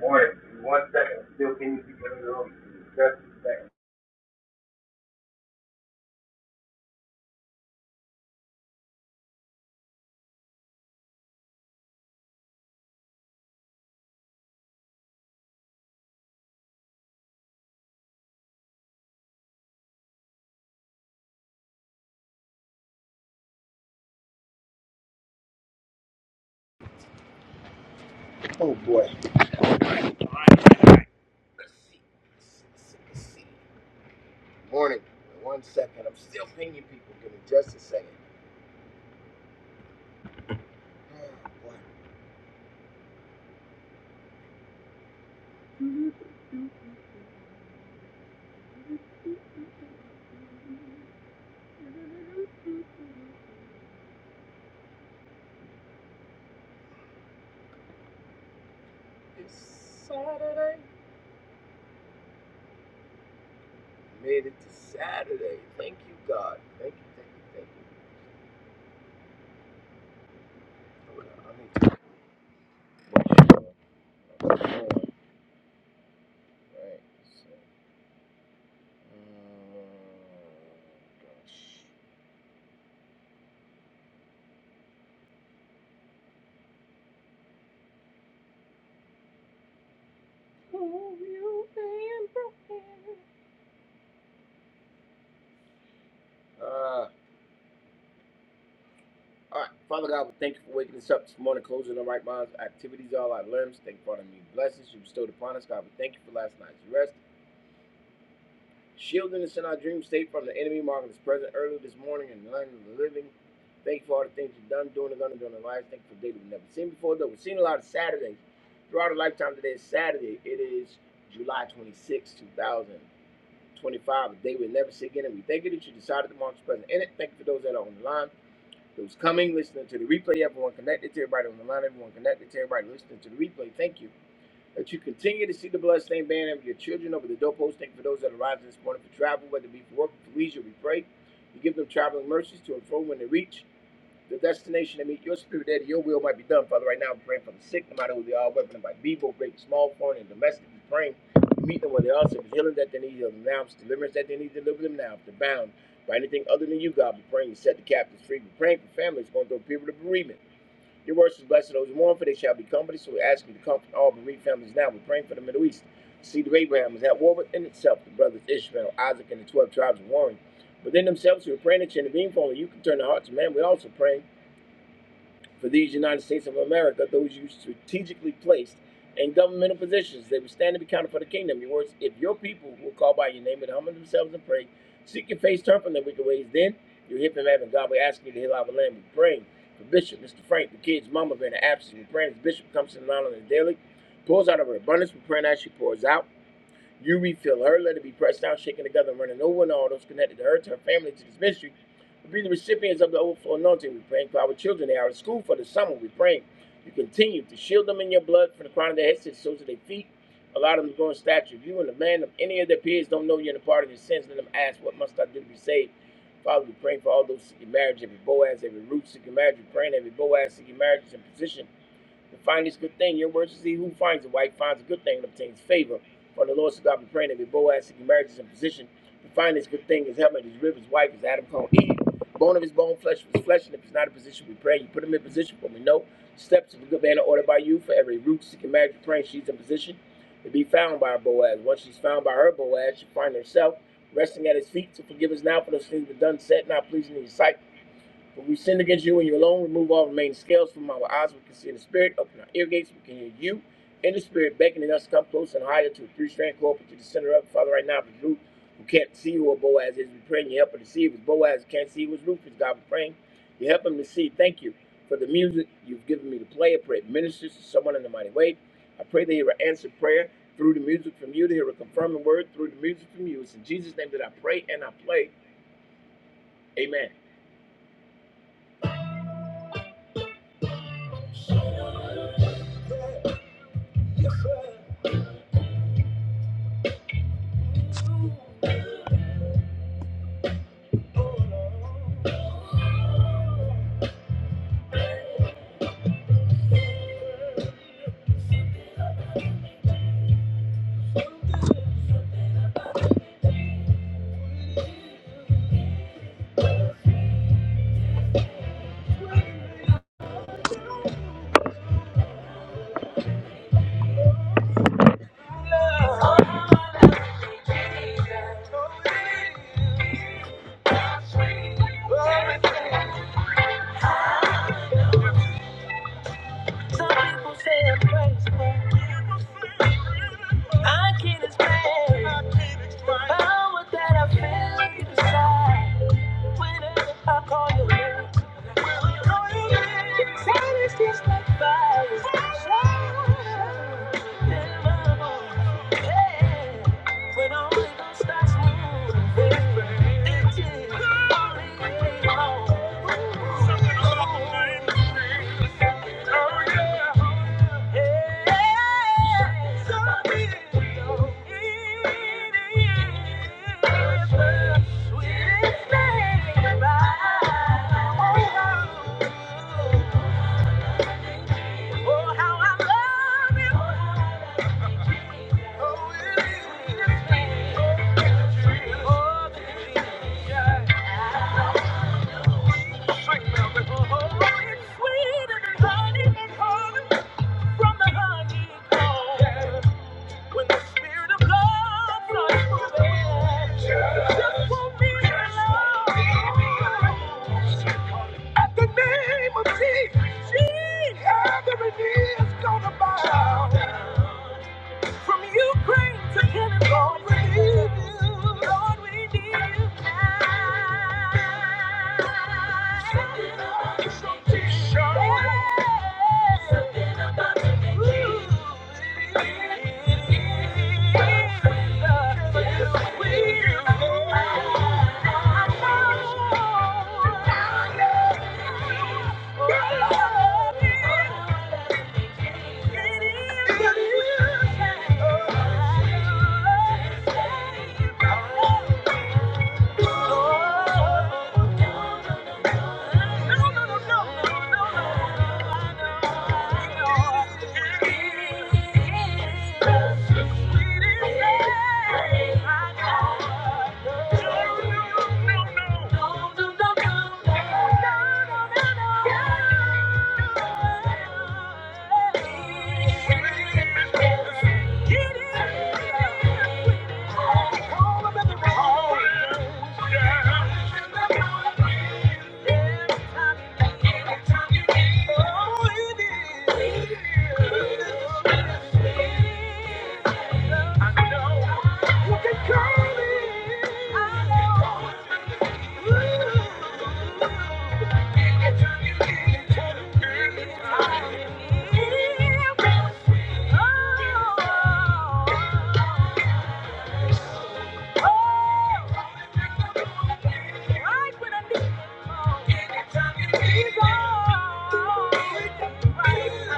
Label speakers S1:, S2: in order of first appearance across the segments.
S1: Morning. One second. Still can you keep it in the room? Just a second.
S2: Thank you. Some people say I'm crazy. I can't explain the power that I feel deep inside. Whenever I call your name, silence just like fire. Shine in my bones. Yeah. When all the gun starts moving, it's just only me alone. Oh, yeah. Yeah. So sweet. It is the sweetest thing about. Oh, how I love you. Oh, it is the sweetest thing. Oh, Jesus. Sweet melody. Oh, it's sweeter than honey. From the honeycomb, yeah. when the spirit of love starts moving, yeah. just won't be alone. At the name of Jesus, Jesus, every knee is gonna bow. From Ukraine to California, Lord, we need you Lord we need you now. Something about your teacher. Something about Oh I know you can call me. I know. Right. when I need, oh, anytime you need, oh, right.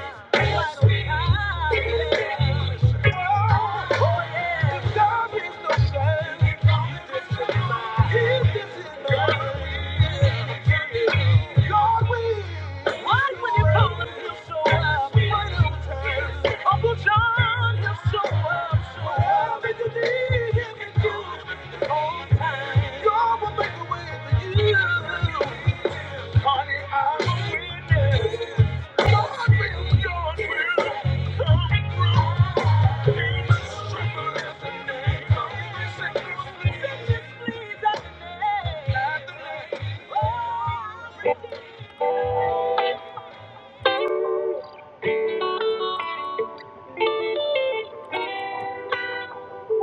S2: Uncle John, he'll show up, show up. Everything you need, Thank you. Ooh,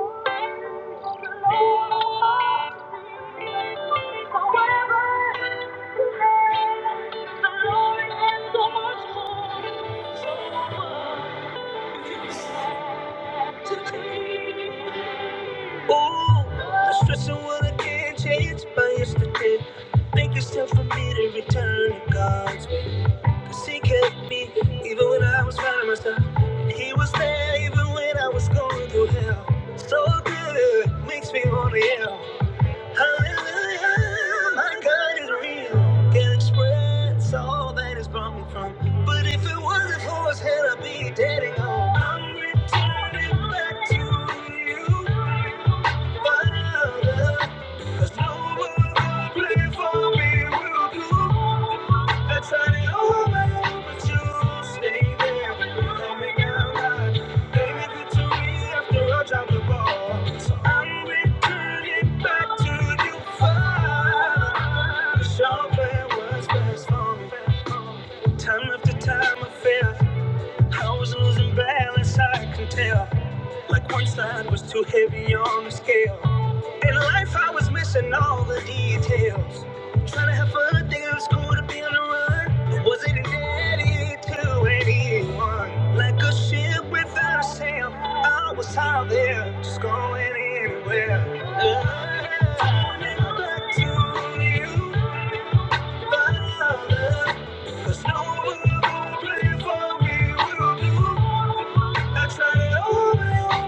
S2: the stress and what I can't change by yesterday. I Think it's time for me to return to God's way. Cause He kept me even when I was finding myself. And He was there even when I was going through hell. So good, makes me wanna yell. Hallelujah, my God is real. Can't express all that He's brought me from. But if it wasn't for His hand, I'd be dead and gone. I'm returning back to you, Father. 'Cause no other plan for me will do. I tried it all, but you stay there. Help me now, God. Baby, good to me after I dropped the ball. So I'm returning back to you, Father. 'Cause your plan was best for me. Time after time, I fail. I was losing balance, I can tell. Like one side was too heavy on the scale. In life, I was missing all the details. Trying to have fun, thinking it was cool to be on the run. But was it an edit to anyone? Like a ship without a sail, I was out there, just going anywhere. Love, I never got to you. Father, Cause no one will play for me, I tried it all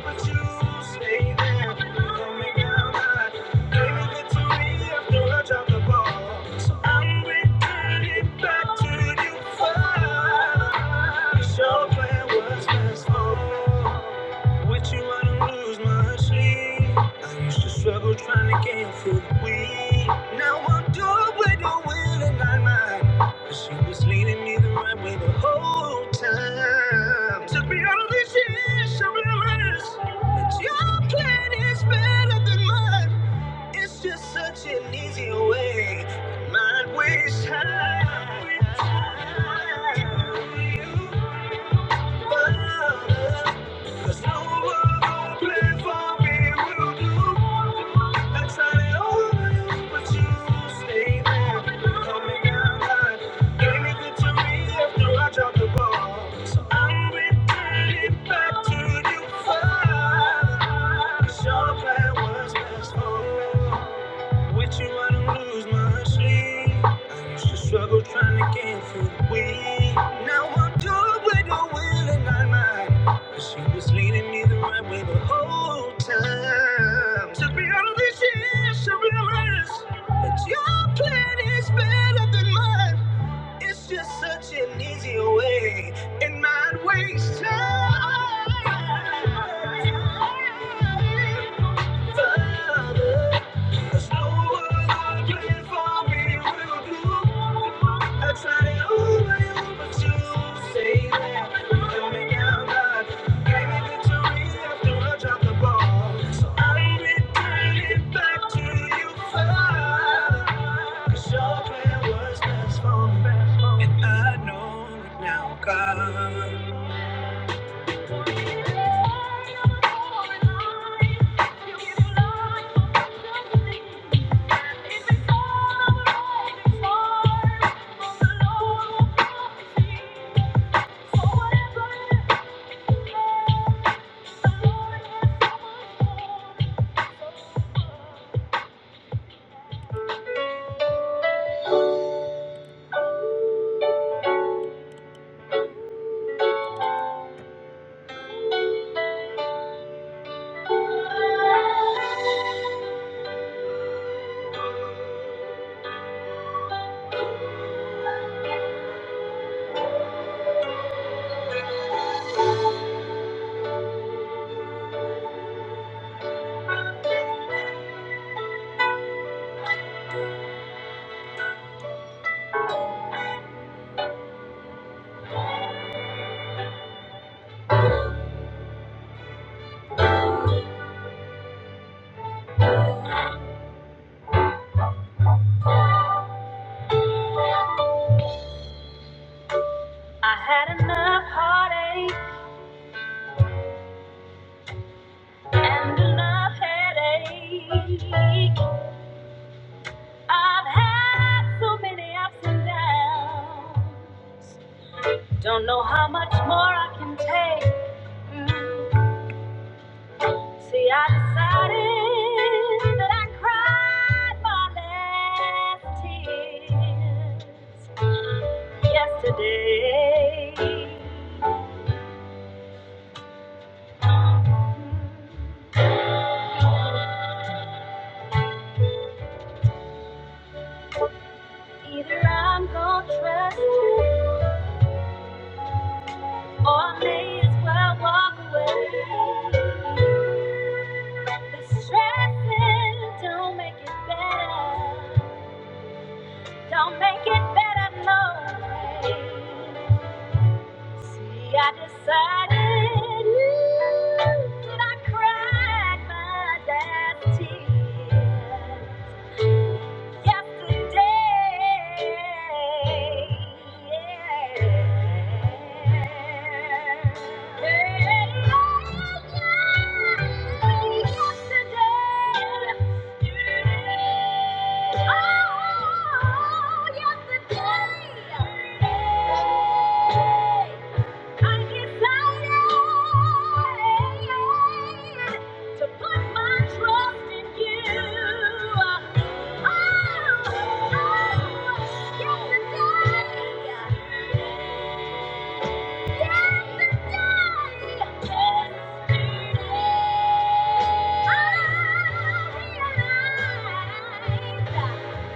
S2: but you stay there. Don't make out mad. They to drop the ball. So I'm returning it back to you fine. 'Cause your plan was best for With you, I don't lose my sleep. I used to struggle trying to gain food. We Now I'm doing what I will and I might. Cause she was leading me the right way the whole time. Took me out of this years, I realized that your plan is better than mine. It's just such an easy way. Mine ways high. Your plan was best for me. With you, I don't lose my sleep. I used to struggle trying to get through the week. Now I'm doing with the will and my mind. 'cause she was leading me the right way the whole time. Took me out of this year, so realize that your plan is better than mine. It's just such an easy way, and mine waste time. And I know now, God. I had enough heartache and enough headache. I've had so many ups and downs. Don't know how much more I can take. Mm. See, I decided that I cried my last tears yesterday. Either I'm gonna trust you, or I may as well walk away. The stressing don't make it better. Don't make it better, no. way. See, I decided ooh, that I cried my last tear. Yesterday, I decided. To put my trust in you. Oh, oh, yesterday, yesterday, I realized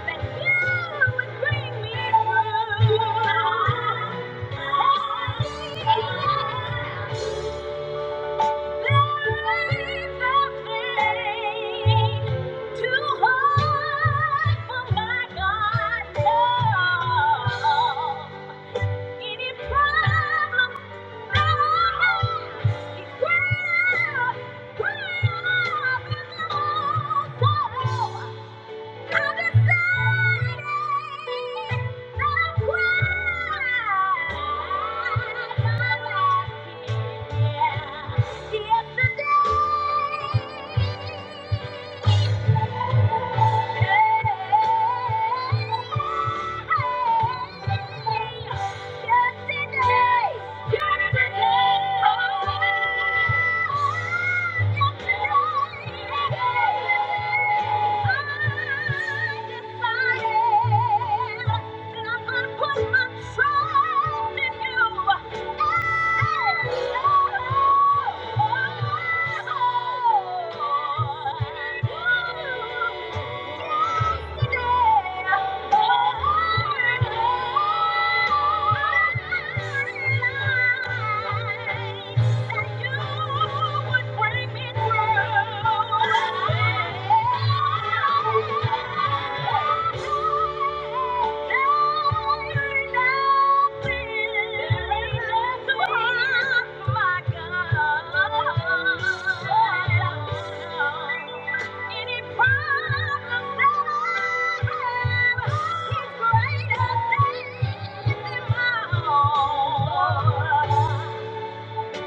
S2: that you would bring me through. Oh! Yesterday Put my trust in you. Thank you. Oh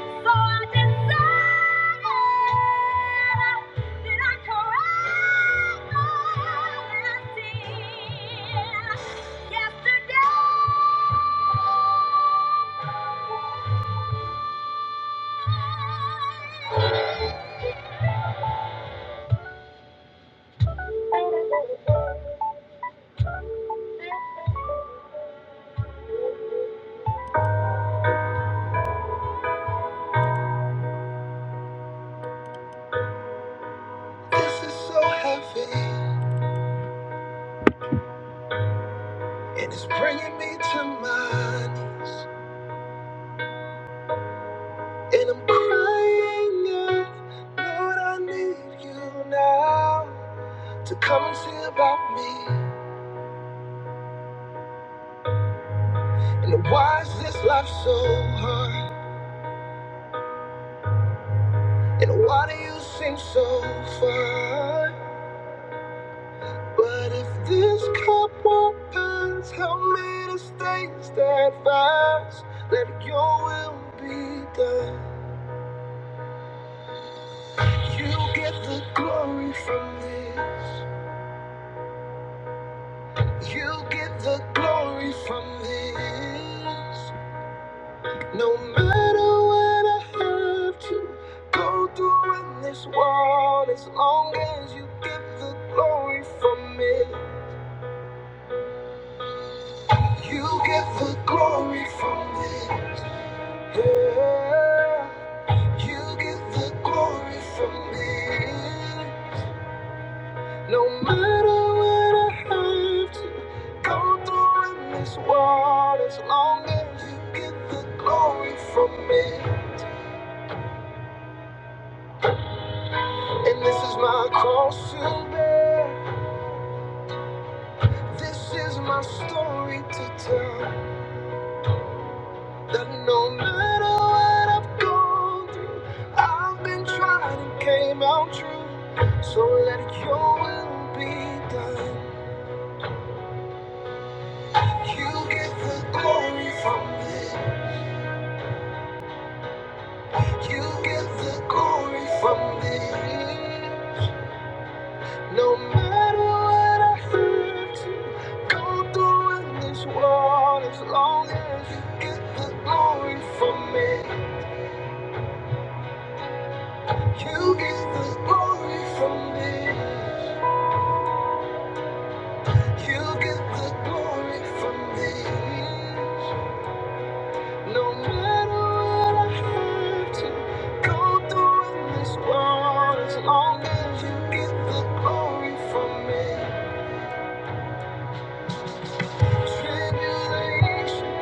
S2: so I decided that I correct my sin yesterday. This is so heavy, and it's bringing me to my knees, and I'm crying out, Lord, I need you now to come and see about me. And why is this life so hard? And why do you seem so fine? But if this cup won't pass, help me to stay steadfast. Let your will be done. You get the glory from this. You get the glory from this. No matter what I have to go through in this world, as long as you get the glory from it. You get the glory from this. Yeah. You get the glory from this. No matter what I have to go through in this world, as long as you get the glory from it. And this is my cross to bear. This is my story to tell. That no matter what I've gone through, I've been tried and came out true. So let your will be done. You get the glory from it. You get the glory from it. No matter what I have to go through in this world, as long as you get the glory from me. you get the glory from me. You get the glory from me. No matter what I have to go through in this world, as long as you get the glory from me. Tribulation,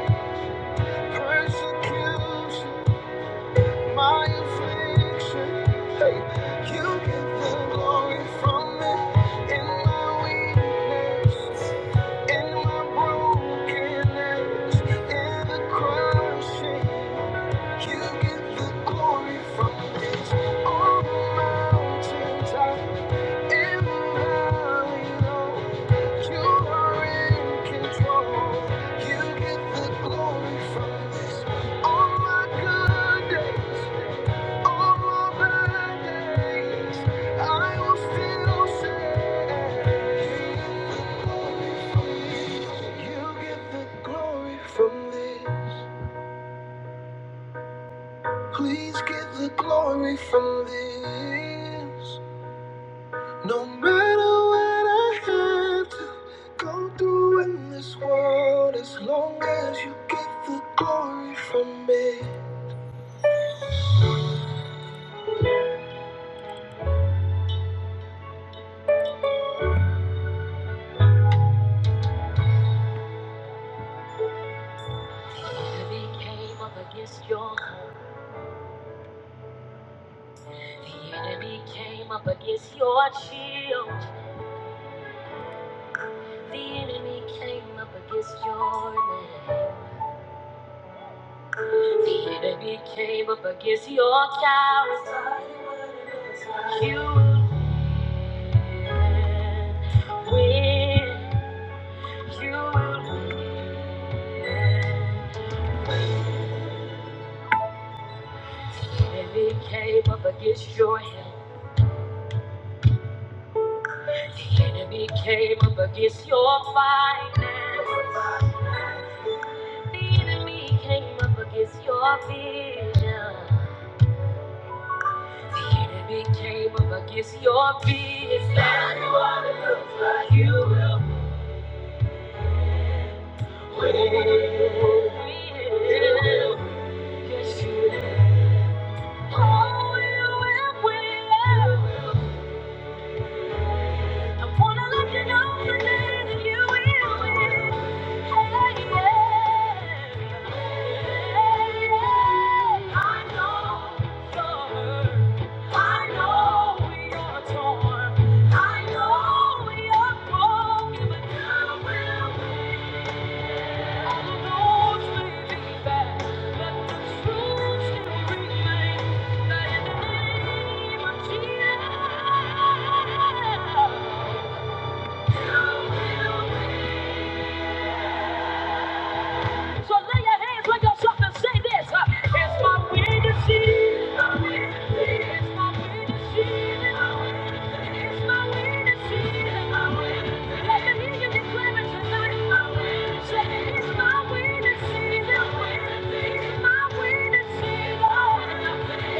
S2: persecution. my affliction. Hey, you get the glory from it in my weakness, in my brokenness, in the crushing. You get the glory from it on the mountains. I from this. Please give the glory from this. No matter what I have to go through in this world, as long as you get the glory from it. The enemy came up against your hope. The enemy came up against your shield. The enemy came up against your name. The enemy came up against your character. You will win. You will win. enemy came up against your health. The enemy came up against your finances. The enemy came up against your vision. The enemy came up against your business. Anyone who looks like you will win. You will win. Yes, you will. Oh, you will win. I wanna let you know today that you will win. Hey, yeah. I know you're hurt. I know you're torn. I know you're broken, but you will win. And the roads may be bad, but the truth still remains that the name of Jesus. So lay your hands on yourself and say this. uh, It's my way to see. It's my way to see. It's my way to see. It's my way to see. It's my way to see. Let me hear you declare it tonight. It's my way to see. It's my way to see. It's my way to see. It's my way to see, Lord.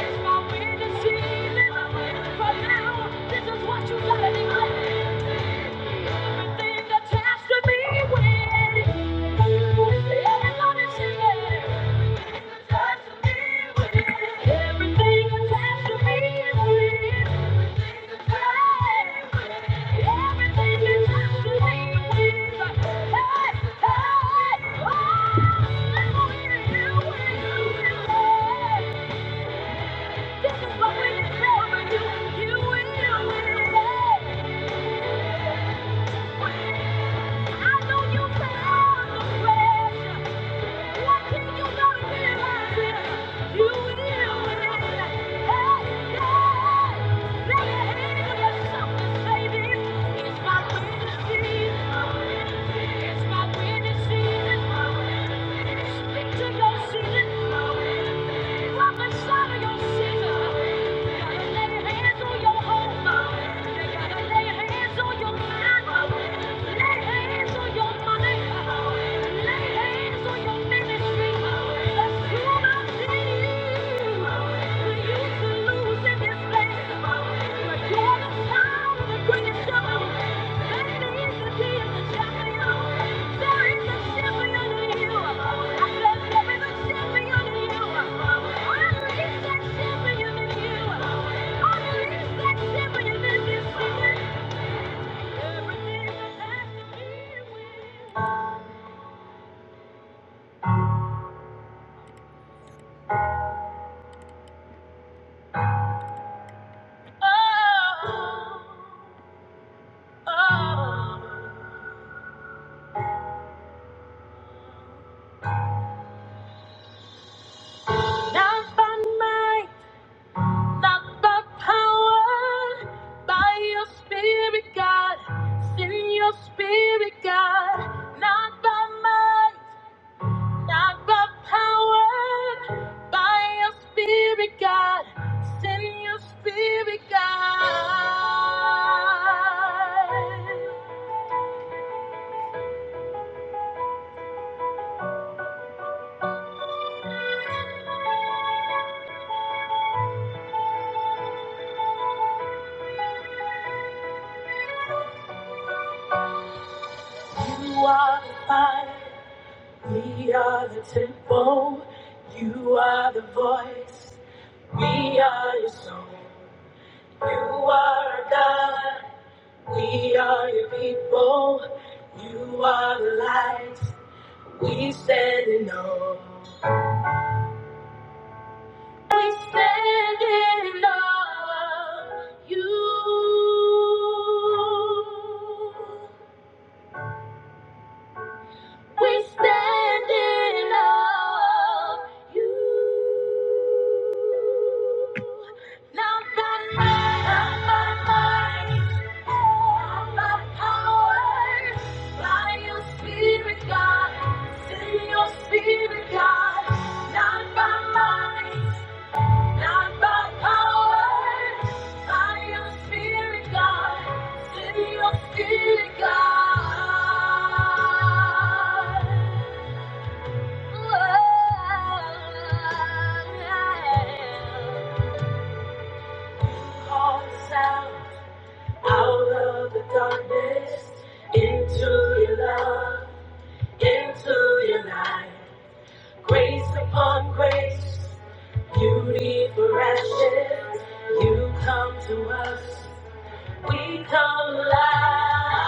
S2: It's my way to see. From now, this is what you gotta declare. This is what we declare with you. and You will. I know you feel the pressure. Lay hands on your mind. Lay hands Everything that has to be with Oh, oh. Not by might, not by power, by your spirit, God. Send your spirit, God. Not by might, not by power, by your spirit, God. Send your spirit, God. You are the fire. We are the temple, you are the voice, we are your song. You are our God, we are your people, you are the light, we stand in awe. We stand in awe of you. We stand in awe of you. Not by might, not by might, not by power. By your spirit, God. Send your spirit, God. Not by might, not by power. By your spirit, God. Send your spirit, God. Out of the darkness, into your love, into your light. Grace upon grace, beauty for ashes. You come to us, we come alive.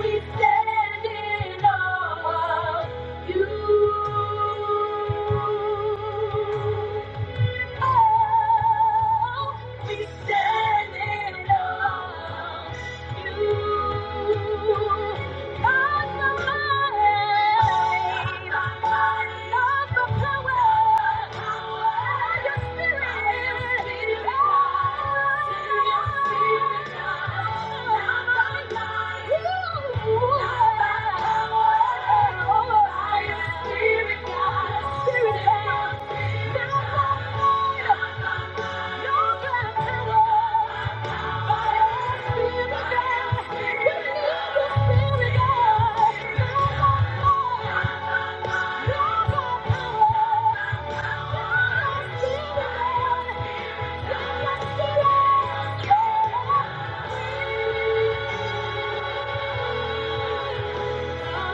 S2: We stand in awe of you. Oh, Spirit, God, Spirit, God. Come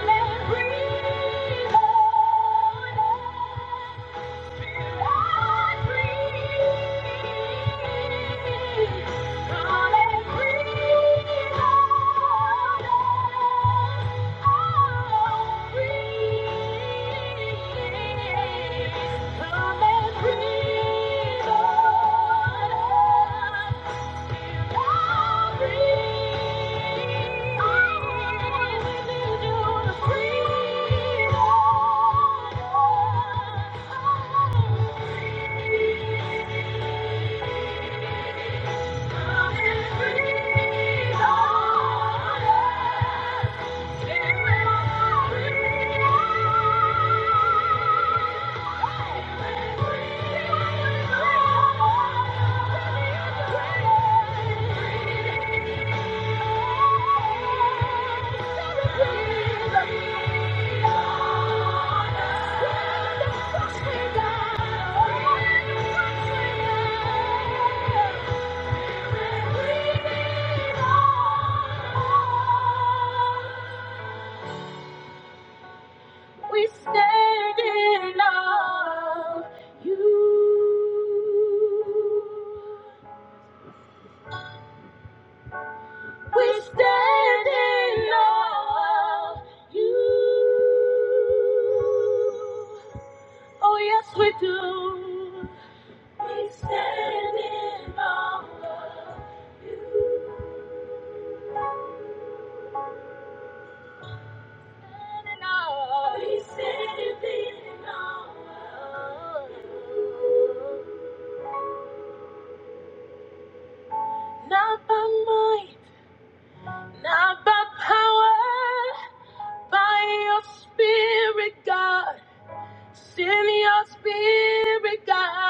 S2: and breathe on us. Thank you. Thank you. We stand in awe of you. We stand in awe of you. Oh, yes, we do. We stand in awe of you. Stand in awe. We stand in awe of you. Not by might, not by power. By your spirit, God. Send your spirit, God.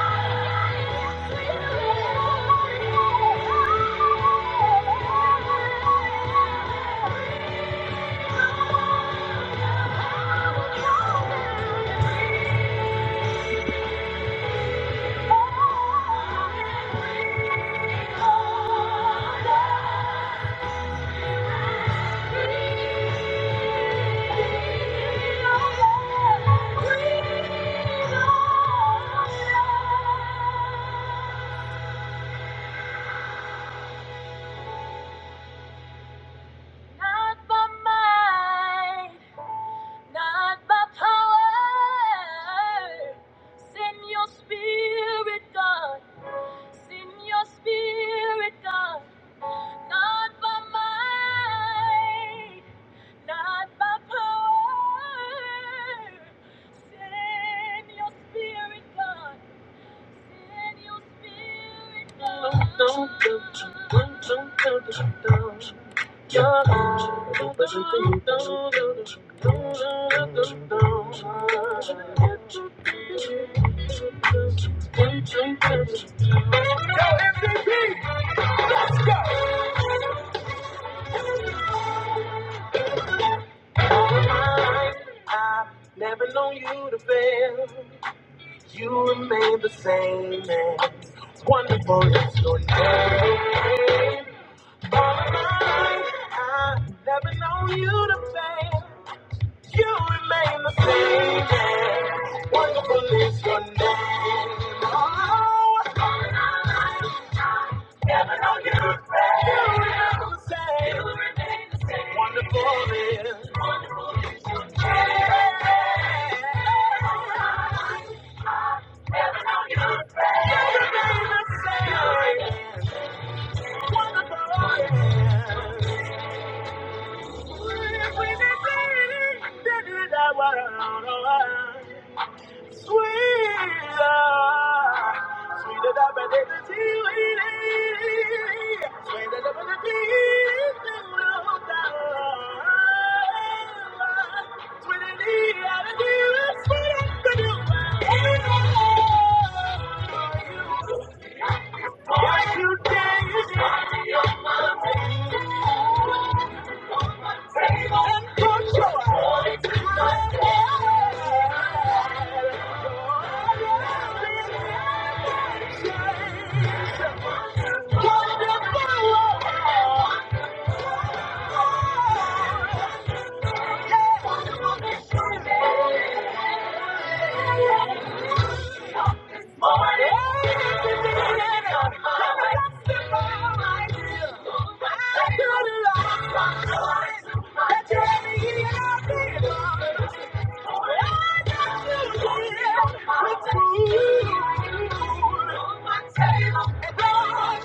S2: Not by might, not by power. Send your spirit, God. Send your spirit, God, not by might, not by power. Send your spirit, God. Send your spirit, God. Don't, don't, don't, don't, don't, don't, don't, don't, don't, don't, don't, don't. don't, don't, don't. I've never known you to fail. You remain the same man. Wonderful is your name. All of mine. I've never known you to fail. You remain the same man. Wonderful is your name. Oh, if We did it. Did it. I want We are. Thank you. Thank you. Oh,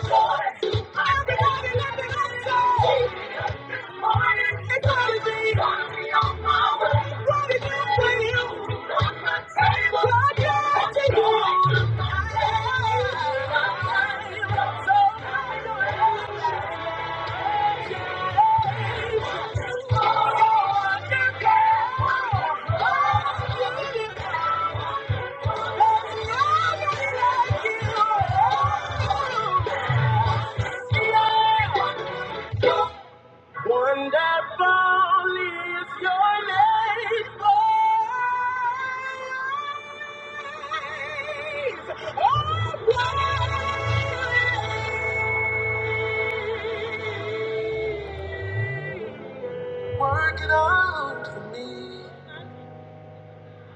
S2: Work it out for me.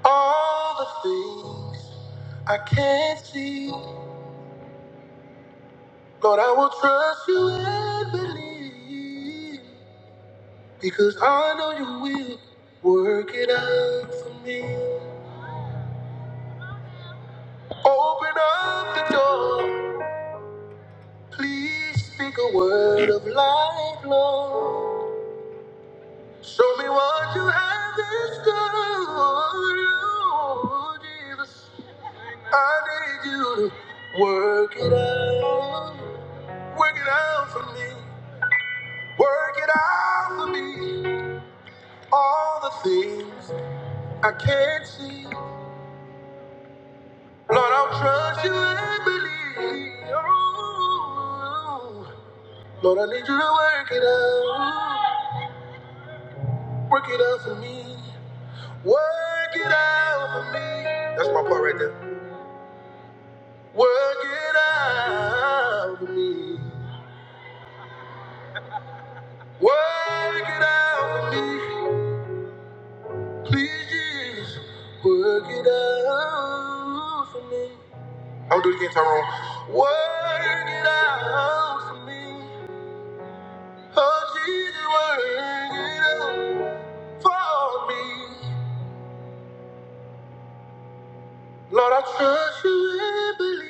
S2: All the things I can't see. Lord, I will trust you and believe. Because I know you will work it out for me. Open up the door. Please speak a word of life, Lord. Show me what you have in store, Jesus. I need you to work it out. Work it out for me. Work it out for me. All the things I can't see. Lord, I'll trust you and believe. Oh, Lord, I need you to work it out. Work it out for me. Work it out for me. That's my part right there. Work it out for me. Work it out for me. Please, Jesus, work it out for me. I'll do it again, Tyrone. Work it out for me. Oh, Jesus, work it out for me. Lord, I trust you and believe.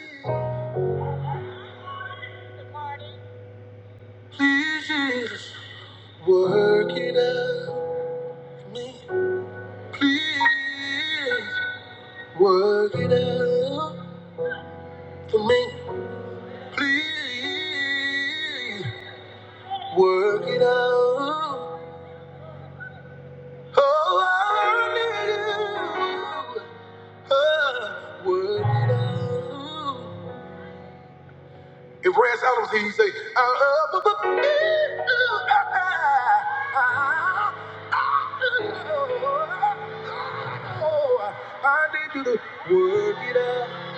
S2: Please, Jesus. Work it out for me. Please work it out for me. Please work it out. Oh, I need you. Oh, work it out. If Red Adams here, he say, I love the book. I need you to work it out,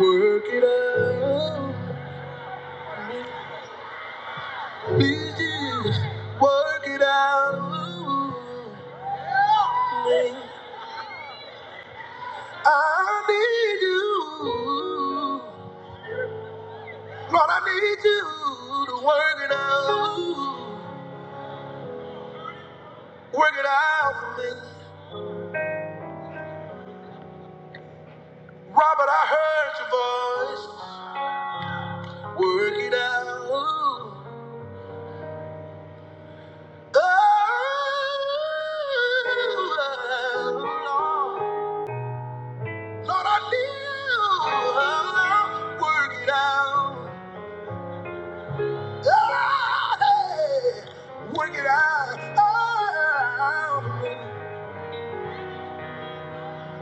S2: work it out. Please Jesus, work it out. I need you. Lord, I need you to work it out. Work it out for me. Robert, I heard your voice. Work it out. Oh, Lord, I knew. Work it out. Oh, hey, work it out. Oh,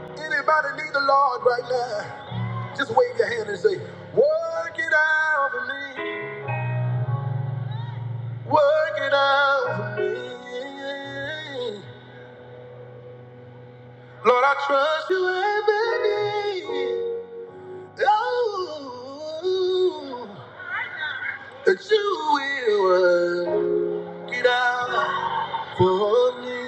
S2: anybody need the Lord right now? Just wave your hand and say, Work it out for me. Work it out for me. Lord, I trust you every day. Oh, that you will work it out for me.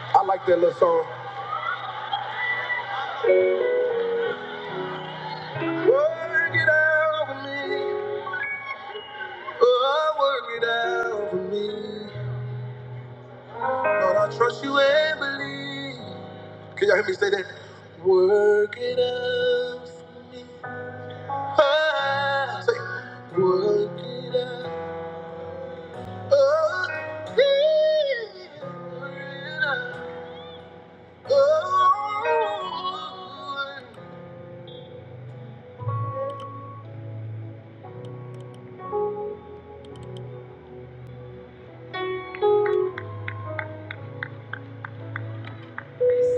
S2: I like that little song. Work it out for me. Oh, work it out for me. Lord, I trust you and believe. Can y'all hear me say that? Work it out for me. Ah, say, work it out. He's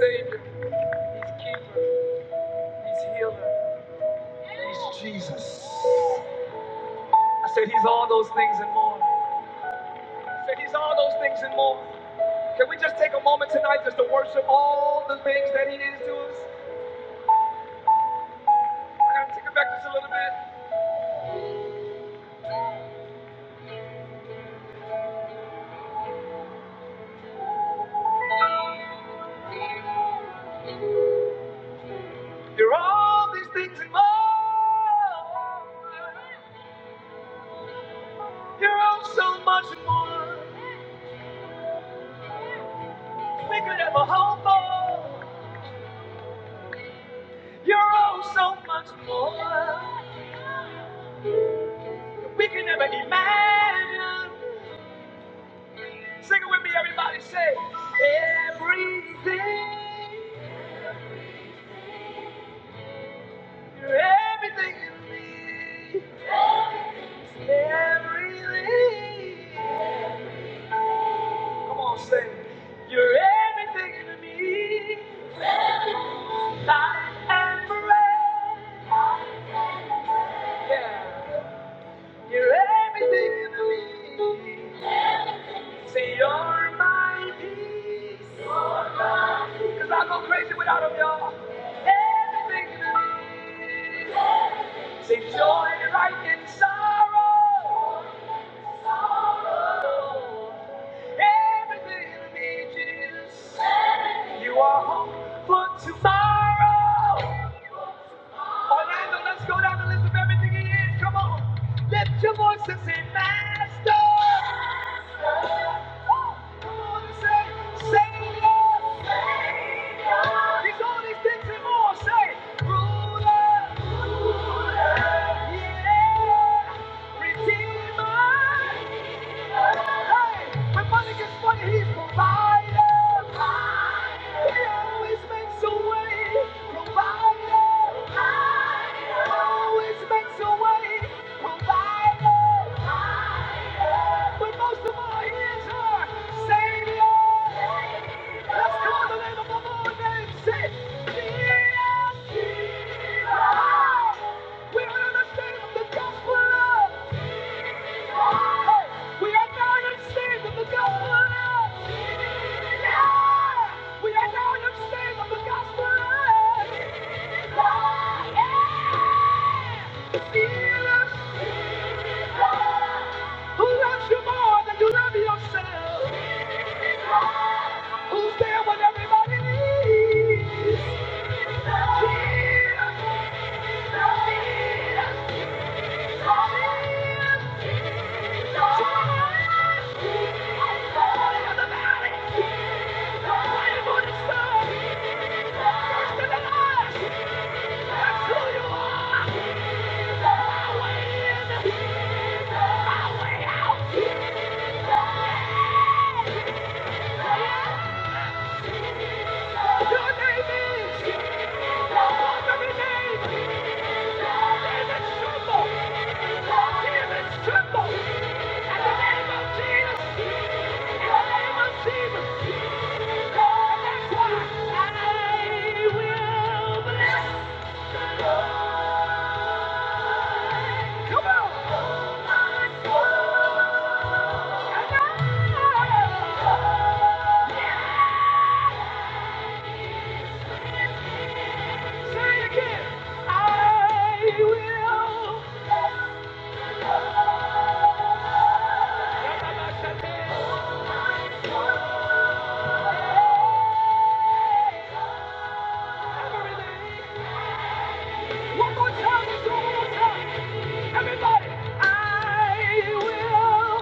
S2: Savior, He's Keeper, He's Healer. Jesus. I said He's all those things and more. I said He's all those things and more. Can we just take a moment tonight just to worship all the things that He is to us? I gotta take it back just a little bit. You're all these things and more. You're all so much more. we could ever hope You're oh so much more. We can never imagine. Sing it with me, everybody. Say everything. You're everything in me. Everything. Come on, say you're everything in me. Life and forever. Yeah. You're everything in me. Say you're my peace. Cause I go crazy without him, y'all. Everything to me. Say joy right in sorrow. Sorrow. Everything to me, Jesus. You are hope for tomorrow. Orlando, let's go down the list of everything he is. Come on. Lift your voice and say, Master. Come on and say, Savior. He's all these things and more. Say, Ruler. Yeah. Redeemer. Hey, When money gets funny, he's provider. He always makes a way. Provider. Always makes a way. Provider. But most of all, he is. Who loves you more than you love yourself? Who's there when everybody needs? Your name is. Your name is. Say again. I will. One more time, one more time. Everybody, I will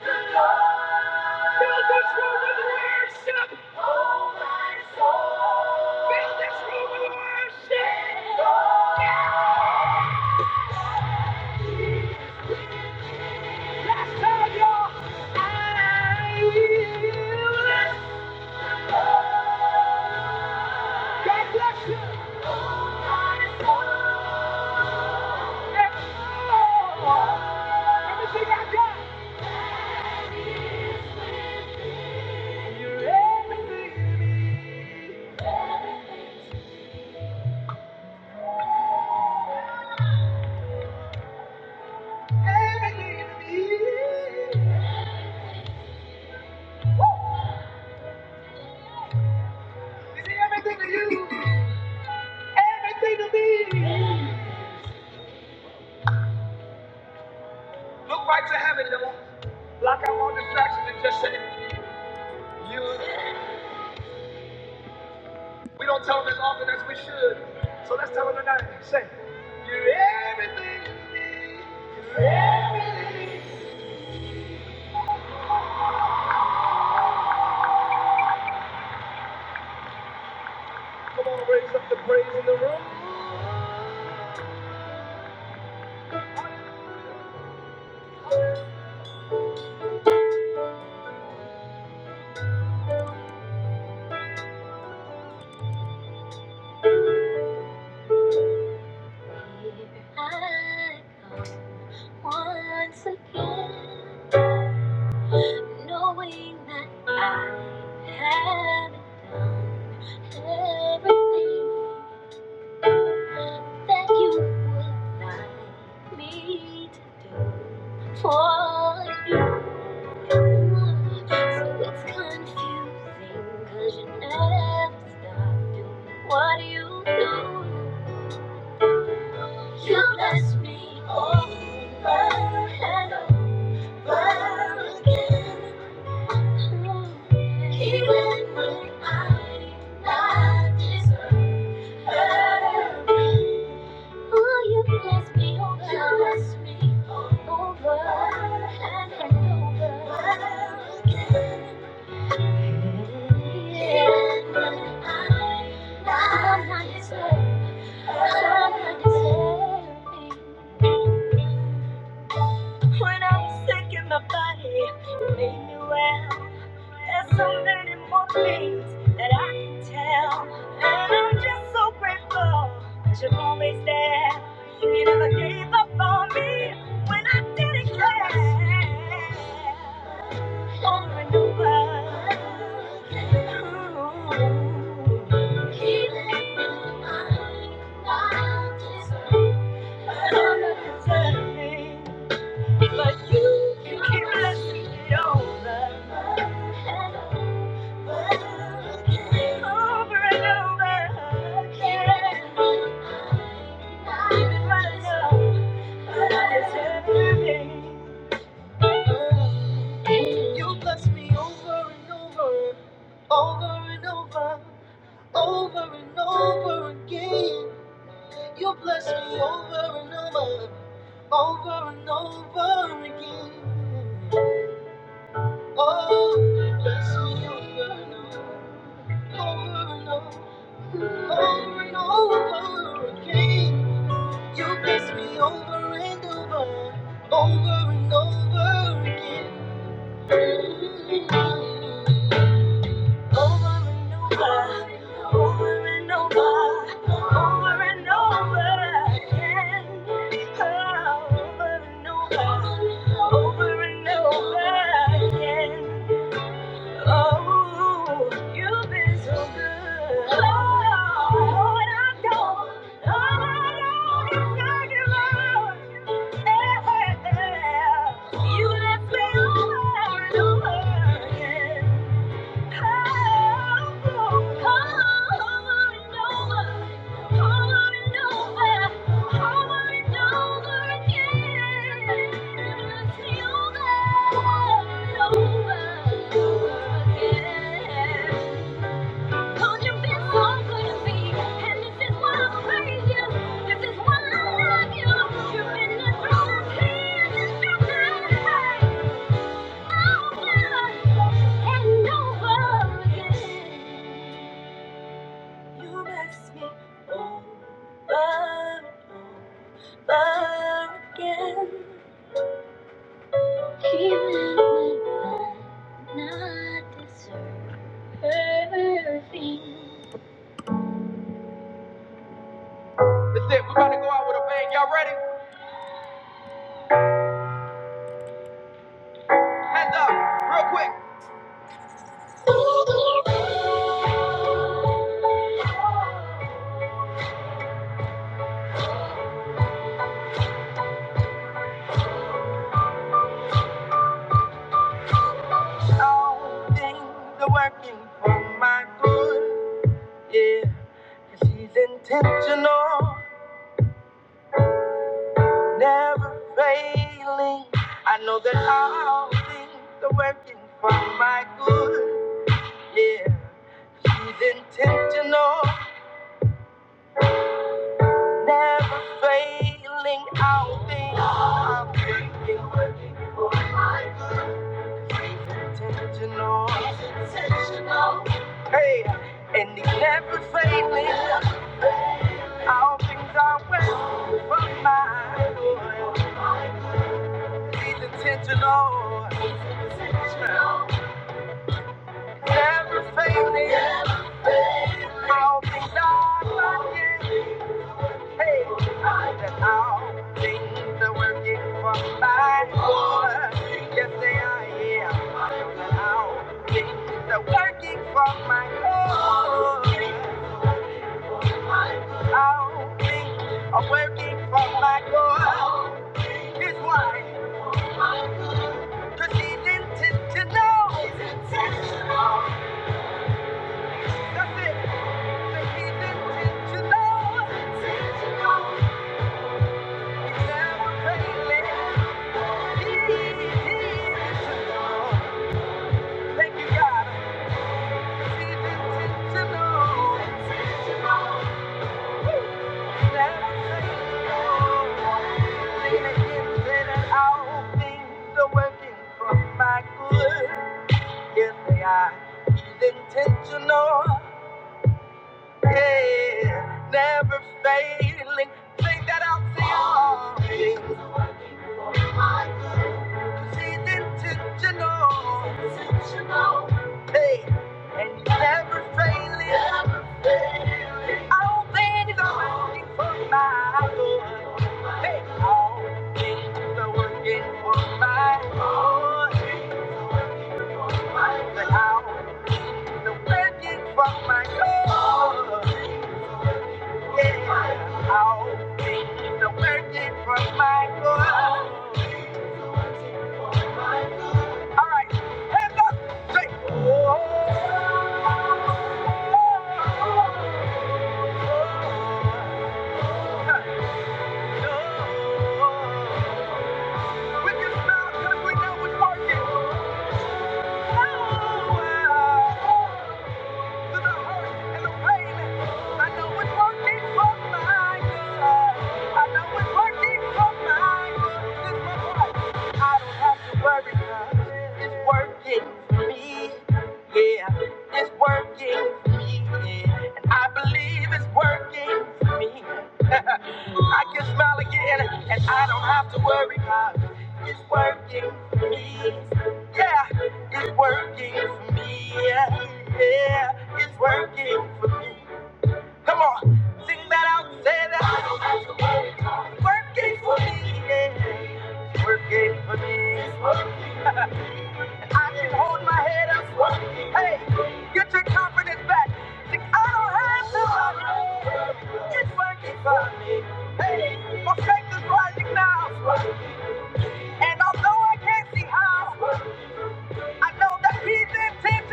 S2: fill this room with worship. Oh, my soul. Fill this room with worship. Yeah. Last time, you I will. God bless you. My soul. Yeah. Oh, everything I got. You're everything. I come once again, knowing that I haven't done everything that you would like me to do for you. So it's confusing, 'cause you never stop doing what you do. You bless me over and over. When I was sick in my body, you made me well. There's so many more things that I can tell. And I'm just so grateful that you're always there. You never gave up on me when I didn't care. Over and over. Keep me behind my desire. Undeserving. But you, you keep blessing me over. Over and over again. You bless me over and over, over and over, over and over again. You bless me over and over, over and over again. Oh, bless me over and over, over and over, over and over again. over and over, over and over again. Oh, over and over, over and over again. Oh, you've been so good. Oh, Lord, I don't, all I know is that you love. Yeah, yeah. You left me over and over again. Over over, and over again so this is why I praise you. This is why I love you. You've been the strong hand over and over again. You bless me over, over again. Even when I not deserve That's it. We're about to go out with a bang. Y'all ready? Hands up, real quick. All things are working for my good, yeah. 'Cause he's intentional, never failing. I know that all things are working for my good, yeah. 'Cause he's intentional, never failing. All things, are intentional. Hey, and he's never failing. All things are working for my good. He's intentional. Never failing. All things are working. Hey, and all things are working for my good. Yes, they are. Yeah, and all things are working for my good. All things are working for my good. Here's why. 'Cause he's intentional. He's intentional. That's it. Yes, they are. He's intentional. Yeah, never failing. Think that i out to all things. 'Cause he's intentional. Hey, and he's never failing. I don't think he's working for my good. Oh, yeah. Oh, oh. We can smile 'cause we know it's working. Oh, wow. I it's working for don't have to worry 'cause It's working me. Yeah, it's working for me. Yeah. And I believe it's working for me. I can smile again and I don't have to worry 'cause it's working for me. Yeah. It's working for me. Yeah, yeah, it's working for me. Come on, sing that out, say that. I don't have to worry. It's working for me. Yeah, it's working for me. It's working. I can hold my head up. It's working. Hey, get your confidence back. Think I don't have to worry. It's working for me. Hey, my strength is rising now. And although I can't see how. I know that he's intentional.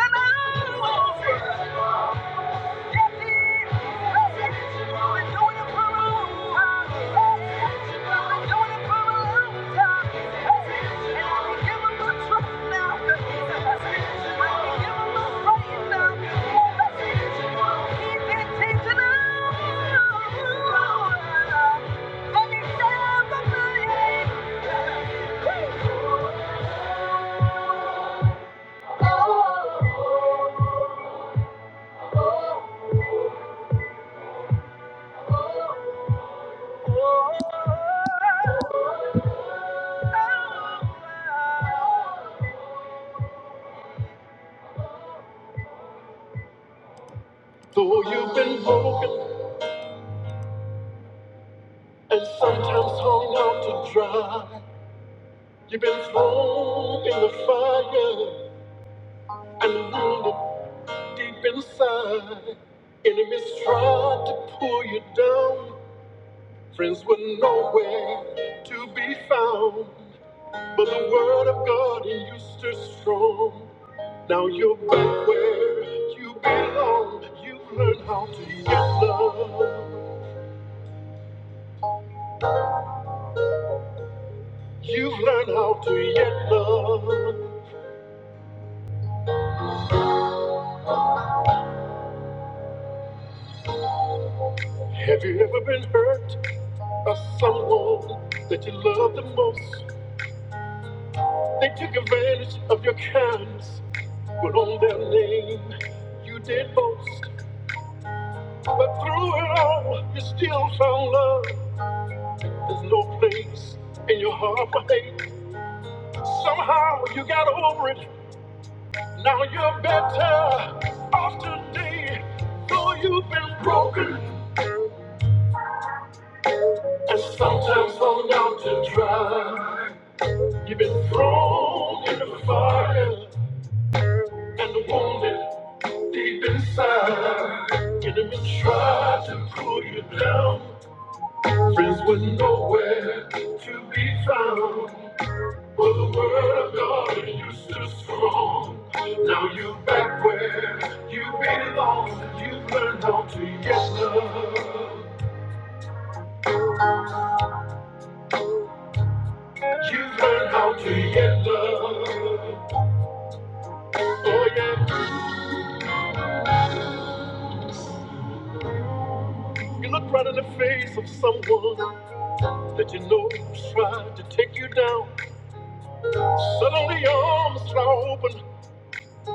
S2: Yes, he is. been doing it for a long time. been doing it for a long time. And I can give him the truth now. I can give him the praise now. He's intentional. And he's never playing. Though you've been broken and sometimes hung out to dry, you've been thrown in the fire and wounded deep inside. Enemies tried to pull you down, friends were nowhere to be found. But the word of God used to strong. Now you're back where you belong. You've learned how to yet love. You've learned how to yet love. Have you ever been hurt by someone that you love the most? They took advantage of your kindness, but on their name you did boast. But through it all, you still found love. There's no place in your heart for hate. Somehow you got over it. Now you're better off today. Though you've been broken and sometimes thrown out to dry. You've been thrown in the fire and wounded deep inside. Enemy tried to pull you down, Friends were nowhere to be found. but the word of God it used to strong. Now you are back where you belong. You've learned how to get love. You've learned how to get love. Oh yeah. You look right in the face of someone that you know tried to take you down. Suddenly your arms fly open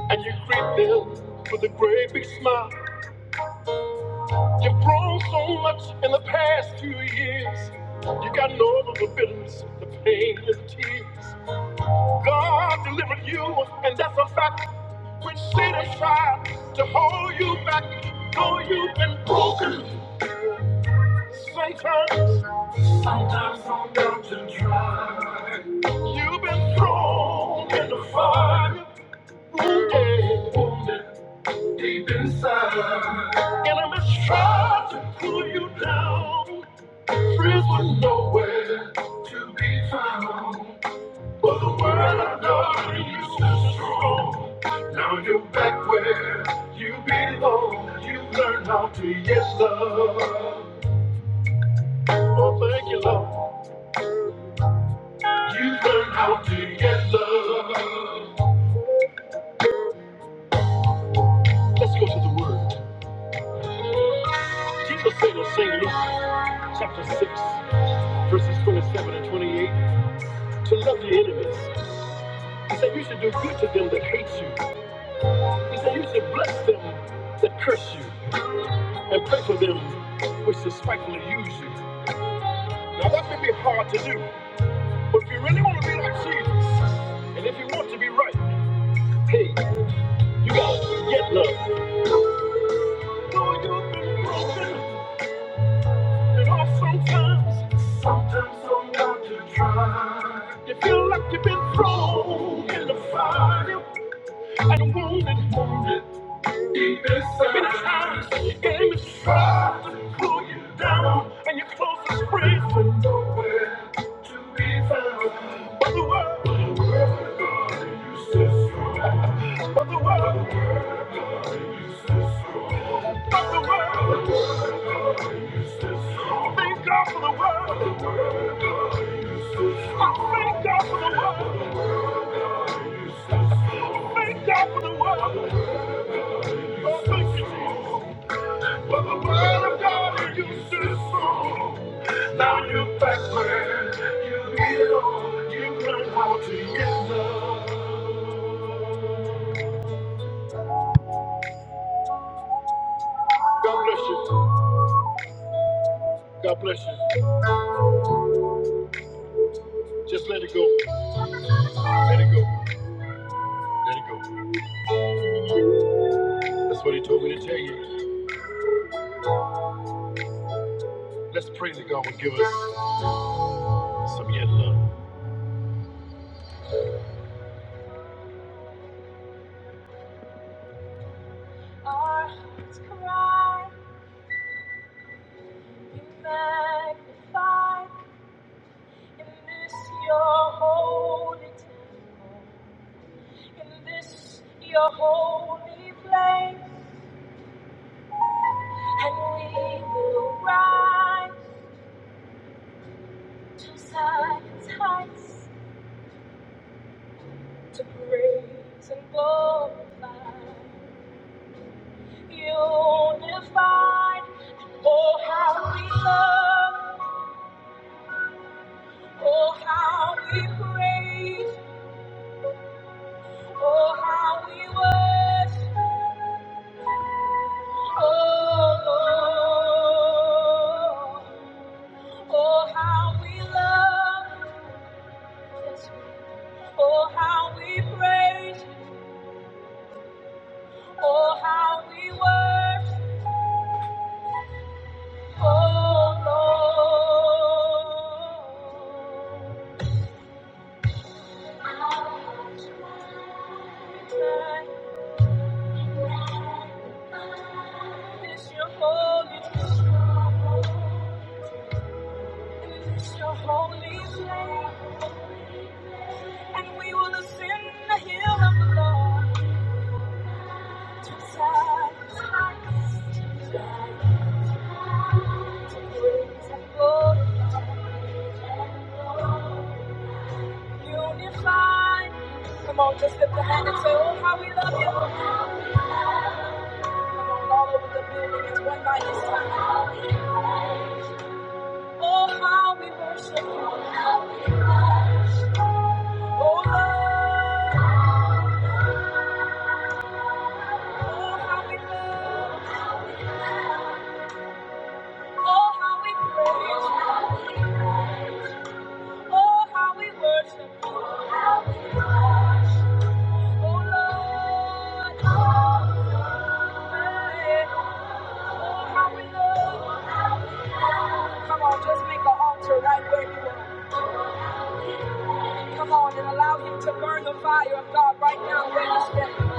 S2: and you greet them with a great big smile. You've grown so much in the past two years. You gotten over the bitterness, the pain, and the tears. God delivered you, and that's a fact. When Satan tried to hold you back, though you've been broken. Sometimes, sometimes from mountain try. You've been thrown in the fire deep inside. And I'm just to pull you down. Friends were nowhere to be found. But the world of God you so strong. Now you're back where you belong. You've learned how to yes love. Oh, thank you, Lord. Yes. Let's go to the word. Jesus said in St. Luke chapter 6, verses 27 and 28, to love your enemies. He said you should do good to them that hate you. He said you should bless them that curse you and pray for them which despitefully use you. Now that may be hard to do, but if you really want to be like Jesus, and if you want to be right, hey, you gotta get love. Though you've been broken and off sometimes, sometimes so hard to try. You feel like you've been thrown in the fire and wounded, wounded. Thank God for the world. I thank God for the world. Thank God, For the word of God is useless. Now you backward, you heal, you learn how to get up. God bless you. God bless you. Just let it go. Let it go. Let it go. That's what he told me to tell you. Let's pray that God will give us some yet love. Our hearts cry, you magnify in this your holy temple, in this your holy place, and we will rise. to silence heights, to praise and glorify. Unified, oh how we love, oh how we praise, oh how we worship, oh Lord, oh how we love, yes, oh how we praise, oh how we worship. Come on, Just lift a hand and say, Oh, how we love you. Come on, all over the building. It's one by this time. Oh, how we worship you. Oh, Lord. Oh, how we love. Oh, how we praise Oh, how we worship you. Oh, Lord. Hey, Oh, how we love. Come on, just make an altar right where you are. Come on and allow him to burn the fire of God right now where you stand.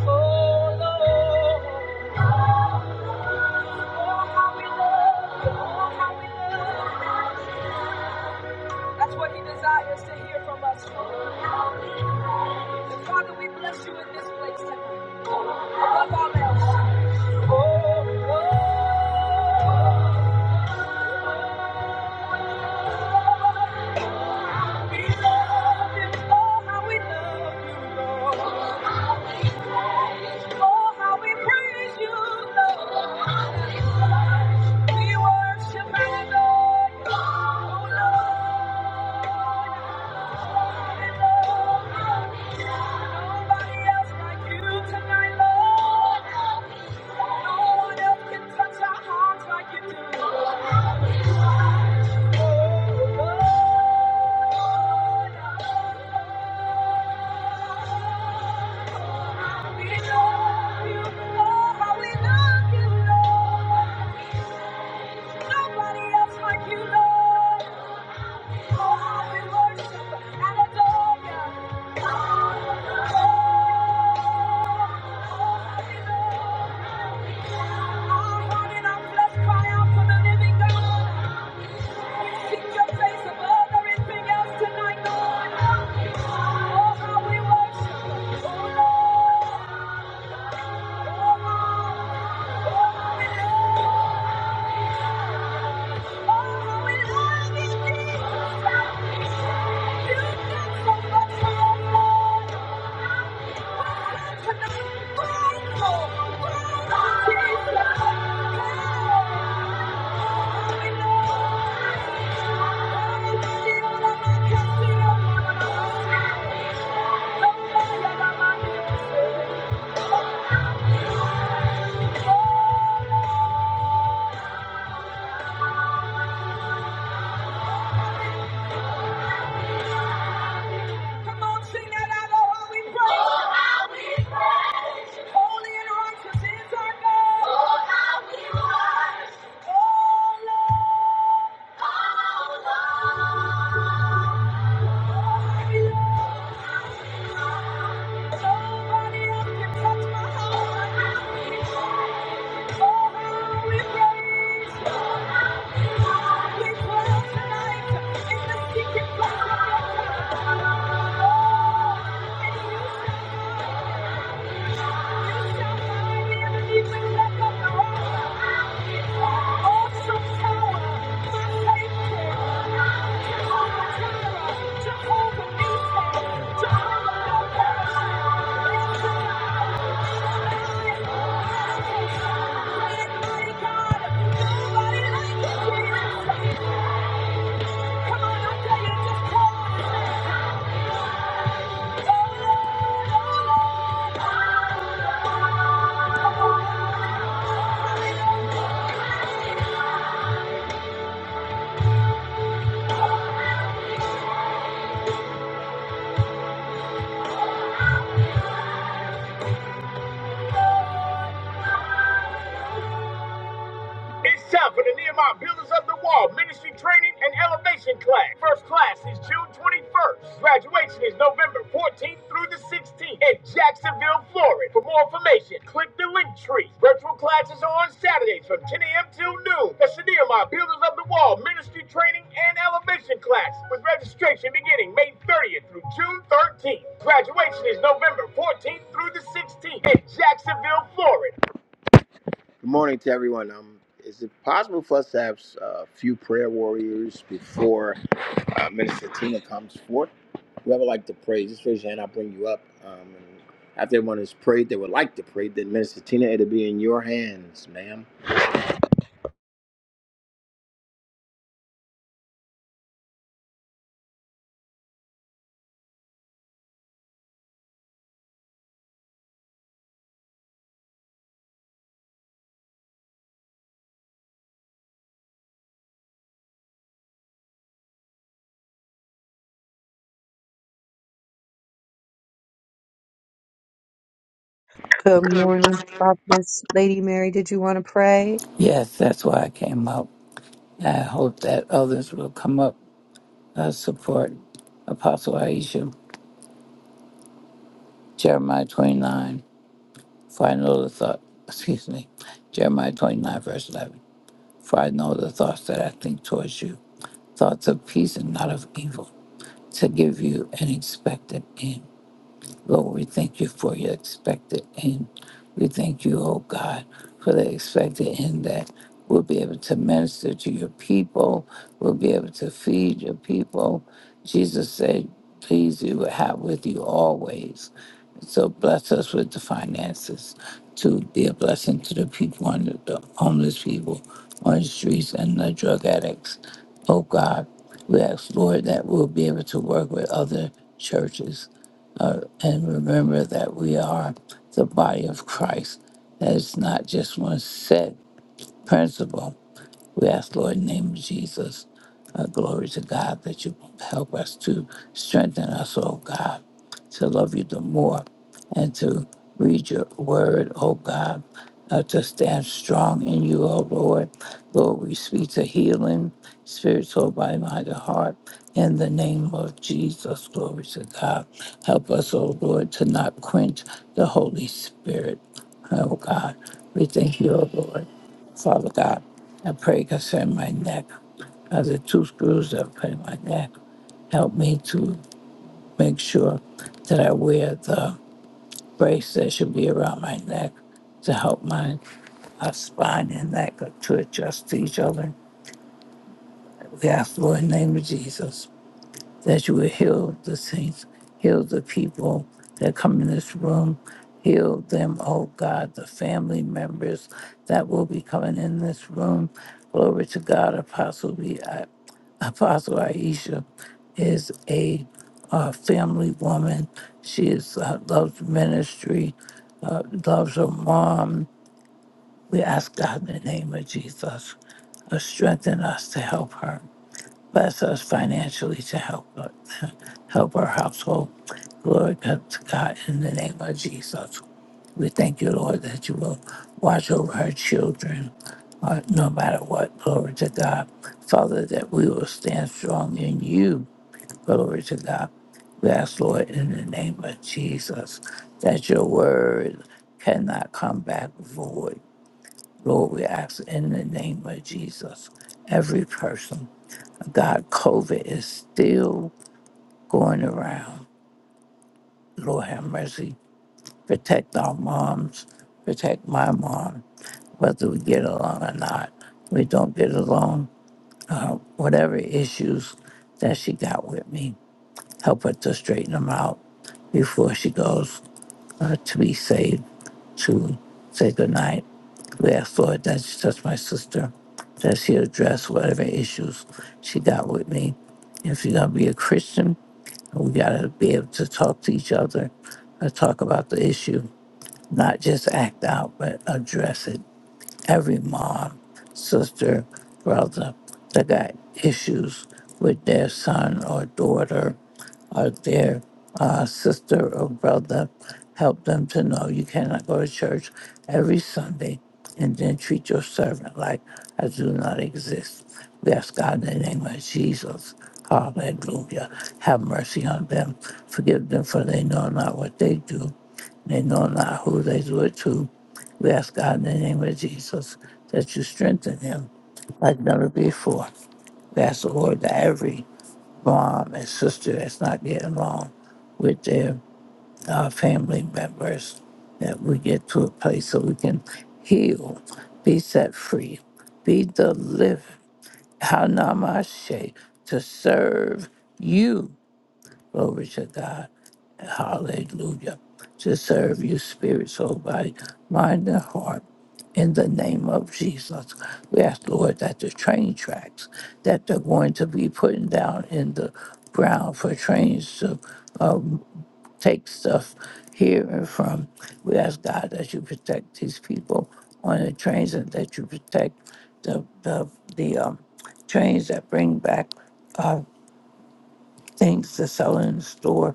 S2: Oh Lord, oh how we love you, oh how we love you. That's what he desires to hear from us. And Father, we bless you in this place tonight. Above all else. Oh, oh, we love you, oh how we love you, Lord. Oh, how we praise you, Lord. We worship and adore you, oh Lord. Nobody else like you tonight, Lord. No one else can touch our hearts like you do. Lord, we love you. Oh, how we love you, Lord. Nobody else like you, Lord. Oh, Oh, we love you, Jesus. You've so much for us. We're grateful. Come on, sing that out, oh, how we pray. Oh, how we pray. Holy and righteous is our God. Oh, how we worship. Oh, look and touch my heart. Oh, we praise. Oh, we dwell tonight in the secret place of your presence. Oh, and you Come on, I'll tell you, just call.
S3: Good morning, Prophetess Lady Mary. Did you want to pray?
S4: Yes, that's why I came up. I hope that others will come up uh, support Apostle Aisha, Jeremiah 29, for I know the thought, excuse me, Jeremiah 29, verse 11. For I know the thoughts that I think towards you, thoughts of peace and not of evil, to give you an expected end. Lord, we thank you for your expected end. We thank you, oh God, for the expected end that we'll be able to minister to your people, we'll be able to feed your people. Jesus said, Please, you will have with you always. So bless us with the finances to be a blessing to the people on the, the homeless people on the streets and the drug addicts. Oh God, we ask, Lord, that we'll be able to work with other churches uh, and remember that we are the body of Christ. That it's not just one set principle, we ask, Lord, in the name of Jesus, uh, glory to God, that you help us to strengthen us, oh God, to love you the more and to read your word, oh God, uh, to stand strong in you, oh Lord. Lord, we speak to healing, spiritual, body, mind, and heart. In the name of Jesus, glory to God. Help us, oh Lord, to not quench the Holy Spirit, oh God. We thank you, oh Lord. Father God. I pray concerning my neck. Are the two screws that are in my neck? Help me to make sure that I wear the brace that should be around my neck to help my uh, spine and neck to adjust to each other. We ask, Lord, in the name of Jesus, that you will heal the saints, heal the people that come in this room, heal them, oh God, the family members that will be coming in this room. Glory to God, Apostle. Apostle Aisha is a uh, family woman. She is uh, loves ministry, uh, loves her mom. We ask God in the name of Jesus, uh, strengthen us to help her, bless us financially to help her, help our household. Glory be to God in the name of Jesus. We thank you, Lord, that you will watch over our children, uh, no matter what. Glory to God. Father, that we will stand strong in you. Glory to God. We ask, Lord, in the name of Jesus, that your word cannot come back void. Lord, we ask in the name of Jesus, every person. God, COVID is still going around. Lord, have mercy. Protect our moms. Protect my mom whether we get along or not. We don't get along. Uh, whatever issues that she got with me, help her to straighten them out before she goes uh, to be saved to say goodnight. We ask Lord that she touch my sister, that she address whatever issues she got with me. If you're gonna be a Christian, we gotta be able to talk to each other, and talk about the issue, not just act out, but address it every mom, sister, brother that got issues with their son or daughter or their uh, sister or brother, help them to know you cannot go to church every Sunday and then treat your servant like I do not exist. We ask God in the name of Jesus. Hallelujah. Have mercy on them. Forgive them for they know not what they do. They know not who they were to. We ask God in the name of Jesus that you strengthen him like never before. We ask the Lord that every mom and sister that's not getting along with their uh, family members, that we get to a place so we can heal, be set free, be delivered, Hanamashe, to serve you, glory to God hallelujah, to serve you, spirit, soul, body, mind, and heart. In the name of Jesus, we ask, Lord, that the train tracks that they're going to be putting down in the ground for trains to um, take stuff here and from, we ask, God, that you protect these people on the trains and that you protect the, the, the um, trains that bring back uh, things to sell in the store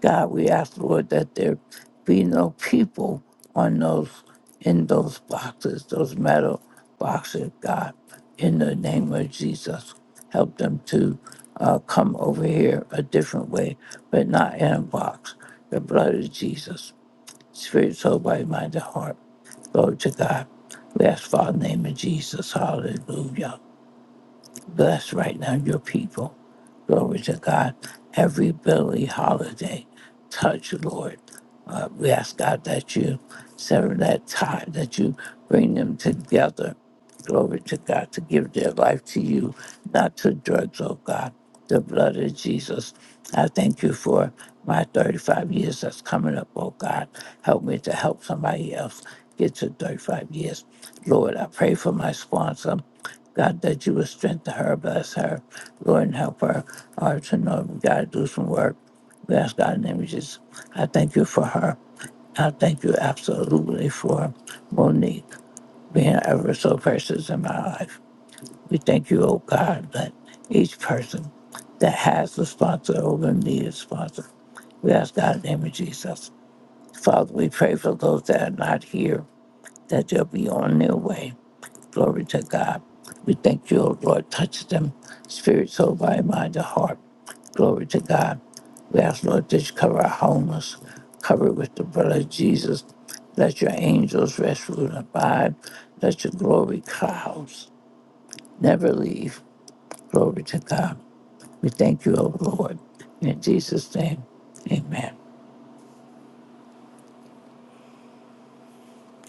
S4: God, we ask, Lord, that there be no people on those in those boxes, those metal boxes, God, in the name of Jesus. Help them to uh, come over here a different way, but not in a box. The blood of Jesus, spirit, soul, body, mind, and heart. Glory to God. We ask, Father, in the name of Jesus. Hallelujah. Bless right now your people. Glory to God. Every Billy holiday, touch, Lord. Uh, we ask God that you sever that tie, that you bring them together. Glory to God to give their life to you, not to drugs, oh God. The blood of Jesus. I thank you for my 35 years that's coming up, oh God. Help me to help somebody else get to 35 years. Lord, I pray for my sponsor. God, that you would strengthen her, bless her, Lord, and help her uh, to know we got to do some work. We ask God in the name of Jesus. I thank you for her. I thank you absolutely for Monique being ever so precious in my life. We thank you, oh God, that each person that has a sponsor or will need a sponsor, we ask God in the name of Jesus. Father, we pray for those that are not here, that they'll be on their way. Glory to God. We thank you, O Lord. Touch them, spirit, soul, body, mind, and heart. Glory to God. We ask, Lord, that you cover our homeless, cover it with the blood of Jesus. Let your angels rest, rule, and abide. Let your glory clouds never leave. Glory to God. We thank you, O Lord. In Jesus' name, amen.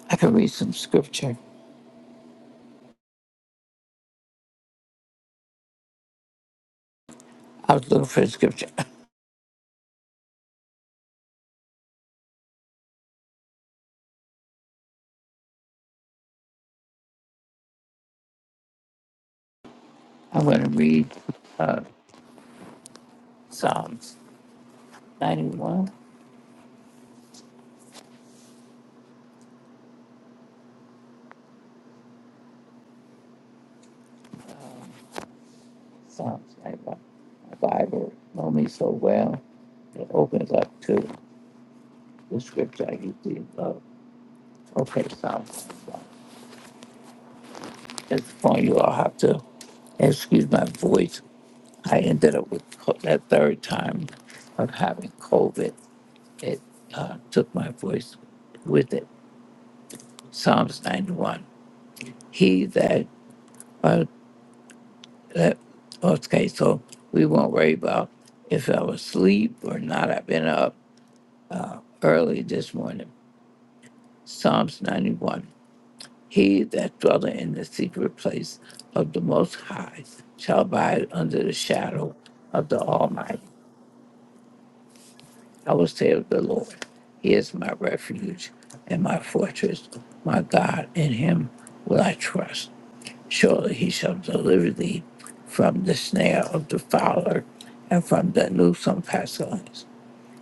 S4: I can read some scripture. I was looking for the scripture. I'm going to read uh, Psalms 91. Psalms 95 Bible know me so well. It opens up to the scripture I usually love. Okay, Psalms 95. At this point, you all have to excuse my voice. I ended up with co- that third time of having COVID. It uh, took my voice with it. Psalms 91. He that, uh, that, okay, so we won't worry about if I was asleep or not. I've been up uh, early this morning Psalms 91 He that dwelleth in the secret place of the Most High shall abide under the shadow of the Almighty. I will say of the Lord, He is my refuge and my fortress, my God, in Him will I trust. Surely He shall deliver thee from the snare of the fowler and from the loathsome pestilence.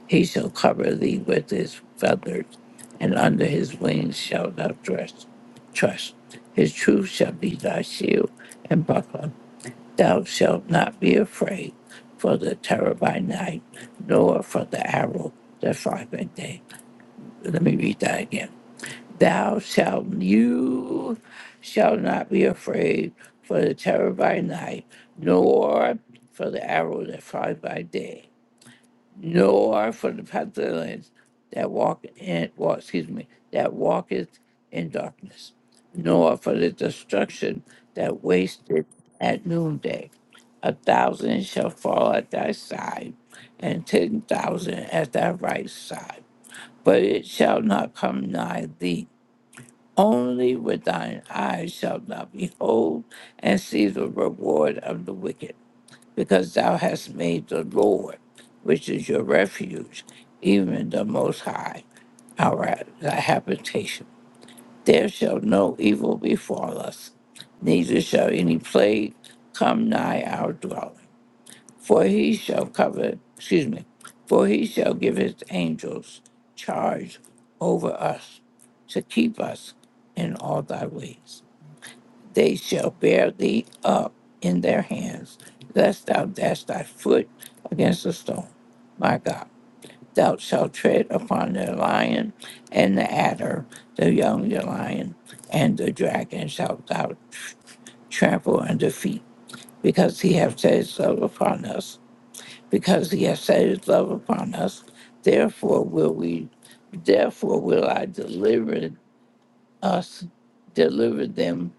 S4: He shall cover thee with his feathers, and under his wings shalt thou trust. Trust. His truth shall be thy shield and buckler. Thou shalt not be afraid for the terror by night, nor for the arrow that flies by day. Let me read that again. Thou shalt you shall not be afraid for the terror by night, nor for the arrow that flies by day nor for the Pathelans that walk in well, excuse me, that walketh in darkness, nor for the destruction that wasted at noonday. A thousand shall fall at thy side, and ten thousand at thy right side, but it shall not come nigh thee. Only with thine eyes shalt thou behold and see the reward of the wicked because thou hast made the Lord, which is your refuge, even the Most High, our thy habitation. There shall no evil befall us, neither shall any plague come nigh our dwelling. For he shall cover, excuse me, for he shall give his angels charge over us to keep us in all thy ways they shall bear thee up in their hands, lest thou dash thy foot against a stone. My God, thou shalt tread upon the lion and the adder, the young lion and the dragon shalt thou tr- trample under feet, because he hath set his love upon us. Because he hath set his love upon us, therefore will we, therefore will I deliver us deliver them.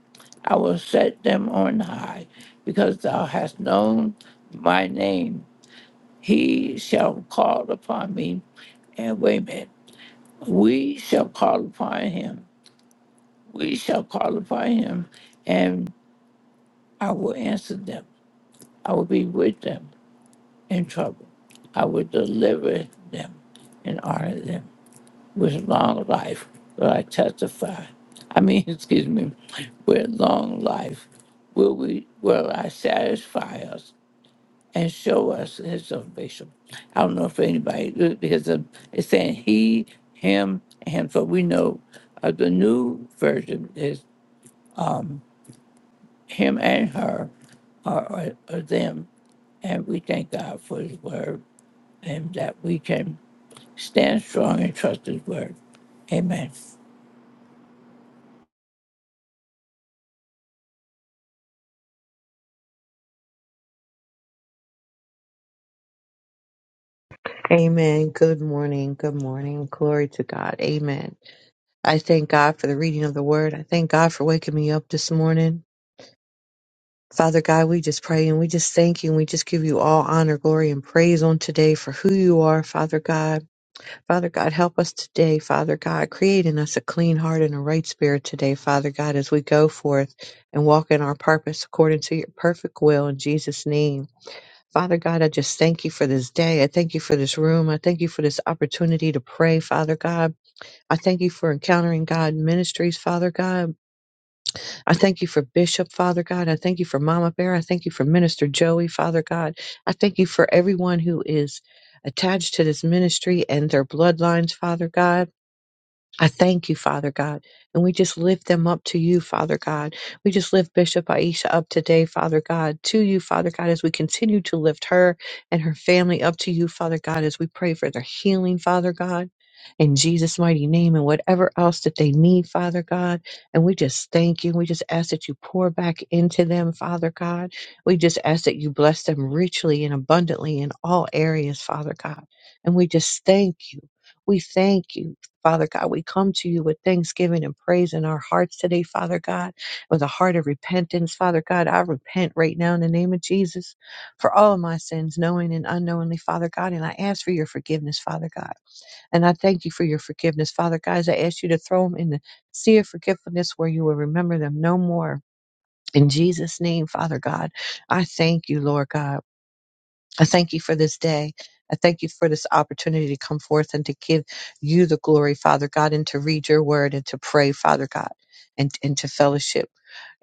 S4: I will set them on high, because thou hast known my name. He shall call upon me. And wait a minute, we shall call upon him. We shall call upon him, and I will answer them. I will be with them in trouble. I will deliver them and honor them. with long life will I testify. I mean, excuse me, with long life will we will I satisfy us and show us his salvation. I don't know if anybody because of- it's saying he, him, and him. So we know uh, the new version is him and her or, or, or them. And we thank God for his word and that we can stand strong and trust his word. Amen.
S3: Amen. Good morning. Good morning. Glory to God. Amen. I thank God for the reading of the word. I thank God for waking me up this morning. Father God, we just pray and we just thank you and we just give you all honor, glory, and praise on today for who you are, Father God. Father God, help us today, Father God, creating us a clean heart and a right spirit today, Father God, as we go forth and walk in our purpose according to your perfect will in Jesus' name. Father God, I just thank you for this day. I thank you for this room. I thank you for this opportunity to pray, Father God. I thank you for encountering God ministries, Father God. I thank you for Bishop, Father God. I thank you for Mama Bear. I thank you for Minister Joey, Father God. I thank you for everyone who is attached to this ministry and their bloodlines, Father God. I thank you, Father God. And we just lift them up to you, Father God. We just lift Bishop Aisha up today, Father God, to you, Father God, as we continue to lift her and her family up to you, Father God, as we pray for their healing, Father God, in Jesus' mighty name, and whatever else that they need, Father God. And we just thank you. We just ask that you pour back into them, Father God. We just ask that you bless them richly and abundantly in all areas, Father God. And we just thank you. We thank you. Father God, we come to you with thanksgiving and praise in our hearts today, Father God, with a heart of repentance. Father God, I repent right now in the name of Jesus for all of my sins, knowing and unknowingly, Father God, and I ask for your forgiveness, Father God. And I thank you for your forgiveness, Father God. As I ask you to throw them in the sea of forgetfulness where you will remember them no more. In Jesus' name, Father God, I thank you, Lord God. I thank you for this day. I thank you for this opportunity to come forth and to give you the glory, Father God, and to read your word and to pray, Father God, and, and to fellowship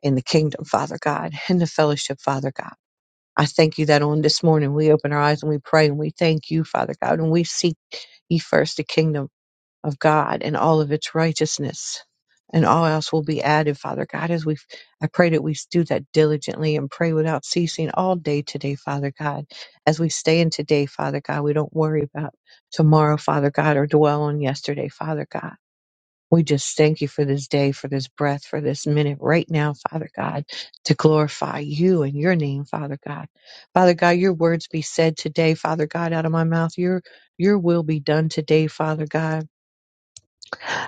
S3: in the kingdom, Father God, and the fellowship, Father God. I thank you that on this morning we open our eyes and we pray and we thank you, Father God, and we seek ye first the kingdom of God and all of its righteousness, and all else will be added, Father God, as we I pray that we do that diligently and pray without ceasing all day today, Father God. As we stay in today, Father God, we don't worry about tomorrow, Father God, or dwell on yesterday, Father God. We just thank you for this day, for this breath, for this minute right now, Father God, to glorify you and your name, Father God. Father God, your words be said today, Father God, out of my mouth. Your your will be done today, Father God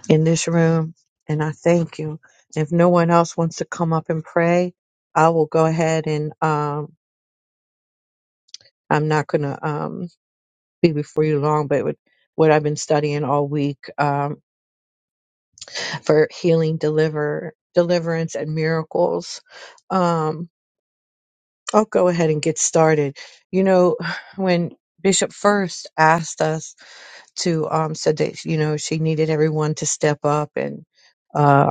S3: in this room, and I thank you. If no one else wants to come up and pray, I will go ahead and um, I'm not going to um, be before you long, but with what I've been studying all week um, for healing, deliver, deliverance, and miracles, um, I'll go ahead and get started. You know, when Bishop first asked us to um, said that you know she needed everyone to step up and. uh,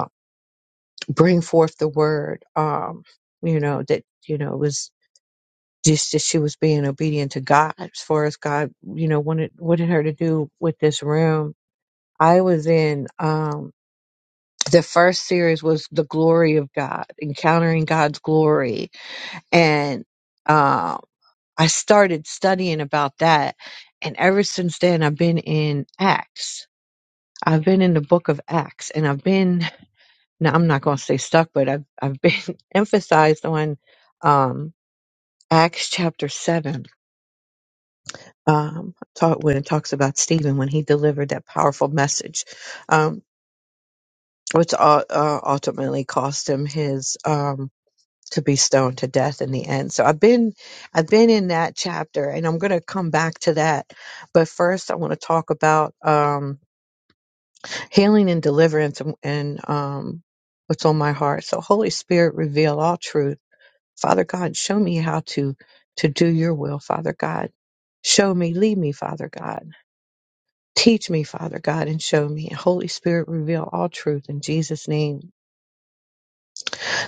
S3: bring forth the word um you know that you know it was just that she was being obedient to god as far as god you know wanted wanted her to do with this room i was in um the first series was the glory of god encountering god's glory and um i started studying about that and ever since then i've been in acts i've been in the book of acts and i've been now I'm not going to say stuck, but I've I've been emphasized on um, Acts chapter seven. Um, talk when it talks about Stephen when he delivered that powerful message, um, which uh, uh, ultimately cost him his um, to be stoned to death in the end. So I've been I've been in that chapter, and I'm going to come back to that. But first, I want to talk about um, healing and deliverance and, and um, what's on my heart. So Holy Spirit, reveal all truth Father God, show me how to, to do your will, Father God. Show me, lead me, Father God. Teach me, Father God, and show me. Holy Spirit, reveal all truth in Jesus' name.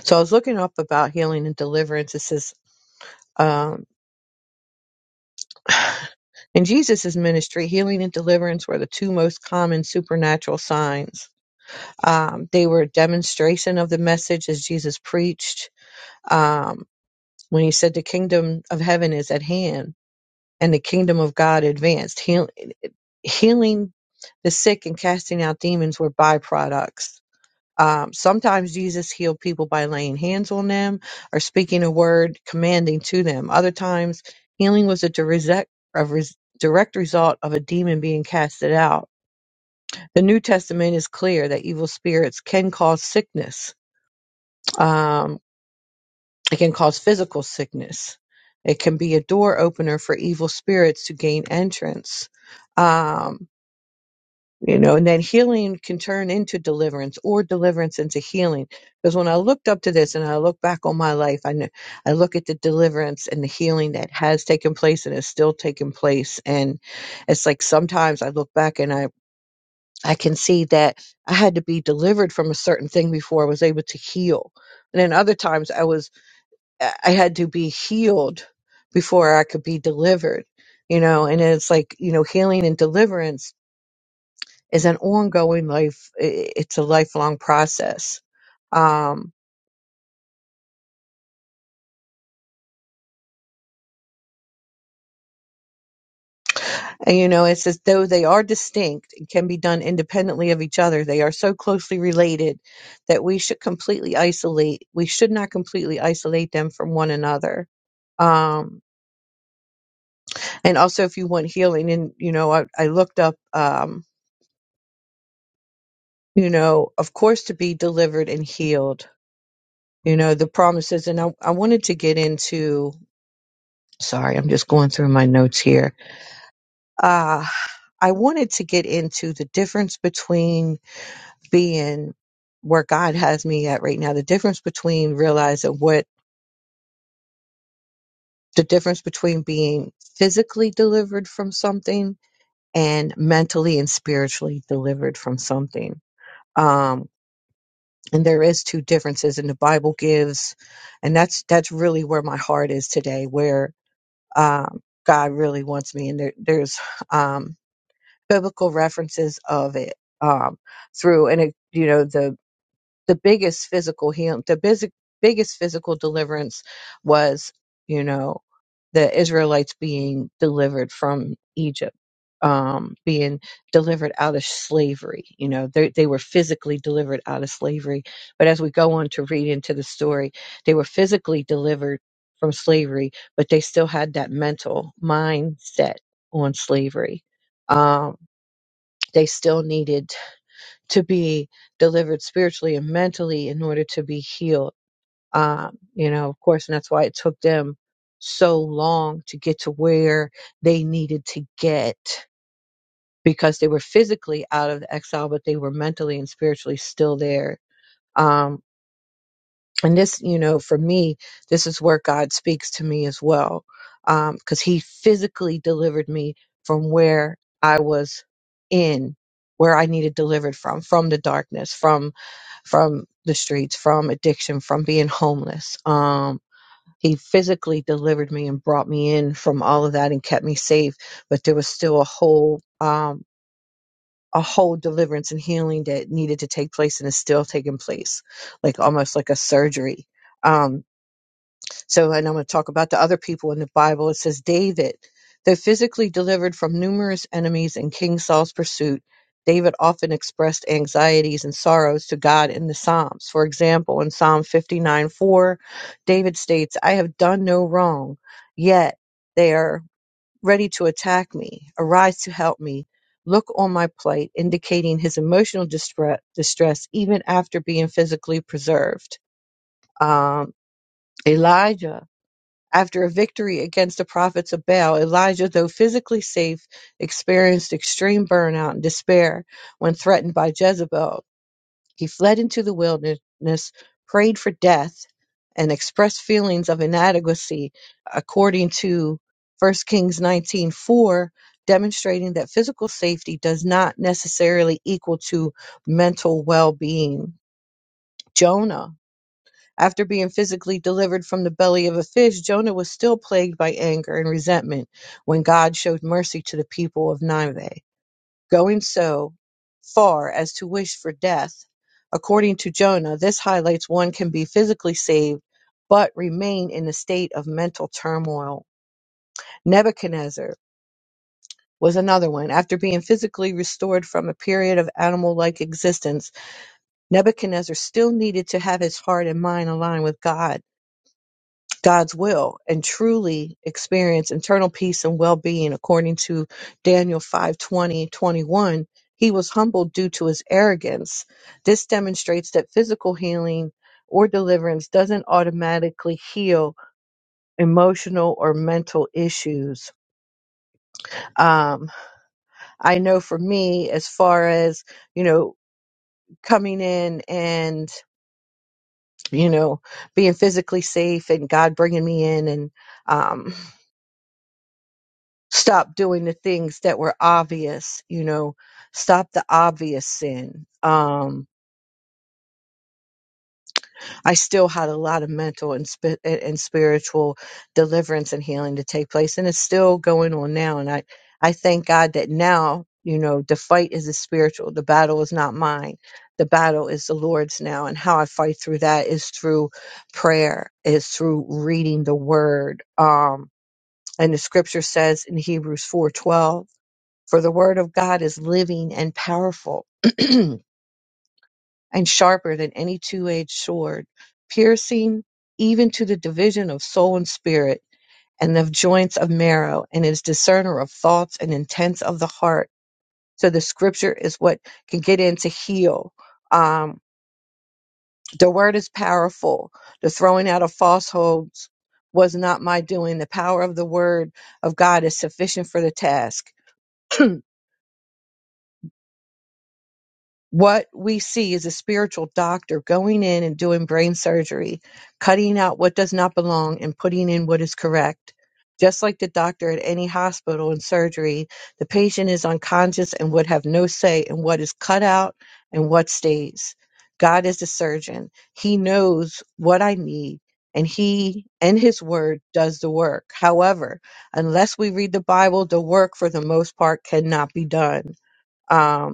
S3: So I was looking up about healing and deliverance. It says, um, in Jesus' ministry, healing and deliverance were the two most common supernatural signs. Um, they were a demonstration of the message as Jesus preached um, when he said, The kingdom of heaven is at hand and the kingdom of God advanced. Heal, healing the sick and casting out demons were byproducts. Um, sometimes Jesus healed people by laying hands on them or speaking a word commanding to them. Other times, healing was a direct, a res, direct result of a demon being casted out. The New Testament is clear that evil spirits can cause sickness. Um, it can cause physical sickness. It can be a door opener for evil spirits to gain entrance. Um, you know, and then healing can turn into deliverance or deliverance into healing. Because when I looked up to this and I look back on my life, I know, I look at the deliverance and the healing that has taken place and is still taking place. And it's like sometimes I look back and I, I can see that I had to be delivered from a certain thing before I was able to heal. And then other times I was I had to be healed before I could be delivered, you know. And it's like, you know, healing and deliverance is an ongoing life, i- it's a lifelong process. Um, and, you know, it's as though they are distinct and can be done independently of each other. They are so closely related that we should completely isolate, we should not completely isolate them from one another. Um, and also, if you want healing, and, you know, I, I looked up. Um, you know, of course, to be delivered and healed, you know, the promises. And I, I wanted to get into, sorry, I'm just going through my notes here. Uh, I wanted to get into the difference between being where God has me at right now, the difference between realizing what the difference between being physically delivered from something and mentally and spiritually delivered from something. Um. and there is two differences and the bible gives and that's that's really where my heart is today where um god really wants me and there there's um biblical references of it um through and it you know the the biggest physical healing, the bisi- biggest physical deliverance was, you know, the Israelites being delivered from Egypt, um, being delivered out of slavery. You know, they, they were physically delivered out of slavery. But as we go on to read into the story, they were physically delivered from slavery, but they still had that mental mindset on slavery. Um, they still needed to be delivered spiritually and mentally in order to be healed. Um, you know, of course, and that's why it took them so long to get to where they needed to get because they were physically out of the exile, but they were mentally and spiritually still there. Um, and this you know for me this is where god speaks to me as well because he physically delivered me from where i was in where i needed delivered from from the darkness from from the streets from addiction from being homeless um he physically delivered me and brought me in from all of that and kept me safe but there was still a whole um a whole deliverance and healing that needed to take place and is still taking place like almost like a surgery Um, so, and I'm going to talk about the other people in the Bible. It says David, though physically delivered from numerous enemies in King Saul's pursuit, David often expressed anxieties and sorrows to God in the Psalms. For example, in Psalm 59 4, David states, I have done no wrong, yet they are ready to attack me. Arise to help me. Look on my plight, indicating his emotional distress, distress even after being physically preserved. Um, Elijah after a victory against the prophets of Baal, Elijah, though physically safe, experienced extreme burnout and despair when threatened by Jezebel. He fled into the wilderness, prayed for death, and expressed feelings of inadequacy according to 1 Kings 19:4, demonstrating that physical safety does not necessarily equal to mental well-being. Jonah after being physically delivered from the belly of a fish, Jonah was still plagued by anger and resentment when God showed mercy to the people of Nineveh, going so far as to wish for death. According to Jonah, this highlights one can be physically saved but remain in a state of mental turmoil. Nebuchadnezzar was another one. After being physically restored from a period of animal like existence, Nebuchadnezzar still needed to have his heart and mind aligned with God God's will and truly experience internal peace and well-being according to Daniel five twenty twenty-one, he was humbled due to his arrogance this demonstrates that physical healing or deliverance doesn't automatically heal emotional or mental issues um, i know for me as far as you know coming in and you know being physically safe and god bringing me in and um, stop doing the things that were obvious, you know, stop the obvious sin. Um, I still had a lot of mental and, spi- and and spiritual deliverance and healing to take place, and it's still going on now. And I, I thank God that now, you know, the fight is a spiritual, the battle is not mine. The battle is the Lord's now, and how I fight through that is through prayer, is through reading the Word. Um, and the Scripture says in Hebrews four twelve. For the word of God is living and powerful and sharper than any two edged sword, piercing even to the division of soul and spirit and of joints of marrow, and is discerner of thoughts and intents of the heart. So the scripture is what can get in to heal. Um, the word is powerful. The throwing out of falsehoods was not my doing. The power of the word of God is sufficient for the task. what we see is a spiritual doctor going in and doing brain surgery, cutting out what does not belong and putting in what is correct. Just like the doctor at any hospital in surgery, the patient is unconscious and would have no say in what is cut out and what stays. God is the surgeon. He knows what I need and he and his word does the work. However, unless we read the Bible, the work for the most part cannot be done. Um,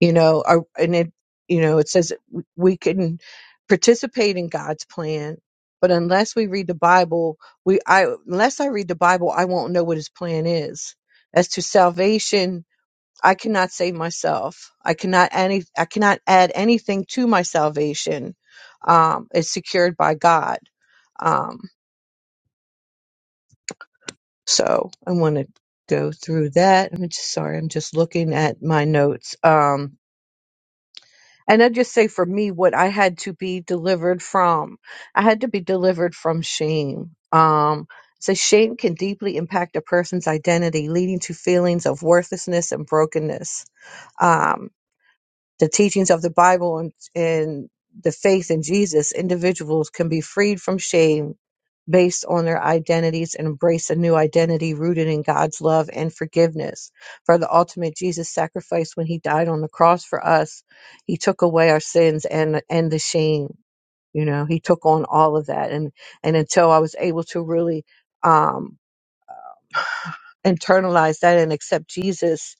S3: you know are, and it you know it says that w- we can participate in god's plan but unless we read the bible we i unless i read the bible i won't know what his plan is as to salvation i cannot save myself i cannot any i cannot add anything to my salvation um it's secured by god um so i want to go through that i'm just sorry i'm just looking at my notes Um And I just say for me, what I had to be delivered from, I had to be delivered from shame. Um, so shame can deeply impact a person's identity, leading to feelings of worthlessness and brokenness. Um, the teachings of the Bible and, and the faith in Jesus, individuals can be freed from shame based on their identities and embrace a new identity rooted in God's love and forgiveness. For the ultimate Jesus sacrifice when he died on the cross for us, he took away our sins and and the shame. You know, he took on all of that. And and until I was able to really um internalize that and accept Jesus.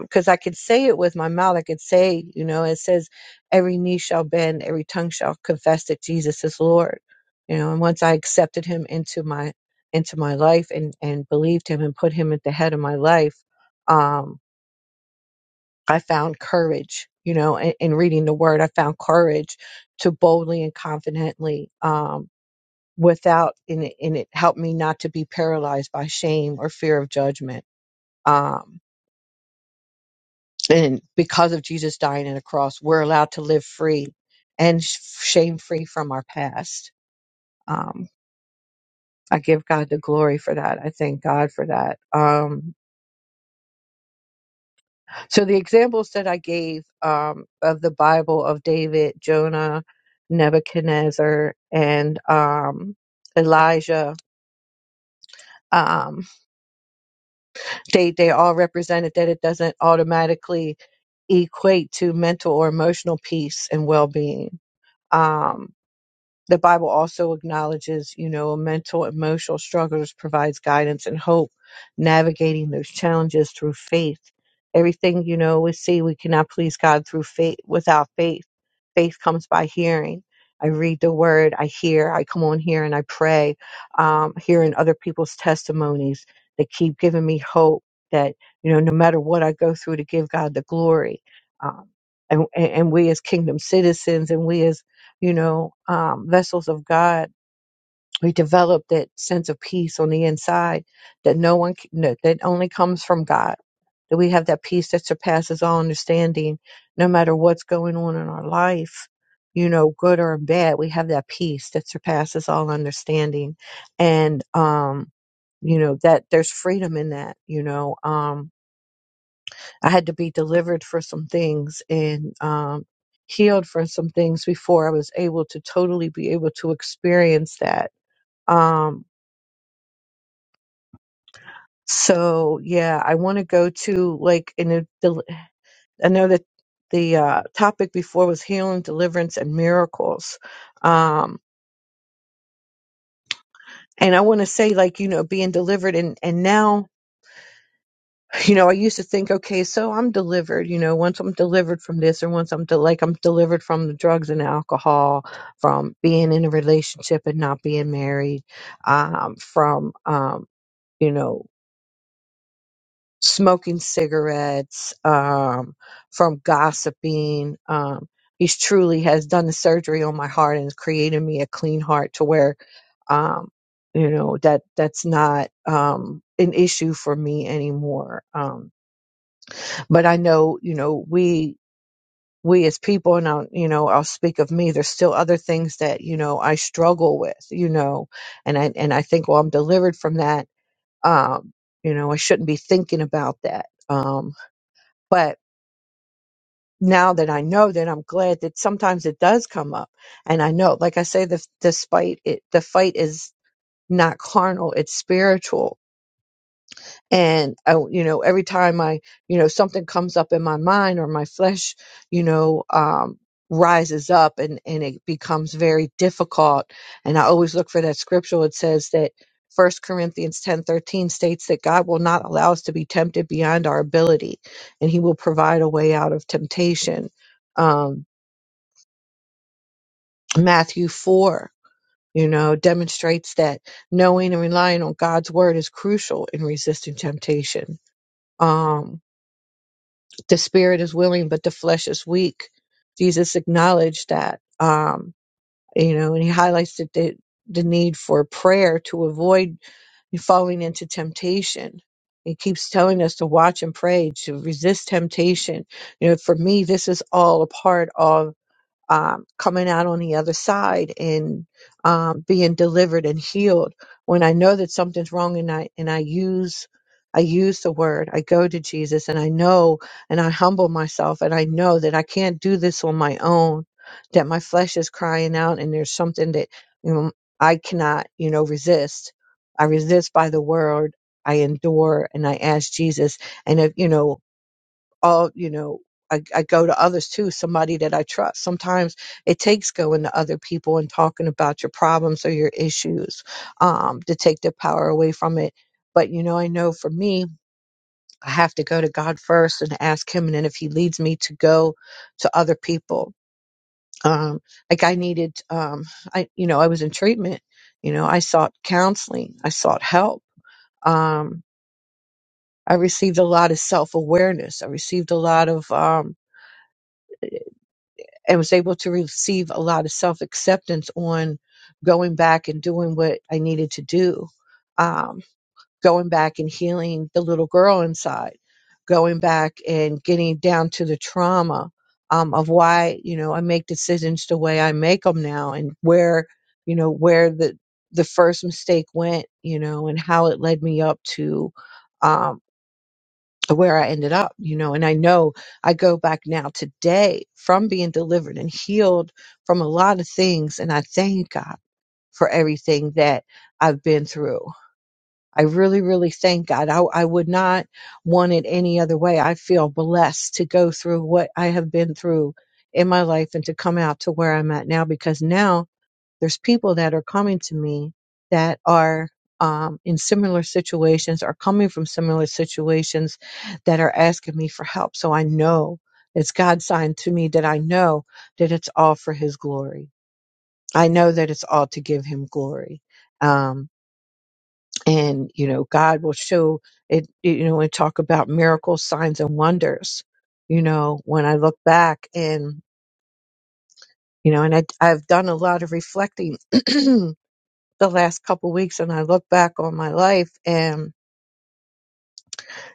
S3: Because I could say it with my mouth. I could say, you know, it says, every knee shall bend, every tongue shall confess that Jesus is Lord. You know, and once I accepted him into my into my life and and believed him and put him at the head of my life, um, I found courage. You know, in, in reading the Word, I found courage to boldly and confidently um, without and it, and it helped me not to be paralyzed by shame or fear of judgment um, And because of Jesus dying on a cross, we're allowed to live free and shame free from our past. Um, I give God the glory for that. I thank God for that. Um, so the examples that I gave um, of the Bible of David, Jonah, Nebuchadnezzar, and um, Elijah, um, they they all represented that it doesn't automatically equate to mental or emotional peace and well being. Um, The Bible also acknowledges, you know, mental, emotional struggles, provides guidance and hope, navigating those challenges through faith. Everything, you know, we see we cannot please God through faith without faith. Faith comes by hearing. I read the word, I hear, I come on here and I pray, um, hearing other people's testimonies that keep giving me hope that, you know, no matter what I go through to give God the glory. Um, and, and and we as kingdom citizens and we as you know, um, vessels of God, we develop that sense of peace on the inside that no one c- no, that only comes from God. That we have that peace that surpasses all understanding, no matter what's going on in our life, you know, good or bad. We have that peace that surpasses all understanding, and um, you know that there's freedom in that. You know, um, I had to be delivered for some things and um, healed for some things before I was able to totally be able to experience that. Um, so yeah, I want to go to like in a, del- I know that the uh, topic before was healing, deliverance, and miracles. Um, and I want to say like you know being delivered and and now you know, I used to think, okay, so I'm delivered, you know, once I'm delivered from this or once I'm de- like I'm delivered from the drugs and alcohol, from being in a relationship and not being married, um, from, um, you know, smoking cigarettes, um, from gossiping. Um, he's truly has done the surgery on my heart and has created me a clean heart to where, um, you know, that that's not um, an issue for me anymore. Um, but I know, you know, we we as people, and I'll, you know, I'll speak of me. There's still other things that you know I struggle with, you know, and I and I think, well, I'm delivered from that. Um, you know, I shouldn't be thinking about that. Um, but now that I know that, I'm glad that sometimes it does come up, and I know, like I say, the despite it, the fight is not carnal; it's spiritual and I, you know every time i you know something comes up in my mind or my flesh you know um rises up and and it becomes very difficult and i always look for that scripture it says that First corinthians ten thirteen states that god will not allow us to be tempted beyond our ability and he will provide a way out of temptation um matthew 4 you know demonstrates that knowing and relying on god's word is crucial in resisting temptation um the spirit is willing, but the flesh is weak. Jesus acknowledged that, um, you know, and he highlights the, the, the need for prayer to avoid falling into temptation. He keeps telling us to watch and pray, to resist temptation. You know, for me, this is all a part of um, coming out on the other side and um, being delivered and healed. When I know that something's wrong and I and I use I use the word, I go to Jesus and I know and I humble myself and I know that I can't do this on my own, that my flesh is crying out and there's something that you know, I cannot, you know, resist. I resist by the word. I endure and I ask Jesus. And if you know all you know I, I go to others too somebody that i trust sometimes it takes going to other people and talking about your problems or your issues um, to take the power away from it but you know i know for me i have to go to god first and ask him and then if he leads me to go to other people um, like i needed um, i you know i was in treatment you know i sought counseling i sought help um, i received a lot of self-awareness i received a lot of um, and was able to receive a lot of self acceptance on going back and doing what I needed to do, um, going back and healing the little girl inside, going back and getting down to the trauma um, of why you know I make decisions the way I make them now, and where you know where the the first mistake went, you know, and how it led me up to. um, where I ended up, you know, and I know I go back now today from being delivered and healed from a lot of things. And I thank God for everything that I've been through. I really, really thank God. I, I would not want it any other way. I feel blessed to go through what I have been through in my life and to come out to where I'm at now because now there's people that are coming to me that are um, in similar situations are coming from similar situations that are asking me for help so i know it's god's sign to me that i know that it's all for his glory i know that it's all to give him glory um, and you know god will show it you know and talk about miracles signs and wonders you know when i look back and you know and I, i've done a lot of reflecting the last couple weeks and I look back on my life and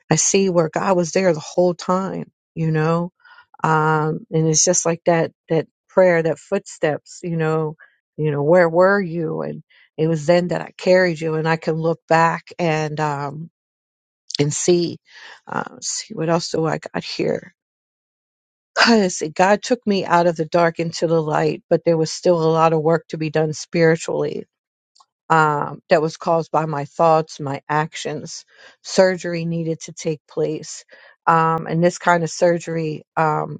S3: I see where God was there the whole time, you know? Um, and it's just like that, that prayer, that footsteps, you know, you know, where were you? And it was then that I carried you and I can look back and, um, and see, uh, see what else do I got here? Cause see, God took me out of the dark into the light, but there was still a lot of work to be done spiritually um, that was caused by my thoughts, my actions. Surgery needed to take place. Um, and this kind of surgery, um,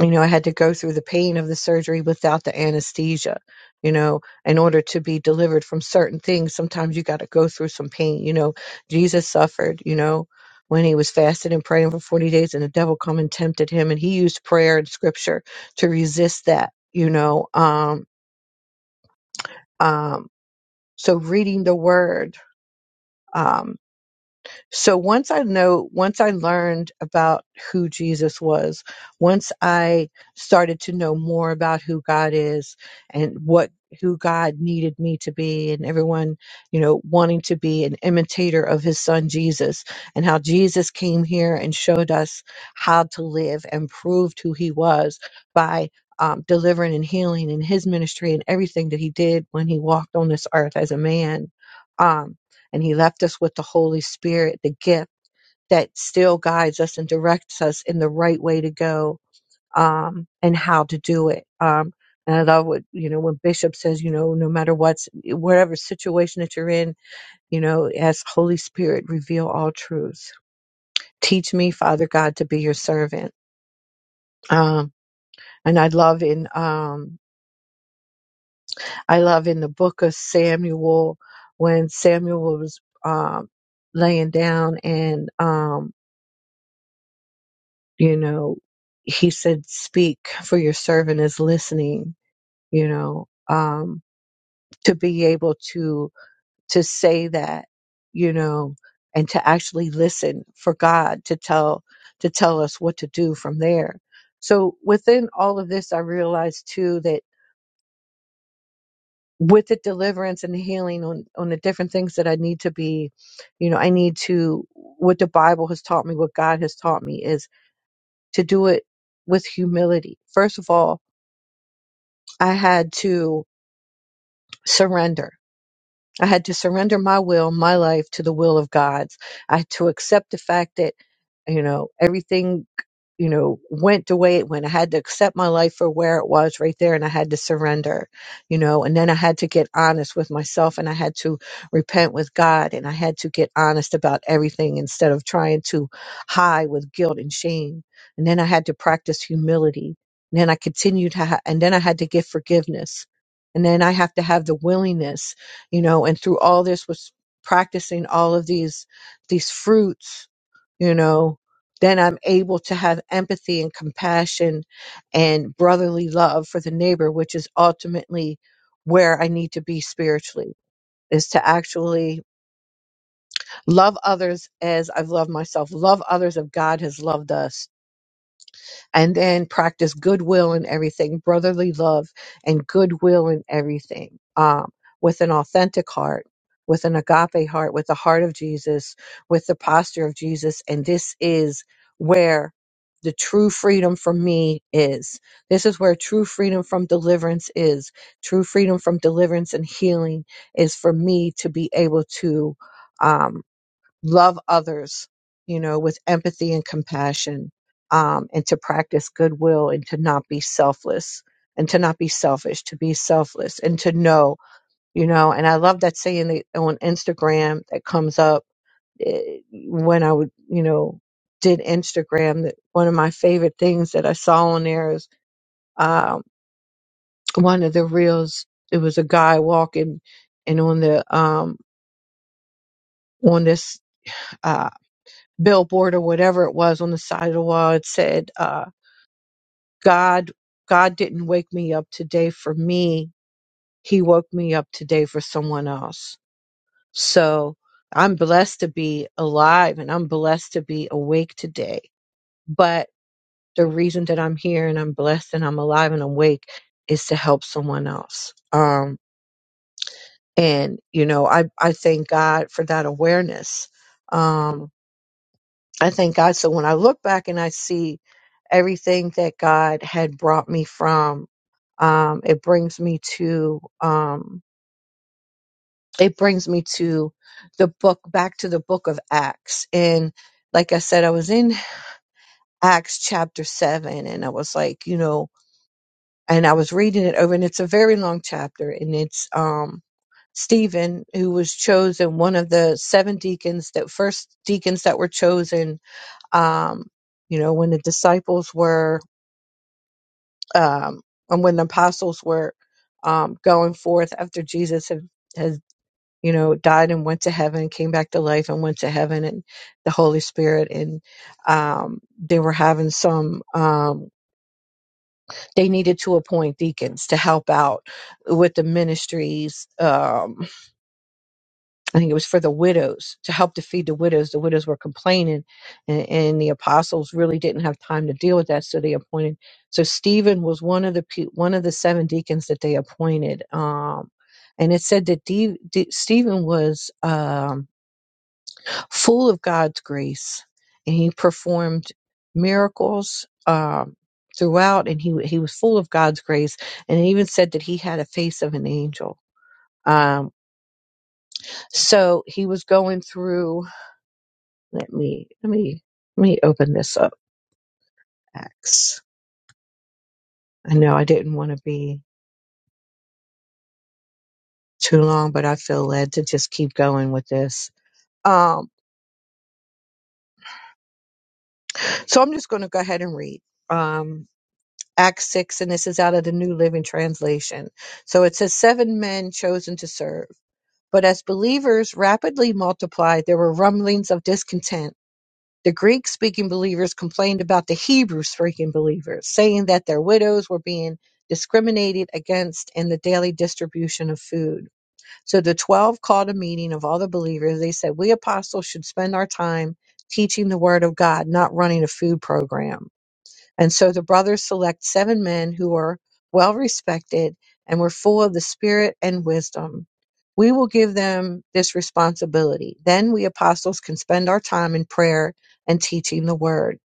S3: you know, I had to go through the pain of the surgery without the anesthesia. You know, in order to be delivered from certain things, sometimes you got to go through some pain. You know, Jesus suffered, you know, when he was fasting and praying for 40 days, and the devil come and tempted him. And he used prayer and scripture to resist that, you know. Um, um, so, reading the word. um, So once I know, once I learned about who Jesus was, once I started to know more about who God is and what who God needed me to be and everyone, you know, wanting to be an imitator of his son Jesus and how Jesus came here and showed us how to live and proved who he was by um, delivering and healing in his ministry and everything that he did when he walked on this earth as a man. Um, and he left us with the Holy Spirit, the gift that still guides us and directs us in the right way to go um, and how to do it. Um, and I love what you know when Bishop says, you know, no matter what's whatever situation that you're in, you know, as Holy Spirit, reveal all truths. Teach me, Father God, to be your servant. Um, and I love in um, I love in the book of Samuel when Samuel was um, laying down and um, you know he said speak for your servant is listening you know um to be able to to say that you know and to actually listen for god to tell to tell us what to do from there so within all of this i realized too that with the deliverance and the healing on on the different things that i need to be you know i need to what the bible has taught me what god has taught me is to do it with humility first of all I had to surrender. I had to surrender my will, my life to the will of God's. I had to accept the fact that, you know, everything, you know, went the way it went. I had to accept my life for where it was right there and I had to surrender, you know, and then I had to get honest with myself and I had to repent with God and I had to get honest about everything instead of trying to hide with guilt and shame. And then I had to practice humility. And then I continued to ha- and then I had to give forgiveness. And then I have to have the willingness you know and through all this was practicing all of these these fruits you know then i'm able to have empathy and compassion and brotherly love for the neighbor which is ultimately where i need to be spiritually is to actually love others as i've loved myself love others as god has loved us and then practice goodwill and everything, brotherly love and goodwill and everything, um, with an authentic heart, with an agape heart, with the heart of Jesus, with the posture of Jesus. And this is where the true freedom for me is. This is where true freedom from deliverance is. True freedom from deliverance and healing is for me to be able to um, love others, you know, with empathy and compassion, um, and to practice goodwill and to not be selfless and to not be selfish, to be selfless and to know, you know, and I love that saying that on Instagram that comes up eh, when I would, you know, did Instagram that one of my favorite things that I saw on there is, um, one of the reels, it was a guy walking and on the, um, on this uh, billboard or whatever it was on the side of the wall. It said, uh, God, God didn't wake me up today for me. He woke me up today for someone else. So I'm blessed to be alive and I'm blessed to be awake today. But the reason that I'm here and I'm blessed and I'm alive and awake is to help someone else. Um, and you know, I, I thank God for that awareness. Um, I thank God. So when I look back and I see everything that God had brought me from, um, it brings me to um, it brings me to the book back to the book of Acts. And like I said, I was in Acts chapter seven, and I was like, you know, and I was reading it over, and it's a very long chapter, and it's um, Stephen who was chosen one of the seven deacons that first deacons that were chosen um, you know when the disciples were um, and when the apostles were um, going forth after Jesus had, had you know died and went to heaven, came back to life and went to heaven, and the Holy Spirit, and um, they were having some. Um, they needed to appoint deacons to help out with the ministries. Um, I think it was for the widows to help to feed the widows. The widows were complaining, and, and the apostles really didn't have time to deal with that, so they appointed. So Stephen was one of the pe- one of the seven deacons that they appointed. Um, and it said that D, D, Stephen was um, full of God's grace, and he performed miracles um, throughout, and he he was full of God's grace, and it even said that he had a face of an angel. Um, so he was going through Let me let me let me open this up, Acts. I know I didn't want to be too long, but I feel led to just keep going with this. Um, so I'm just going to go ahead and read um, Acts six, and this is out of the New Living Translation. So it says seven men chosen to serve, but as believers rapidly multiplied, there were rumblings of discontent The Greek speaking believers complained about the Hebrew speaking believers, saying that their widows were being discriminated against in the daily distribution of food. So the 12 called a meeting of all the believers. They said, We apostles should spend our time teaching the word of God, not running a food program. And so the brothers select seven men who are well respected and were full of the spirit and wisdom. We will give them this responsibility. Then we apostles can spend our time in prayer and teaching the word.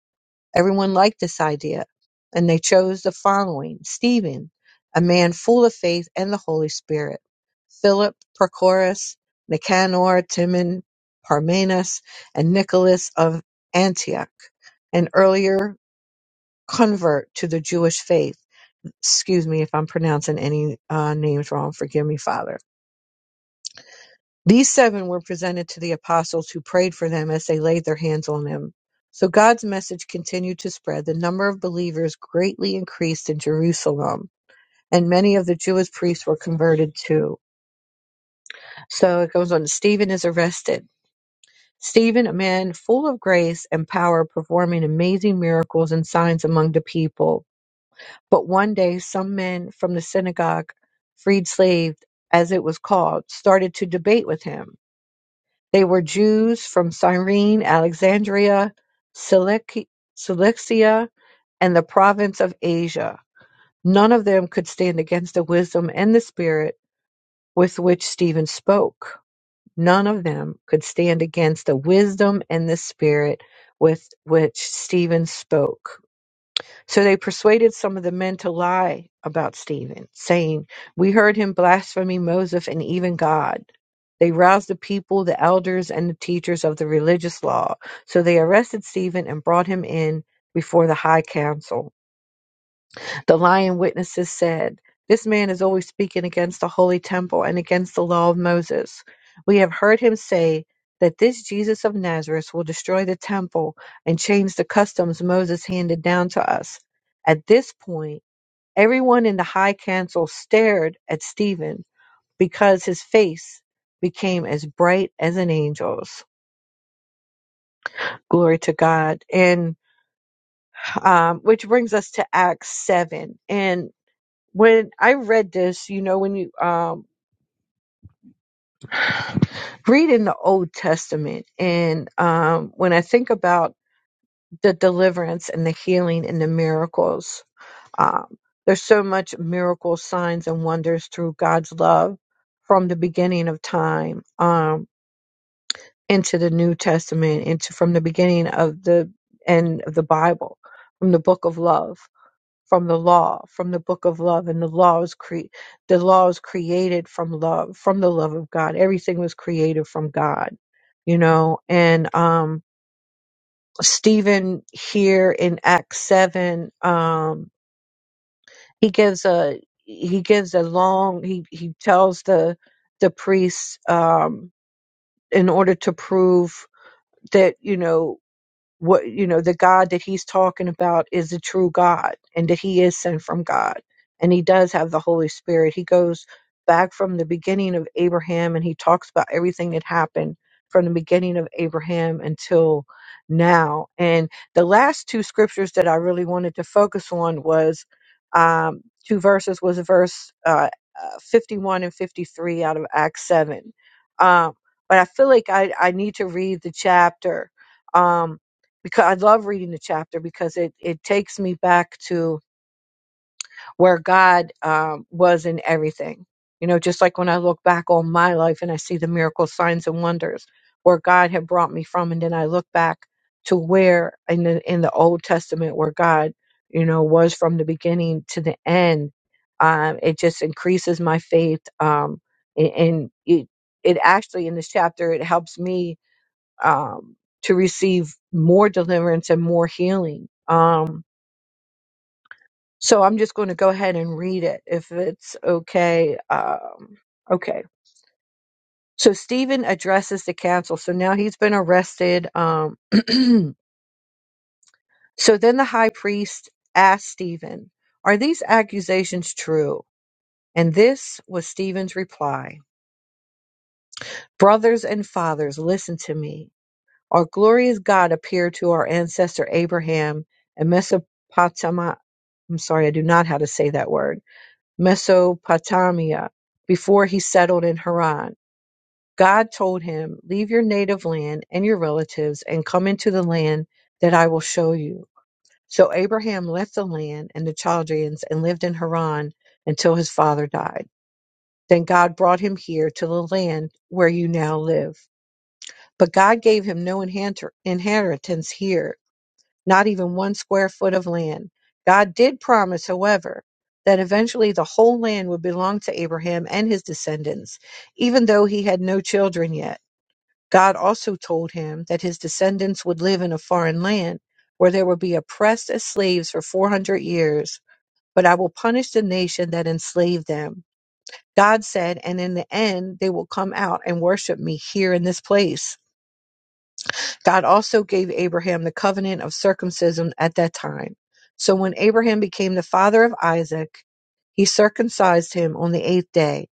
S3: Everyone liked this idea, and they chose the following Stephen, a man full of faith and the Holy Spirit, Philip, Prochorus, Nicanor, Timon, Parmenas, and Nicholas of Antioch, an earlier convert to the Jewish faith. Excuse me if I'm pronouncing any uh, names wrong. Forgive me, Father. These seven were presented to the apostles who prayed for them as they laid their hands on them. So God's message continued to spread. The number of believers greatly increased in Jerusalem, and many of the Jewish priests were converted too. So it goes on Stephen is arrested. Stephen, a man full of grace and power, performing amazing miracles and signs among the people. But one day, some men from the synagogue, freed slave as it was called, started to debate with him. They were Jews from Cyrene, Alexandria, Cilici- Cilicia, and the province of Asia. None of them could stand against the wisdom and the spirit with which Stephen spoke. None of them could stand against the wisdom and the spirit with which Stephen spoke. So they persuaded some of the men to lie about Stephen, saying, We heard him blaspheming Moses and even God. They roused the people, the elders, and the teachers of the religious law. So they arrested Stephen and brought him in before the high council. The lying witnesses said, This man is always speaking against the holy temple and against the law of Moses. We have heard him say that this Jesus of Nazareth will destroy the temple and change the customs Moses handed down to us. At this point, everyone in the high council stared at Stephen because his face became as bright as an angel's. Glory to God. And um, which brings us to Acts 7. And when I read this, you know, when you um, read in the Old Testament, and um, when I think about the deliverance and the healing and the miracles, um, there's so much miracles, signs, and wonders through God's love from the beginning of time um, into the New Testament, into from the beginning of the end of the Bible, from the book of love. from the law, from the book of love, and the law was cre- the law was created from love, from the love of God. Everything was created from God, you know. And um, Stephen here in Acts seven, um, he gives a he gives a long he he tells the the priests um, in order to prove that you know what you know the god that he's talking about is the true god and that he is sent from god and he does have the holy spirit he goes back from the beginning of abraham and he talks about everything that happened from the beginning of abraham until now and the last two scriptures that i really wanted to focus on was um, two verses was verse uh, uh, 51 and 53 out of acts 7 um, but i feel like I, I need to read the chapter Um, because I love reading the chapter because it it takes me back to where God um, was in everything. You know, just like when I look back on my life and I see the miracles, signs, and wonders where God had brought me from, and then I look back to where in the in the Old Testament where God, you know, was from the beginning to the end. Um, it just increases my faith, um, and, and it it actually in this chapter it helps me um, to receive more deliverance and more healing. Um, so I'm just going to go ahead and read it if it's okay. Um, okay. So Stephen addresses the council. So now he's been arrested. Um, so then the high priest asked Stephen, Are these accusations true? And this was Stephen's reply Brothers and fathers, listen to me. Our glorious God appeared to our ancestor Abraham in Mesopotamia. I'm sorry, I do not how to say that word. Mesopotamia, before he settled in Haran. God told him, Leave your native land and your relatives and come into the land that I will show you. So Abraham left the land and the Chaldeans and lived in Haran until his father died. Then God brought him here to the land where you now live. But God gave him no inher- inheritance here not even one square foot of land. God did promise, however, that eventually the whole land would belong to Abraham and his descendants, even though he had no children yet. God also told him that his descendants would live in a foreign land where they would be oppressed as slaves for 400 years, but I will punish the nation that enslaved them. God said, and in the end, they will come out and worship me here in this place. God also gave Abraham the covenant of circumcision at that time. So when Abraham became the father of Isaac, he circumcised him on the eighth day,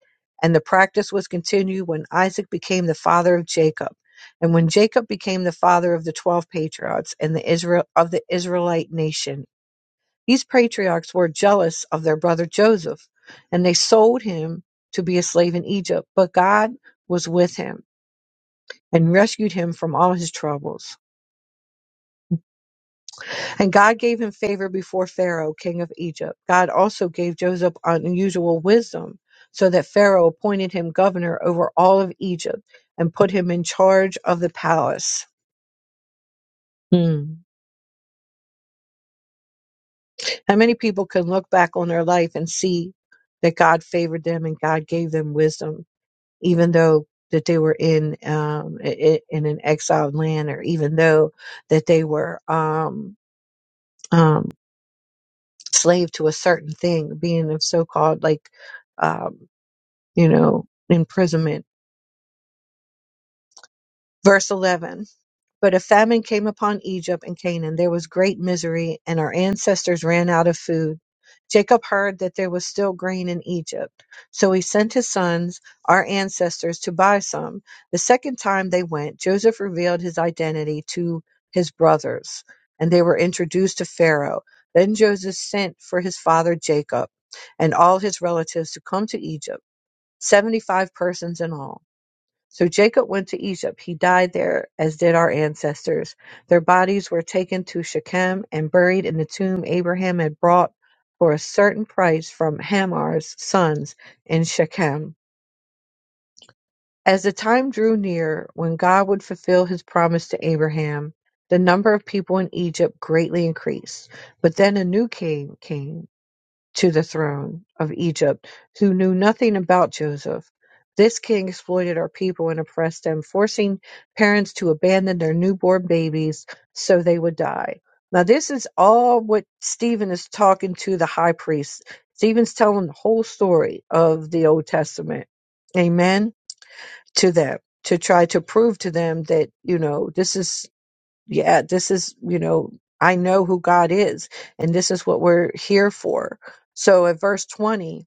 S3: and the practice was continued when Isaac became the father of Jacob, and when Jacob became the father of the twelve patriarchs and the Israel of the Israelite nation. These patriarchs were jealous of their brother Joseph, and they sold him to be a slave in Egypt. But God was with him and rescued him from all his troubles. And God gave him favor before Pharaoh, king of Egypt. God also gave Joseph unusual wisdom, so that Pharaoh appointed him governor over all of Egypt and put him in charge of the palace. Hmm. How many people can look back on their life and see that God favored them and God gave them wisdom, even though that they were in um, i- i- in an exiled land, or even though that they were um, um, slave to a certain thing, being of so called like. Um, you know, imprisonment. Verse 11 But a famine came upon Egypt and Canaan. There was great misery, and our ancestors ran out of food. Jacob heard that there was still grain in Egypt. So he sent his sons, our ancestors, to buy some. The second time they went, Joseph revealed his identity to his brothers, and they were introduced to Pharaoh. Then Joseph sent for his father Jacob and all his relatives to come to Egypt, 75 persons in all. So Jacob went to Egypt. He died there, as did our ancestors. Their bodies were taken to Shechem and buried in the tomb Abraham had bought for a certain price from Hamar's sons in Shechem. As the time drew near when God would fulfill his promise to Abraham, the number of people in Egypt greatly increased. But then a new king came to the throne of Egypt, who knew nothing about Joseph. This king exploited our people and oppressed them, forcing parents to abandon their newborn babies so they would die. Now, this is all what Stephen is talking to the high priest. Stephen's telling the whole story of the Old Testament. Amen. To them, to try to prove to them that, you know, this is yeah, this is, you know, I know who God is, and this is what we're here for. So at verse 20,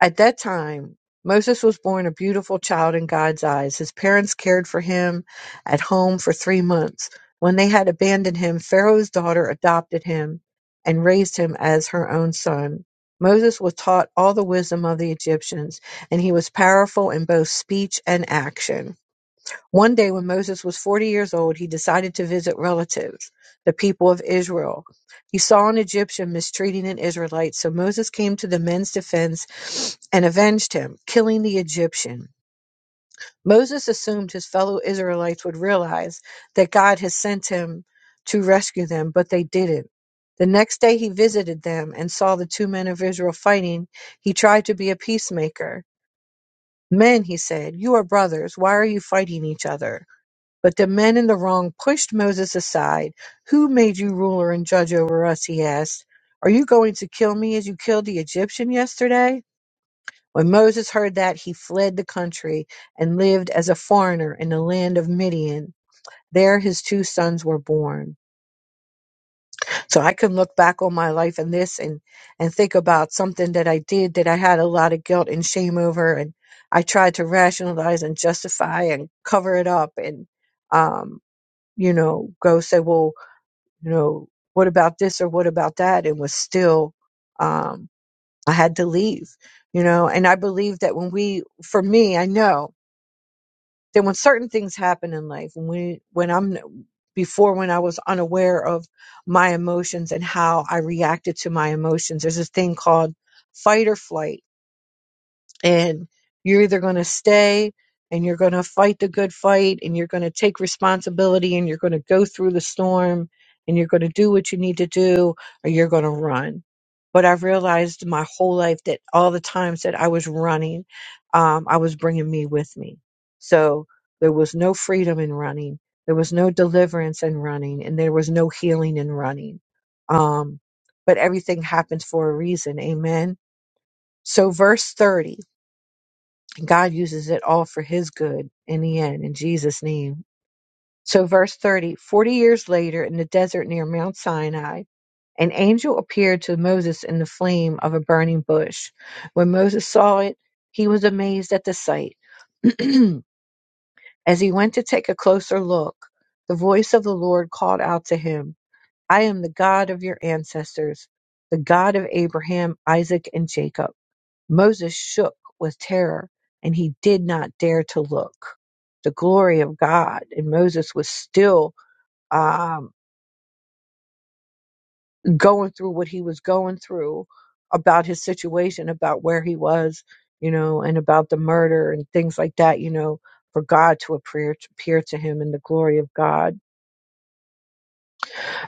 S3: at that time, Moses was born a beautiful child in God's eyes. His parents cared for him at home for three months. When they had abandoned him, Pharaoh's daughter adopted him and raised him as her own son. Moses was taught all the wisdom of the Egyptians, and he was powerful in both speech and action. One day when Moses was 40 years old, he decided to visit relatives, the people of Israel. He saw an Egyptian mistreating an Israelite, so Moses came to the men's defense and avenged him, killing the Egyptian. Moses assumed his fellow Israelites would realize that God had sent him to rescue them, but they didn't. The next day he visited them and saw the two men of Israel fighting. He tried to be a peacemaker. Men, he said, you are brothers. Why are you fighting each other? But the men in the wrong pushed Moses aside. Who made you ruler and judge over us? He asked. Are you going to kill me as you killed the Egyptian yesterday? When Moses heard that, he fled the country and lived as a foreigner in the land of Midian. There his two sons were born. So I can look back on my life and this and, and think about something that I did that I had a lot of guilt and shame over. And I tried to rationalize and justify and cover it up. And, um, you know, go say, well, you know, what about this or what about that? It was still, um, I had to leave, you know, and I believe that when we, for me, I know that when certain things happen in life, when we, when I'm, before when I was unaware of my emotions and how I reacted to my emotions, there's this thing called fight or flight and you're either going to stay and you're going to fight the good fight and you're going to take responsibility and you're going to go through the storm and you're going to do what you need to do or you're going to run but i've realized my whole life that all the times that i was running um, i was bringing me with me so there was no freedom in running there was no deliverance in running and there was no healing in running um, but everything happens for a reason amen so verse 30 God uses it all for his good in the end, in Jesus' name. So, verse 30 40 years later, in the desert near Mount Sinai, an angel appeared to Moses in the flame of a burning bush. When Moses saw it, he was amazed at the sight. As he went to take a closer look, the voice of the Lord called out to him, I am the God of your ancestors, the God of Abraham, Isaac, and Jacob. Moses shook with terror, and he did not dare to look. The glory of God, and Moses was still um, going through what he was going through about his situation, about where he was, you know, and about the murder and things like that, you know, for God to appear, appear to him in the glory of God.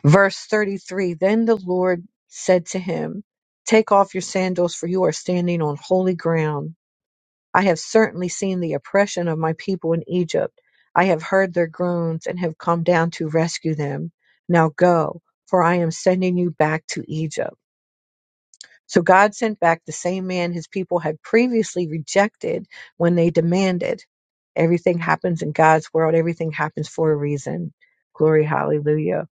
S3: Verse 33 Then the Lord said to him, Take off your sandals, for you are standing on holy ground. I have certainly seen the oppression of my people in Egypt. I have heard their groans and have come down to rescue them. Now go, for I am sending you back to Egypt. So God sent back the same man his people had previously rejected when they demanded. Everything happens in God's world, everything happens for a reason. Glory, hallelujah.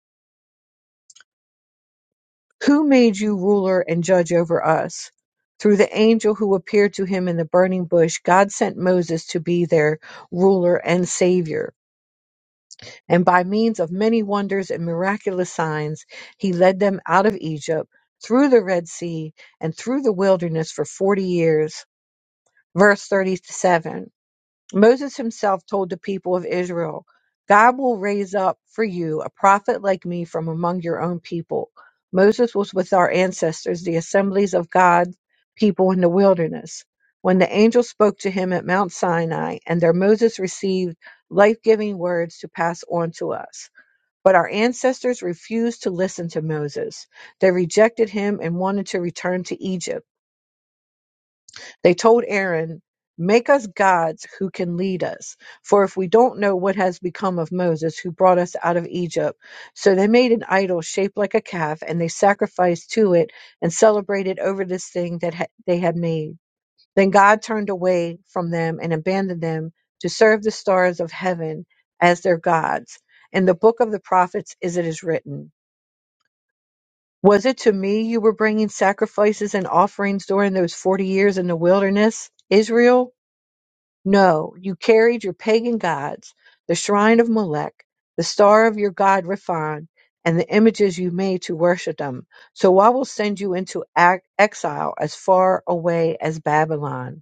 S3: Who made you ruler and judge over us? Through the angel who appeared to him in the burning bush, God sent Moses to be their ruler and savior. And by means of many wonders and miraculous signs, he led them out of Egypt, through the Red Sea, and through the wilderness for 40 years. Verse 37. Moses himself told the people of Israel, God will raise up for you a prophet like me from among your own people. Moses was with our ancestors, the assemblies of God's people in the wilderness. When the angel spoke to him at Mount Sinai, and there Moses received life giving words to pass on to us. But our ancestors refused to listen to Moses. They rejected him and wanted to return to Egypt. They told Aaron, Make us gods who can lead us, for if we don't know what has become of Moses, who brought us out of Egypt. So they made an idol shaped like a calf, and they sacrificed to it and celebrated over this thing that ha- they had made. Then God turned away from them and abandoned them to serve the stars of heaven as their gods. In the book of the prophets, as it is written, Was it to me you were bringing sacrifices and offerings during those forty years in the wilderness, Israel? No, you carried your pagan gods, the shrine of Molech, the star of your god Riphan, and the images you made to worship them. So I will send you into ac- exile as far away as Babylon.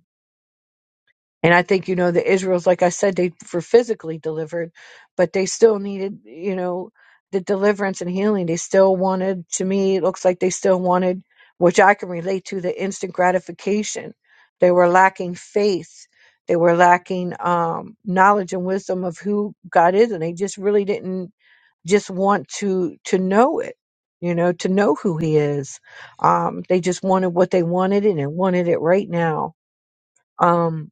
S3: And I think, you know, the Israels, like I said, they were physically delivered, but they still needed, you know, the deliverance and healing. They still wanted, to me, it looks like they still wanted, which I can relate to, the instant gratification. They were lacking faith. They were lacking um, knowledge and wisdom of who God is. And they just really didn't just want to to know it you know to know who he is um they just wanted what they wanted and they wanted it right now um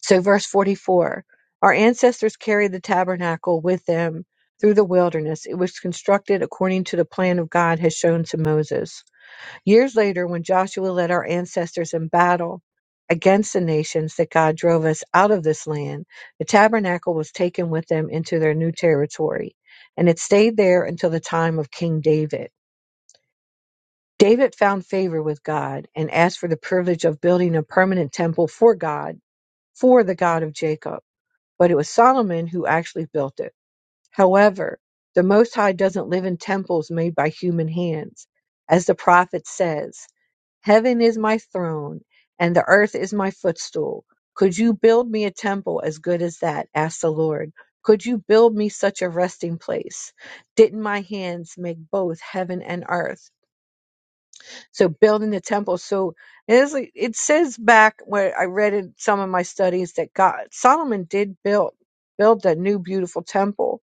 S3: so, verse 44 Our ancestors carried the tabernacle with them through the wilderness. It was constructed according to the plan of God has shown to Moses. Years later, when Joshua led our ancestors in battle against the nations that God drove us out of this land, the tabernacle was taken with them into their new territory, and it stayed there until the time of King David. David found favor with God and asked for the privilege of building a permanent temple for God, for the God of Jacob but it was Solomon who actually built it. However, the Most High doesn't live in temples made by human hands. As the prophet says, Heaven is my throne, and the earth is my footstool. Could you build me a temple as good as that? asked the Lord. Could you build me such a resting place? Didn't my hands make both heaven and earth? So building the temple. So it, is, like- it says back where I read in some of my studies that God Solomon did build build that new beautiful temple,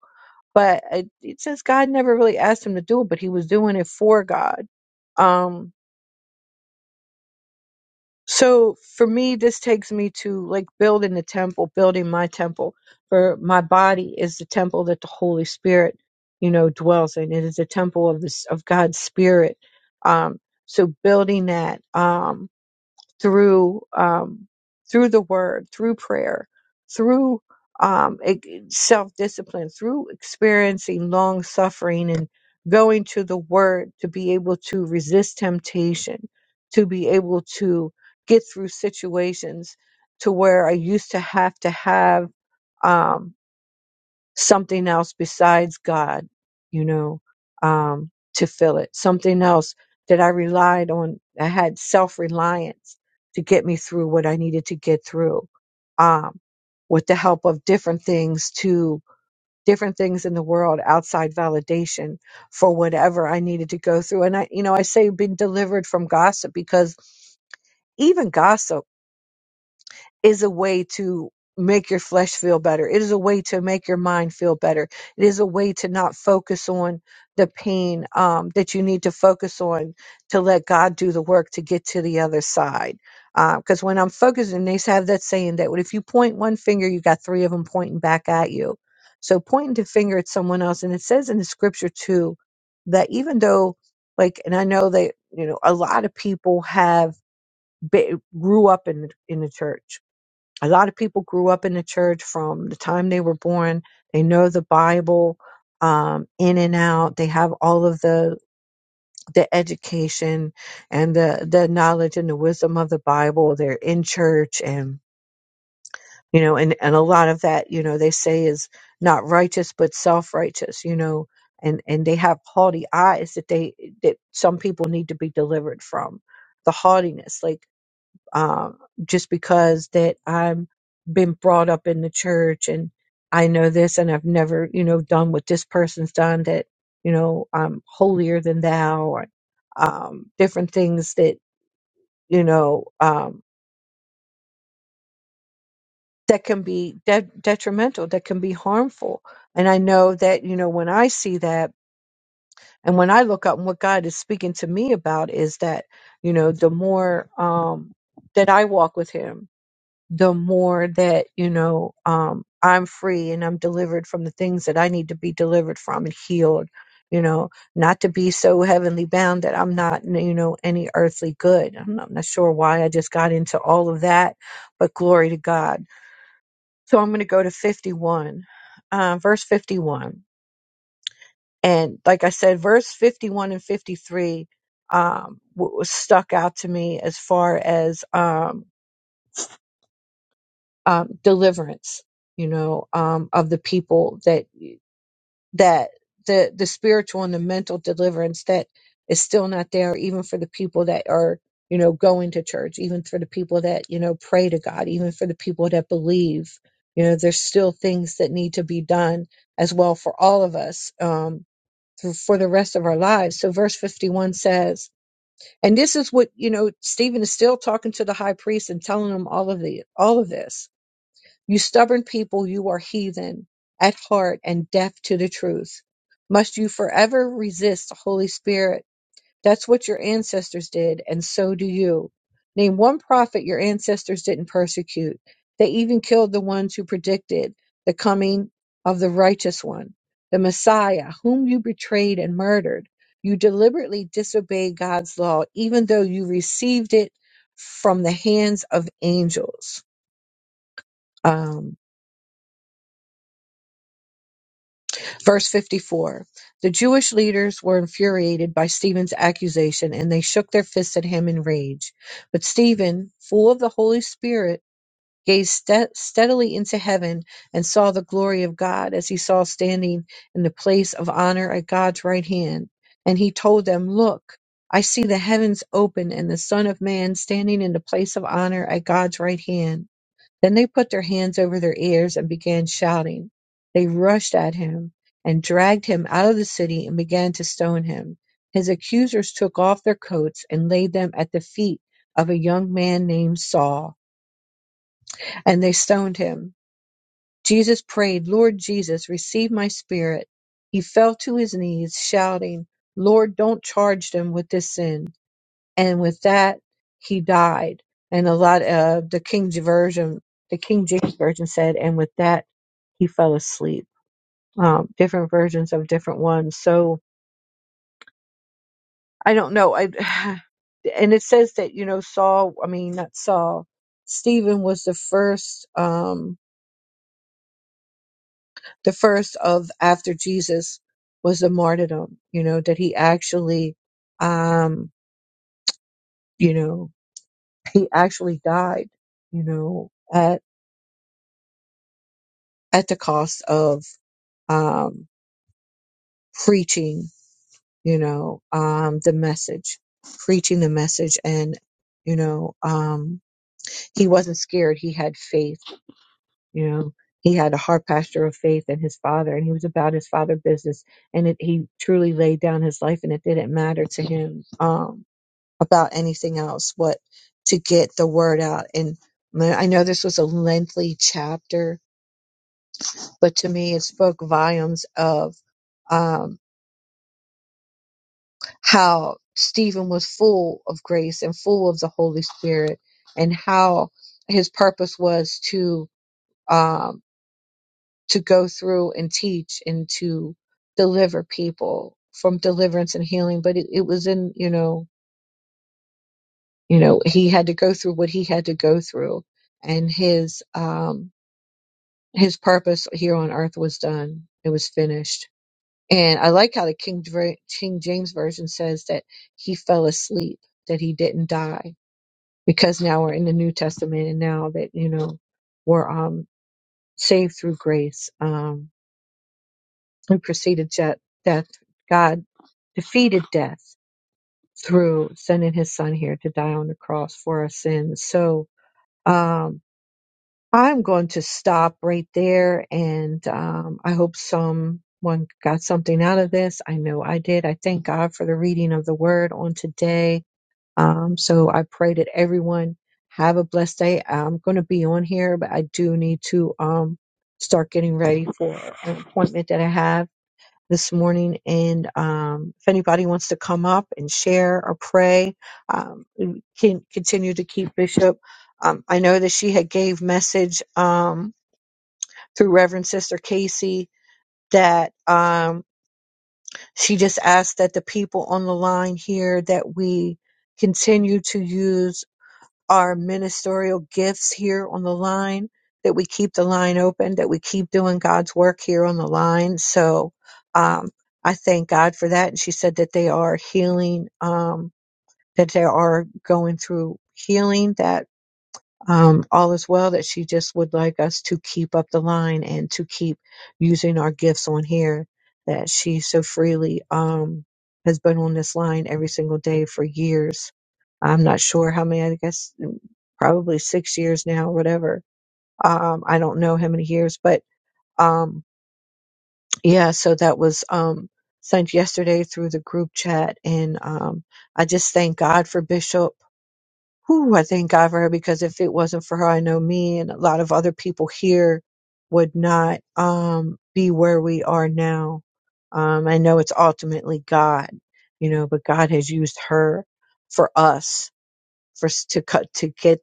S3: but it, it says God never really asked him to do it, but he was doing it for God. Um, so for me, this takes me to like building the temple, building my temple. For my body is the temple that the Holy Spirit, you know, dwells in. It is the temple of this of God's Spirit. Um, so building that. Um, through um, through the word, through prayer, through um, self discipline, through experiencing long suffering and going to the word to be able to resist temptation, to be able to get through situations to where I used to have to have. Um, something else besides God, you know, um, to fill it. Something else that I relied on. I had self reliance to get me through what I needed to get through, um, with the help of different things to different things in the world outside validation for whatever I needed to go through. And I, you know, I say been delivered from gossip because even gossip is a way to make your flesh feel better. It is a way to make your mind feel better. It is a way to not focus on the pain um, that you need to focus on to let God do the work to get to the other side. Because when I'm focusing, they have that saying that if you point one finger, you got three of them pointing back at you. So pointing the finger at someone else, and it says in the scripture too that even though, like, and I know that you know a lot of people have be, grew up in the- in the church a lot of people grew up in the church from the time they were born. They know the Bible um, in and out. They have all of the the education and the the knowledge and the wisdom of the Bible. They're in church and you know and and a lot of that you know they say is not righteous but self righteous. You know. And, and they have haughty eyes that they that some people need to be delivered from the haughtiness like um, just because that I'm been brought up in the church and I know this and I've never, you know, done what this person's done that, you know, I'm holier than thou or um, different things that, you know, um, that can be de- detrimental, that can be harmful. And I know that, you know, when I see that and when I look up and what God is speaking to me about is that, you know, the more um, that I walk with Him, the more that you know um, I'm free and I'm delivered from the things that I need to be delivered from and healed. You know, not to be so heavenly bound that I'm not, you know, any earthly good. I'm not, I'm not sure why I just got into all of that, but glory to God. So I'm going to go to 51, uh, verse 51. And like I said, verse 51 and 53 um, w- was stuck out to me as far as um, um, deliverance, you know, um, of the people that that the the spiritual and the mental deliverance that is still not there, even for the people that are you know going to church, even for the people that you know pray to God, even for the people that believe. You know, there's still things that need to be done as well for all of us. Um, for, for the rest of our lives. So verse 51 says, and this is what, you know, Stephen is still talking to the high priest and telling him all of the, all of this you stubborn people, you are heathen at heart and deaf to the truth. Must you forever resist the Holy Spirit? That's what your ancestors did, and so do you. Name one prophet your ancestors didn't persecute. They even killed the ones who predicted the coming of the righteous one, the Messiah, whom you betrayed and murdered. You deliberately disobeyed God's law, even though you received it from the hands of angels. Um, Verse 54 The Jewish leaders were infuriated by Stephen's accusation, and they shook their fists at him in rage. But Stephen, full of the Holy Spirit, gazed ste- steadily into heaven and saw the glory of God as he saw standing in the place of honor at God's right hand. And he told them, Look, I see the heavens open and the Son of Man standing in the place of honor at God's right hand. Then they put their hands over their ears and began shouting. They rushed at him and dragged him out of the city and began to stone him. His accusers took off their coats and laid them at the feet of a young man named Saul, and they stoned him. Jesus prayed, Lord Jesus, receive my spirit. He fell to his knees, shouting, Lord, don't charge them with this sin and with that he died. And a lot of the King James version, the King James version said, and with that he fell asleep. Um, different versions of different ones. So I don't know. I and it says that you know Saul. I mean not Saul. Stephen was the first, um, the first of after Jesus was the martyrdom. You know that he actually, um, you know, he actually died. You know, at the cost of um, preaching, you know, um, the message, preaching the message. And, you know, um, he wasn't scared. He had faith, you know, he had a heart pastor of faith in his father and he was about his father business. And it, he truly laid down his life and it didn't matter to him, um, about anything else, what to get the word out. And my- I know this was a lengthy chapter, but to me, it spoke volumes of, um, how Stephen was full of grace and full of the Holy Spirit, and how his purpose was to um, to go through and teach and to deliver people from deliverance and healing. But it, it was in you know you know he had to go through what he had to go through, and his um, his purpose here on earth was done. It was finished. And I like how the King Dra- King James version says that he fell asleep, that he didn't die because now we're in the New Testament and now that, you know, we're um, saved through grace. Um, we preceded death, death. God defeated death through sending his son here to die on the cross for our sins. So um, I'm going to stop right there and um, I hope someone got something out of this. I know I did. I thank God for the reading of the word on today Um, so I pray that everyone have a blessed day. I'm going to be on here, but I do need to um, start getting ready for an appointment that I have this morning. And um, if anybody wants to come up and share or pray, um, we can continue to keep Bishop. Um, I know that she had gave message um, through Reverend Sister Casey that um, she just asked that the people on the line here that we continue to use our ministerial gifts here on the line, that we keep the line open, that we keep doing God's work here on the line. So um, I thank God for that. And she said that they are healing, um, that they are going through healing, That um, all is well that she just would like us to keep up the line and to keep using our gifts on here that she so freely um, has been on this line every single day for years. I'm not sure how many, I guess mm, probably six years now, whatever. Um, I don't know how many years, but um, yeah, so that was um, sent yesterday through the group chat. And um, I just thank God for Bishop whew, I thank God for her because if it wasn't for her, I know me and a lot of other people here would not um, be where we are now. Um, I know it's ultimately God, you know, but God has used her for us for s- to cut to get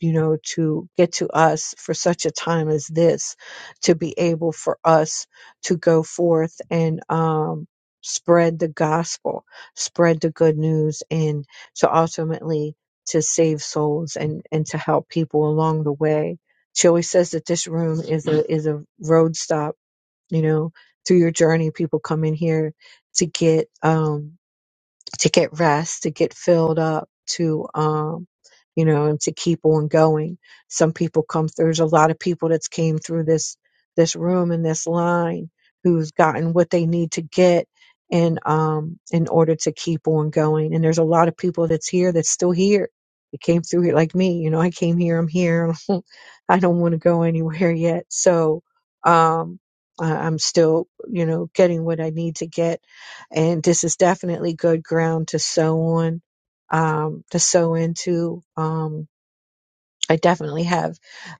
S3: you know, to get to us for such a time as this, to be able for us to go forth and um, spread the gospel, spread the good news, and to ultimately to save souls and and to help people along the way. She always says that this room is a is a road stop. You know, through your journey, people come in here to get um, to get rest, to get filled up, to um, you know, and to keep on going. Some people come through. There's a lot of people that's came through this this room and this line who's gotten what they need to get and um in order to keep on going. And there's a lot of people that's here that's still here. They came through here like me, you know, I came here, I'm here. I don't want to go anywhere yet. So um, I, I'm still, you know, getting what I need to get. And this is definitely good ground to sow on, um, to sow into. Um, I definitely have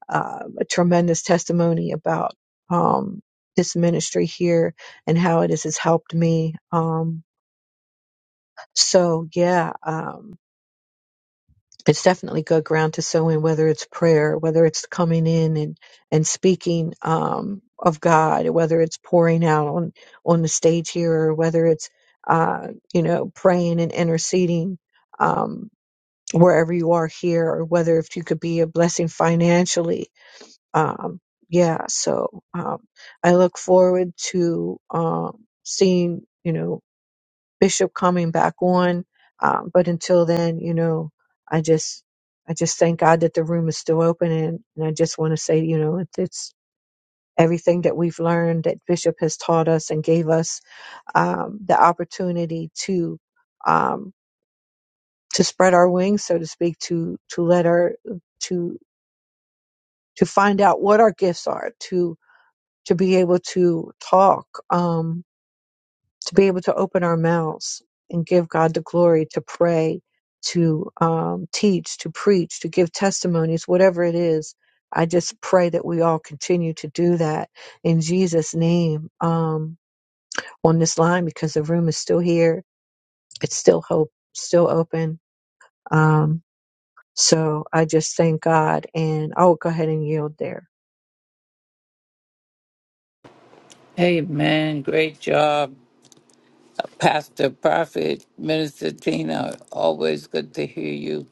S3: uh, a tremendous testimony about um, this ministry here and how it has has helped me. Um, so yeah, um, it's definitely good ground to sow in, whether it's prayer, whether it's coming in and, and speaking um, of God, whether it's pouring out on, on the stage here, or whether it's, uh, you know, praying and interceding um, wherever you are here, or whether if you could be a blessing financially. Um, yeah, so um, I look forward to um, seeing, you know, Bishop coming back on. Um, but until then, you know, I just I just thank God that the room is still open, and, and I just want to say, you know, it, it's everything that we've learned that Bishop has taught us and gave us um, the opportunity to um, to spread our wings, so to speak, to to let our to to find out what our gifts are, to to be able to talk. Um, to be able to open our mouths and give God the glory, to pray, to um, teach, to preach, to give testimonies, whatever it is. I just pray that we all continue to do that in Jesus' name um, on this line because the room is still here. It's still hope, still open. Um, so I just thank God and I'll go ahead and yield there.
S4: Hey man, Great job, Pastor, Prophet, Minister Tina. Always good to hear you.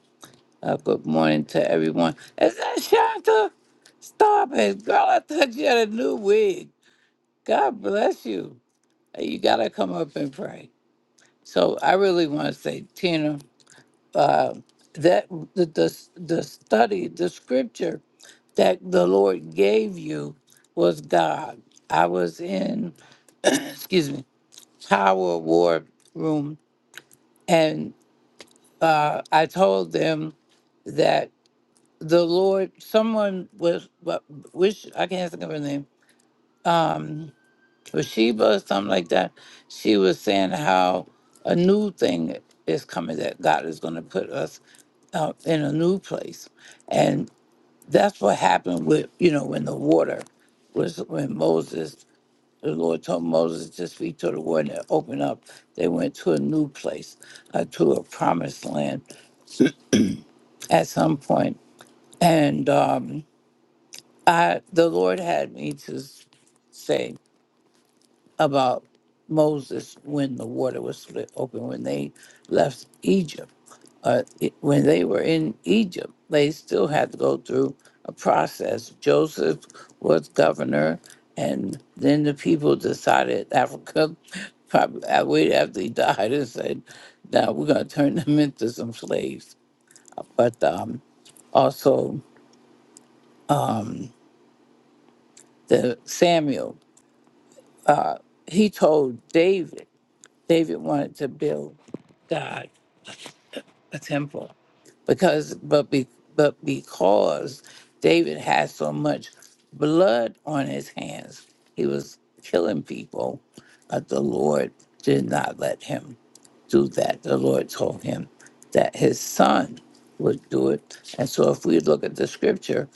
S4: Uh, good morning to everyone. Is that Shanta? Stop it, girl. I thought you had a new wig. God bless you. Hey, You got to come up and pray. So I really want to say, Tina, that the, the, the study, the scripture that the Lord gave you was God. I was in, excuse me, Tower War Room and uh, I told them that the Lord, someone was, what- which I can't think of her name, was Sheba or something like that. She was saying how a new thing is coming that God is going to put us uh, in a new place, and that's what happened with you know when the water was when Moses. The Lord told Moses to speak to the water and it opened up. They went to a new place, uh, to a promised land at some point and um, I the Lord had me to s- say about Moses when the water was split open when they left Egypt. Uh, it- when they were in Egypt, they still had to go through a process. Joseph was governor, and then the people decided Africa. Probably I wait after he died and said, "Now we're going to turn them into some slaves." But um, also um, the Samuel. Uh, he told David, David wanted to build God a temple because, but be, but because David had so much blood on his hands, he was killing people. But the Lord did not let him do that. The Lord told him that his son would do it. And so, if we look at the scripture,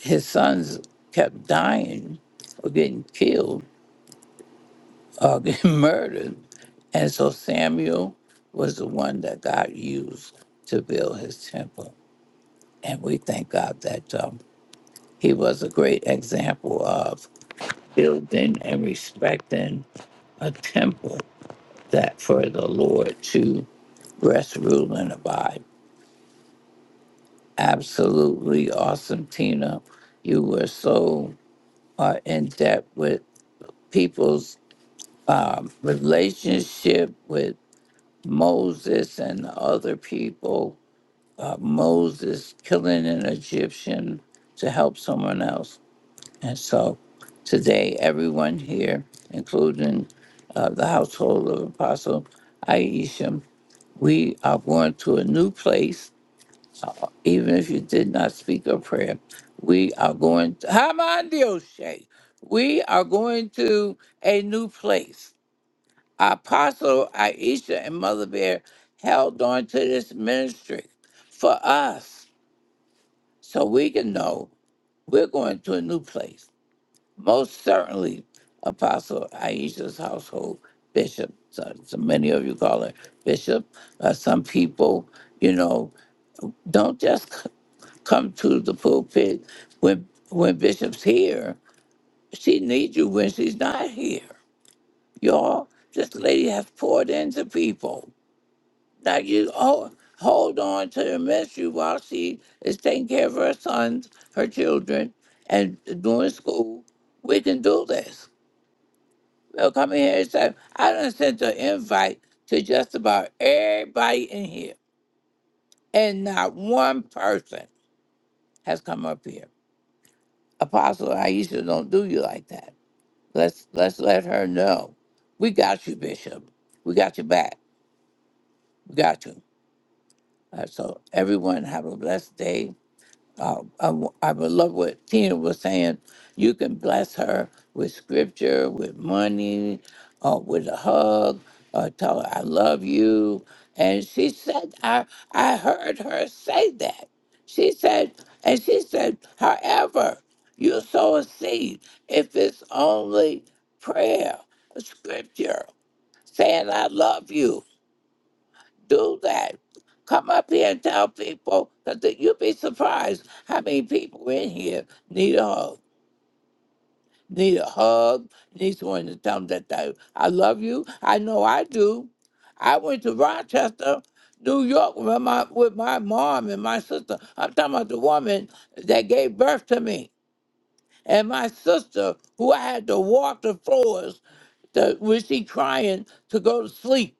S4: his sons kept dying or getting killed or getting murdered And so Samuel was the one that God used to build his temple. And we thank God that um, he was a great example of building and respecting a temple that for the Lord to rest, rule, and abide. Absolutely awesome, Tina. You were so uh, in depth with people's um, relationship with Moses and the other people uh, Moses killing an Egyptian to help someone else. And so today, everyone here, including uh, the household of Apostle Aisha, we are going to a new place. Uh, even if you did not speak a prayer, we are going to, Hamandioshe, we are going to a new place. Apostle Aisha and Mother Bear held on to this ministry for us so we can know we're going to a new place. Most certainly, Apostle Aisha's household, Bishop, so, so many of you call her Bishop, uh, some people, you know, don't just c- come to the pulpit when, when Bishop's here. She needs you when she's not here. Y'all, this lady has poured into people. Now you hold, hold on to the ministry while she is taking care of her sons, her children, and doing school. We can do this. They'll come in here and say, I done sent an invite to just about everybody in here, and not one person has come up here. Apostle Aisha don't do you like that. Let's let's let her know. We got you, Bishop. We got your back. We got you. Uh, so everyone have a blessed day uh, I, w- I would love what Tina was saying. You can bless her with scripture, with money, uh, with a hug, uh, tell her, I love you. And she said, I, I heard her say that. She said, and she said, however, you sow a seed, if it's only prayer, scripture, saying, I love you do that. Come up here and tell people because you'd be surprised how many people in here need a hug. Need a hug, need someone to tell them that they, I love you. I know I do. I went to Rochester, New York with my, with my mom and my sister. I'm talking about the woman that gave birth to me and my sister who I had to walk the floors to, when she crying to go to sleep.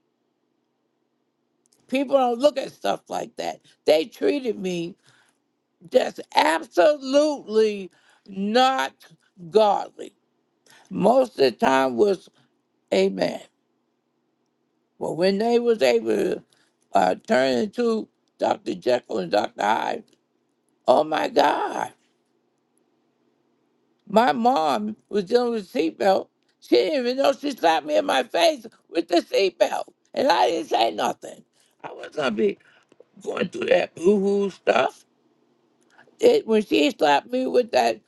S4: People don't look at stuff like that. They treated me That's absolutely not godly. Most of the time was amen. But when they was able to uh, turn into Dr. Jekyll and Dr. Hyde, oh my God. My mom was dealing with seatbelt. She didn't even know she slapped me in my face with the seatbelt. And I didn't say nothing. I was gonna be going through that boo-hoo stuff. it when she slapped me with that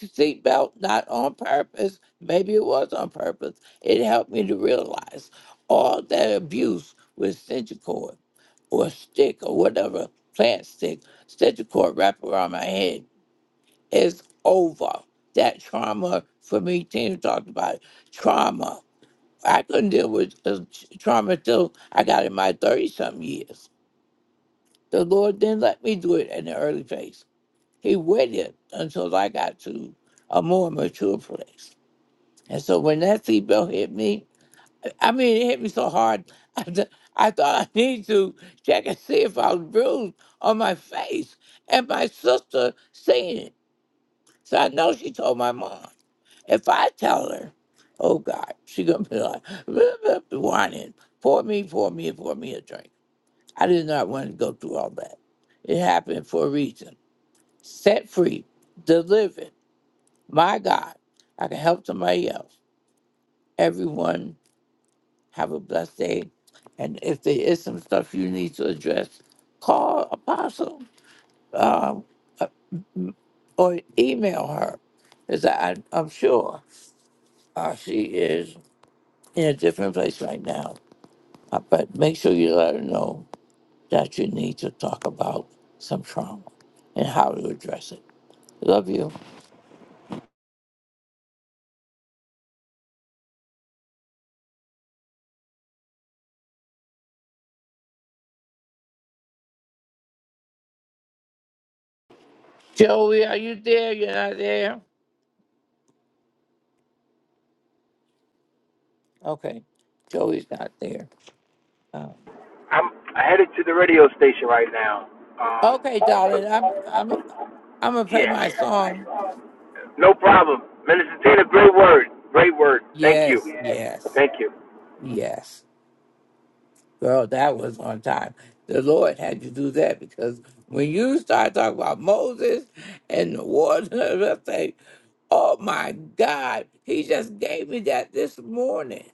S4: seatbelt, not on purpose, maybe it was on purpose, it helped me to realize all that abuse with centricord or stick or whatever plant stick, centricord wrapped around my head is over. That trauma for me, Tina talked about it, trauma. I couldn't deal with uh, trauma till I got in my 30 something years. The Lord didn't let me do it in the early phase he waited until I got to a more mature place. And so when that seatbelt hit me, I mean, it hit me so hard, I, th- I thought I need to check and see if I was bruised on my face. And my sister seen it. So I know she told my mom. If I tell her, oh God, she going to be like, whining, pour me, pour me, pour me a drink. I did not want to go through all that. It happened for a reason. Set free, delivered My God, I can help somebody else. Everyone, have a blessed day. And if there is some stuff you need to address, call Apostle uh, uh, m- or email her. Because I, I'm sure uh, she is in a different place right now. Uh, But make sure you let her know that you need to talk about some trauma and how to address it. Love you. Joey, are you there? You're not there? Okay. Joey's not there. Oh.
S1: I'm headed to the radio station right now. Um,
S4: Okay, darling. I'm I'm I'm gonna play
S1: yeah,
S4: my song.
S1: no problem. Minister Tina, great word, great word. Thank you,
S4: Yes, yes,
S1: thank you.
S4: yes. Girl, that was on time. The Lord had you do that because when you start talking about Moses and the water, I say, "Oh my God!" He just gave me that this morning.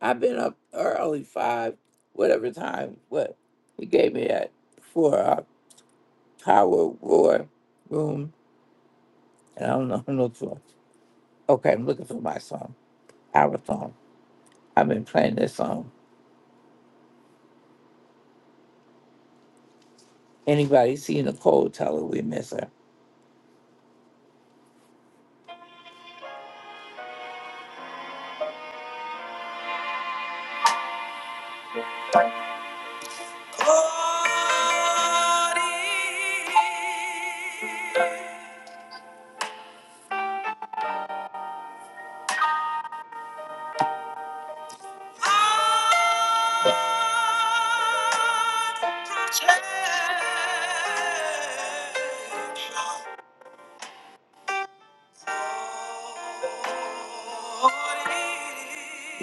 S4: I've been up early, five, whatever time. What he gave me that for our power war room, and I don't know no. Okay, I'm looking for my song. our song. I've been playing this song. Anybody see Nicole, tell her we miss her.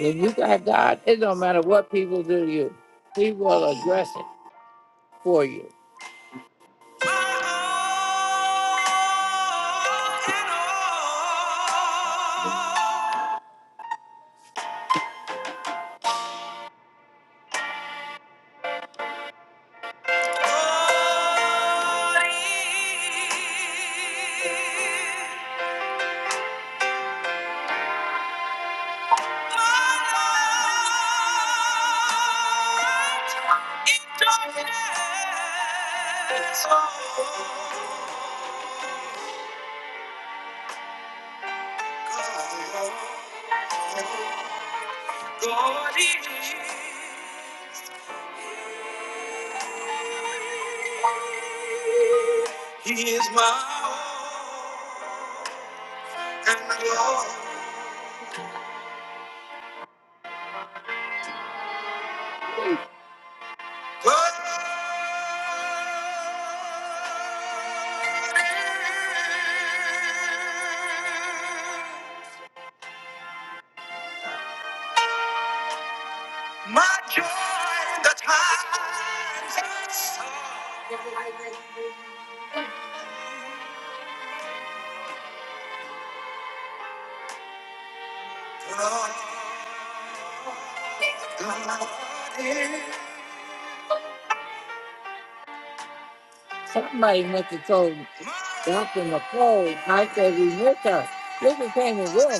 S4: When you got God, it don't matter what people do to you, He will address it for you. Oh God is. here. He is my all and my all. God is my joy in the times of sorrow. God, God is. Somebody must have told Dr. McCoy, I said we missed her. This is came in room.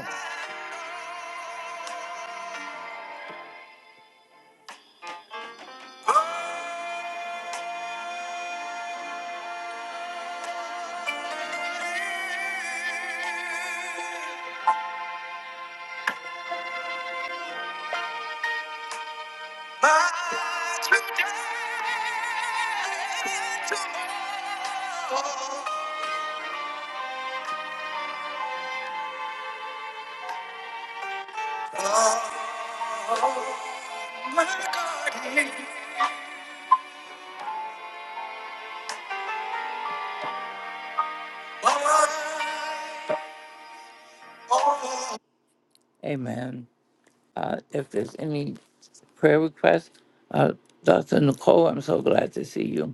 S4: Amen. Uh, if there's any prayer request, uh, Dr. Nicole, I'm so glad to see you.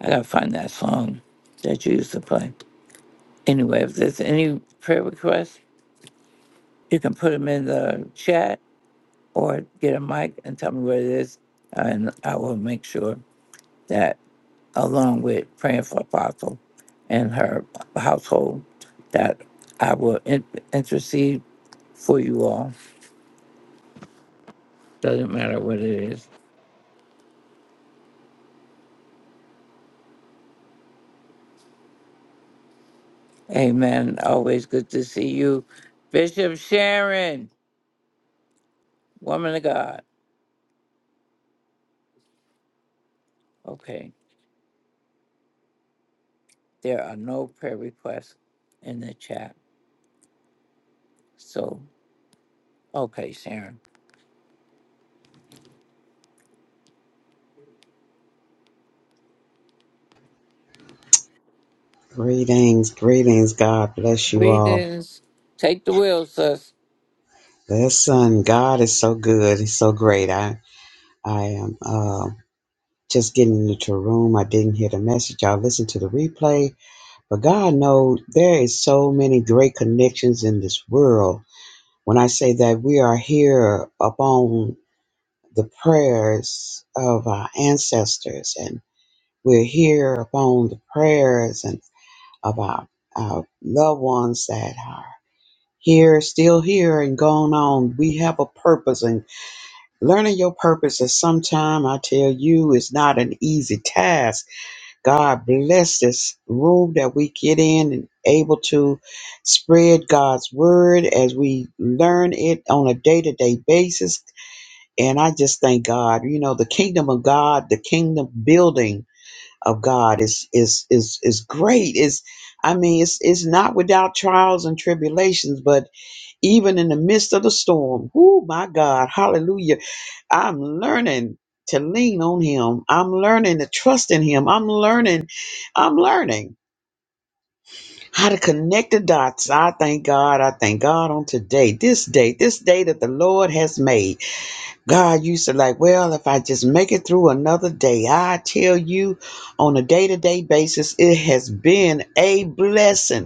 S4: I gotta find that song that you used to play. Anyway, if there's any prayer requests, you can put them in the chat or get a mic and tell me what it is, and I will make sure that, along with praying for Apostle and her household, that I will in- intercede for you all. Doesn't matter what it is. Amen. Always good to see you, Bishop Sharon, woman of God. Okay. There are no prayer requests in the chat. So, okay, Sharon.
S5: Greetings, greetings. God bless you all.
S4: Greetings. Take the wheel, sis.
S5: Listen, God is so good. He's so great. I, I am uh, just getting into a room. I didn't hear the message. I'll listen to the replay. But God knows there is so many great connections in this world. When I say that we are here upon the prayers of our ancestors, and we're here upon the prayers and of our, our loved ones that are here, still here, and going on. We have a purpose, and learning your purpose is sometime, I tell you, it's not an easy task. God bless this room that we get in and able to spread God's word as we learn it on a day to day basis. And I just thank God, you know, the kingdom of God, the kingdom building of God is is is is great. Is I mean, it's it's not without trials and tribulations, but even in the midst of the storm. Oh my God, hallelujah. I'm learning to lean on him. I'm learning to trust in him. I'm learning, I'm learning how to connect the dots. I thank God. I thank God on today, this day, this day that the Lord has made. God used to like, well, if I just make it through another day, I tell you on a day to day basis, it has been a blessing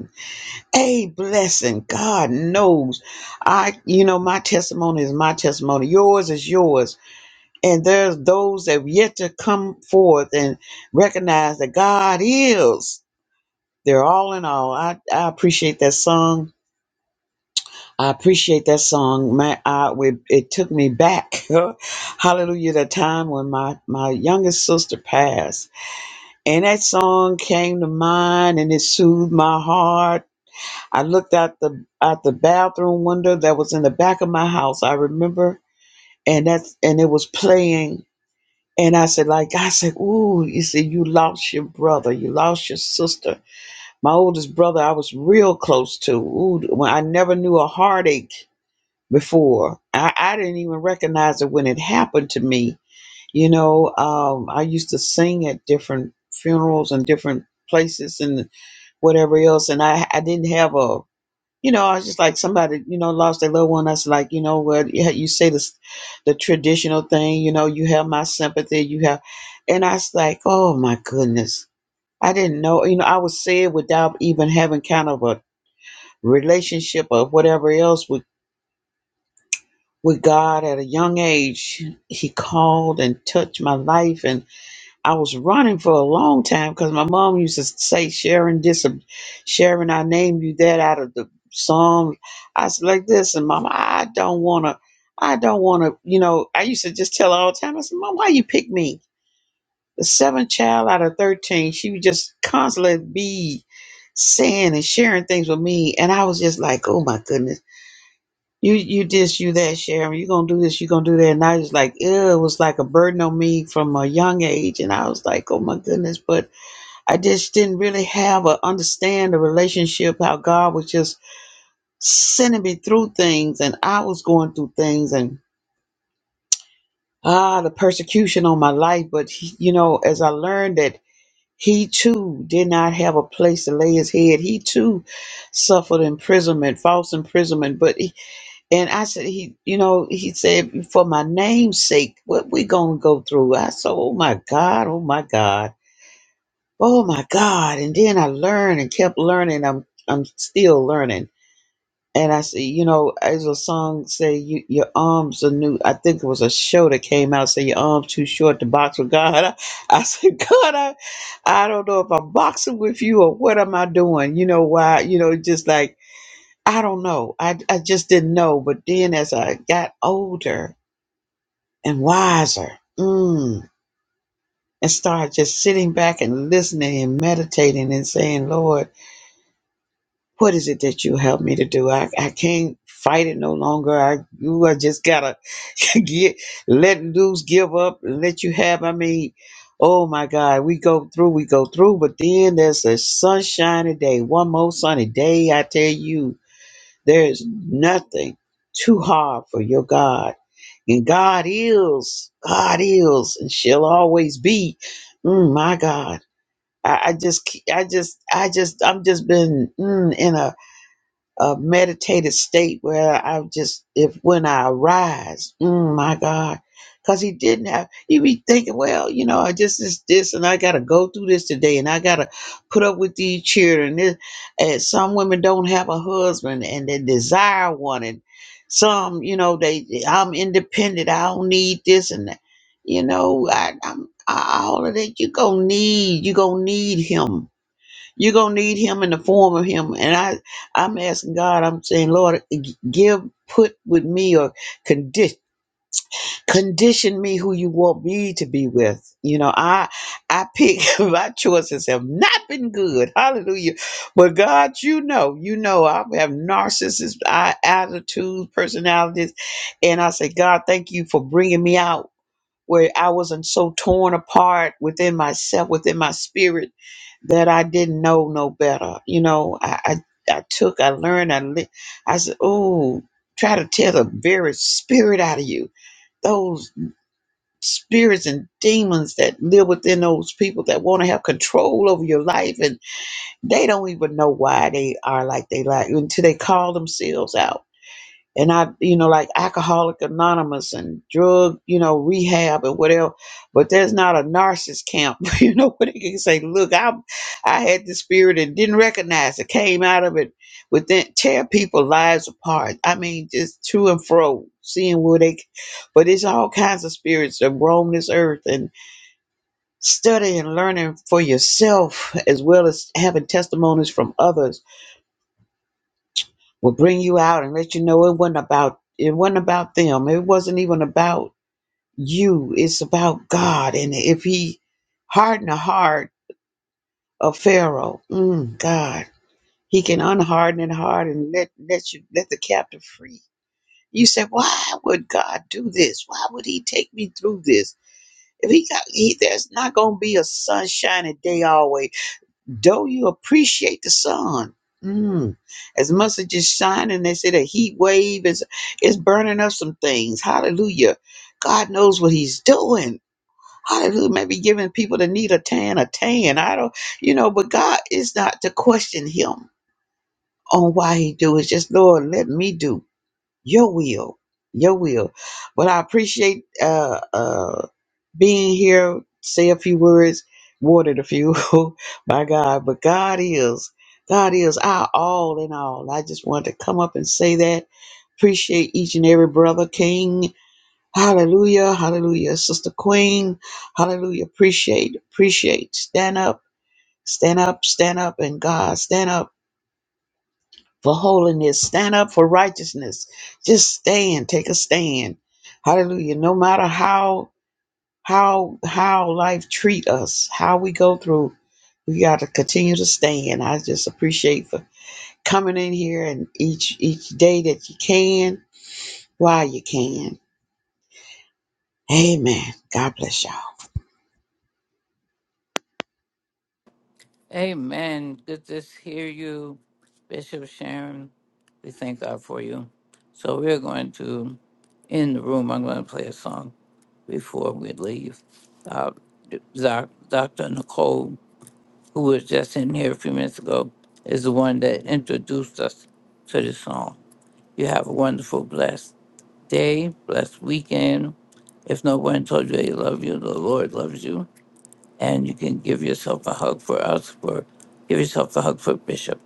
S5: a blessing. God knows. I, you know, my testimony is my testimony. Yours is yours. And there's those that have yet to come forth and recognize that God is. They're all in all. I, I appreciate that song. I appreciate that song. My, I, it, it took me back. Hallelujah. That time when my, my youngest sister passed. And that song came to mind and it soothed my heart I looked out the out the bathroom window that was in the back of my house. I remember, and that's and it was playing. And I said, like I said, ooh, you see, you lost your brother, you lost your sister. My oldest brother, I was real close to. Ooh, when I never knew a heartache before. I, I didn't even recognize it when it happened to me. You know, um, I used to sing at different funerals and different places and whatever else, and I I didn't have a you know, I was just like somebody, you know, lost their loved one. I was like, you know what? Yeah, you say this, the traditional thing, you know, you have my sympathy, you have, and I was like, oh my goodness, I didn't know, you know, I would say it without even having kind of a relationship or whatever else with with God at a young age. He called and touched my life, and I was running for a long time because my mom used to say, Sharon, this, and Sharon, I named you that out of the Psalms. I said, like this, and Mama, I don't want to, I don't want to, you know, I used to just tell her all the time, I said, Mom, why you pick me? The seventh child out of 13, she would just constantly be saying and sharing things with me. And I was just like, oh my goodness. You you this, you that, Sharon. You gonna do this, you gonna do that. And I was like, ew, it was like a burden on me from a young age. And I was like, oh my goodness. But I just didn't really have a understand the relationship, how God was just sending me through things and I was going through things and ah the persecution on my life. But he, you know, as I learned that he too did not have a place to lay his head. He too suffered imprisonment, false imprisonment. But And I said, he, you know, he said, for my name's sake, what we gonna go through? I said, oh my God, oh my God, oh my God. And then I learned and kept learning. I'm, I'm still learning. And I said, you know, as a song say, you, your arms are new. I think it was a show that came out say your arms too short to box with God. I, I said, God, I, I don't know if I'm boxing with you or what am I doing? You know why? You know, just like I don't know. I, I just didn't know. But then as I got older and wiser, mm, and started just sitting back and listening and meditating and saying, Lord, what is it that you help me to do? I, I can't fight it no longer. I you I just gotta get let loose, give up, and let you have. I mean, oh my God, we go through, we go through, but then there's a sunshiny day, one more sunny day, I tell you There is nothing too hard for your God. And God is, God is, and she'll always be. Mm, my God. I, I just, ke- I just, I just, I'm just been mm, in a a meditated state where I just, if when I arise, mm, my God, because he didn't have, he be thinking, well, you know, I just is this, and I got to go through this today, and I got to put up with these children. This, and some women don't have a husband and they desire one, and some, you know, they, I'm independent, I don't need this and that. You know, I, I'm I- all of that. You gonna need, you gonna need him you're gonna need him in the form of him. And I, I'm asking God, I'm saying, Lord, give put with me or condition condition me who you want me to be with. You know, I I pick my choices have not been good. Hallelujah. But God, you know, you know I have narcissist I, attitudes, personalities, and I say, God, thank you for bringing me out where I wasn't so torn apart within myself, within my spirit that I didn't know no better. You know, I I, I took, I learned, I li- I said, oh, try to tear the very spirit out of you. Those spirits and demons that live within those people that want to have control over your life, and they don't even know why they are like they like until they call themselves out and I, you know, like Alcoholic Anonymous and drug, you know, rehab and whatever. But there's not a narcissist camp, you know, where they can say, "Look, I, I had the spirit and didn't recognize it. Came out of it within tear people lives apart. I mean, just to and fro, seeing where they. But it's all kinds of spirits that roam this earth and study and learning for yourself as well as having testimonies from others will bring you out and let you know it wasn't about it wasn't about them. It wasn't even about you. It's about God. And if he hardened the heart of Pharaoh, mm, God, he can unharden it hard and let let you let the captive free. You said, why would God do this? Why would He take me through this? If He got, he, there's not going to be a sunshiny day always Though you appreciate the sun? Mm. As much as it's shining, they say the heat wave is is burning up some things. Hallelujah. God knows what he's doing. Hallelujah. Maybe giving people that need a tan a tan. I don't, you know, but God is not to question him on why he do. It's just, Lord, let me do your will. Your will. But I appreciate uh uh being here, say a few words, watered a few. My God, but God is, God is our all in all. I just want to come up and say that. Appreciate each and every brother, King. Hallelujah, hallelujah, Sister Queen. Hallelujah. Appreciate, appreciate. Stand up, stand up, stand up, and God, stand up for holiness, stand up for righteousness. Just stand, take a stand. Hallelujah. No matter how how how life treat us, how we go through. We got to continue to stand. I just appreciate for coming in here and each each day that you can, while you can. Amen. God bless y'all.
S4: Amen. Good to hear you, Bishop Sharon. We thank God for you. So, we're going to, in the room, I'm going to play a song before we leave. Uh, Doc- Dr. Nicole, who was just in here a few minutes ago, is the one that introduced us to this song. You have a wonderful, blessed day, blessed weekend. If no one told you they love you, the Lord loves you. And you can give yourself a hug for us, for give yourself a hug for Bishop.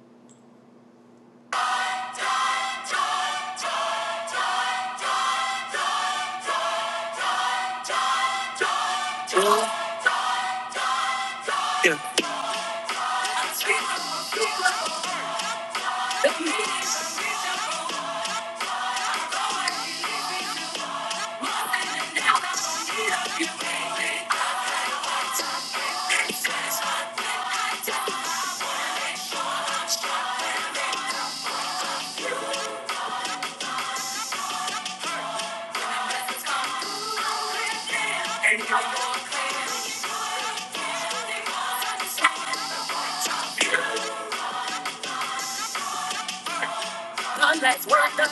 S4: That's what the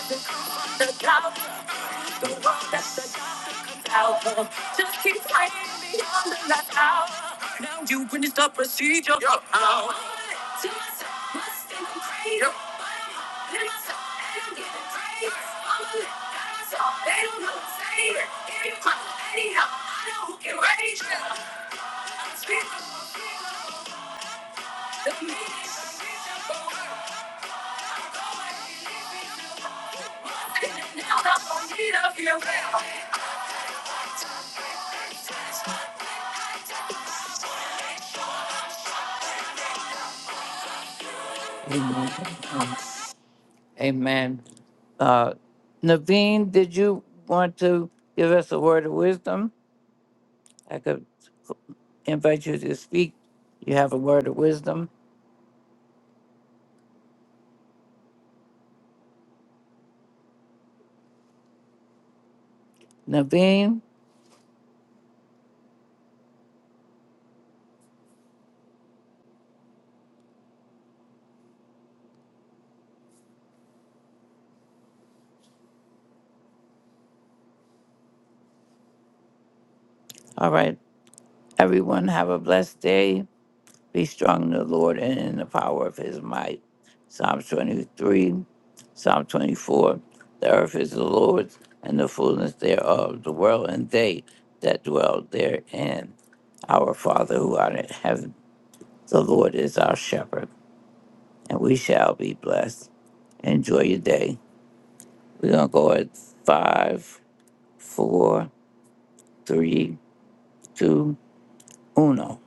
S4: the the world that's the doubt, Just keep fighting beyond the last hour. the procedure for power. Yep. Amen. Amen. Uh, Naveen, did you want to give us a word of wisdom? I could invite you to speak. You have a word of wisdom. Naveen, all right. Everyone have a blessed day. Be strong in the Lord and in the power of his might. Psalm 23, Psalm 24. The earth is the Lord's and the fullness thereof, the world and they that dwell therein. Our Father who art in heaven, the Lord is our shepherd, and we shall be blessed. Enjoy your day. We're going to go at five, four. three, two, uno.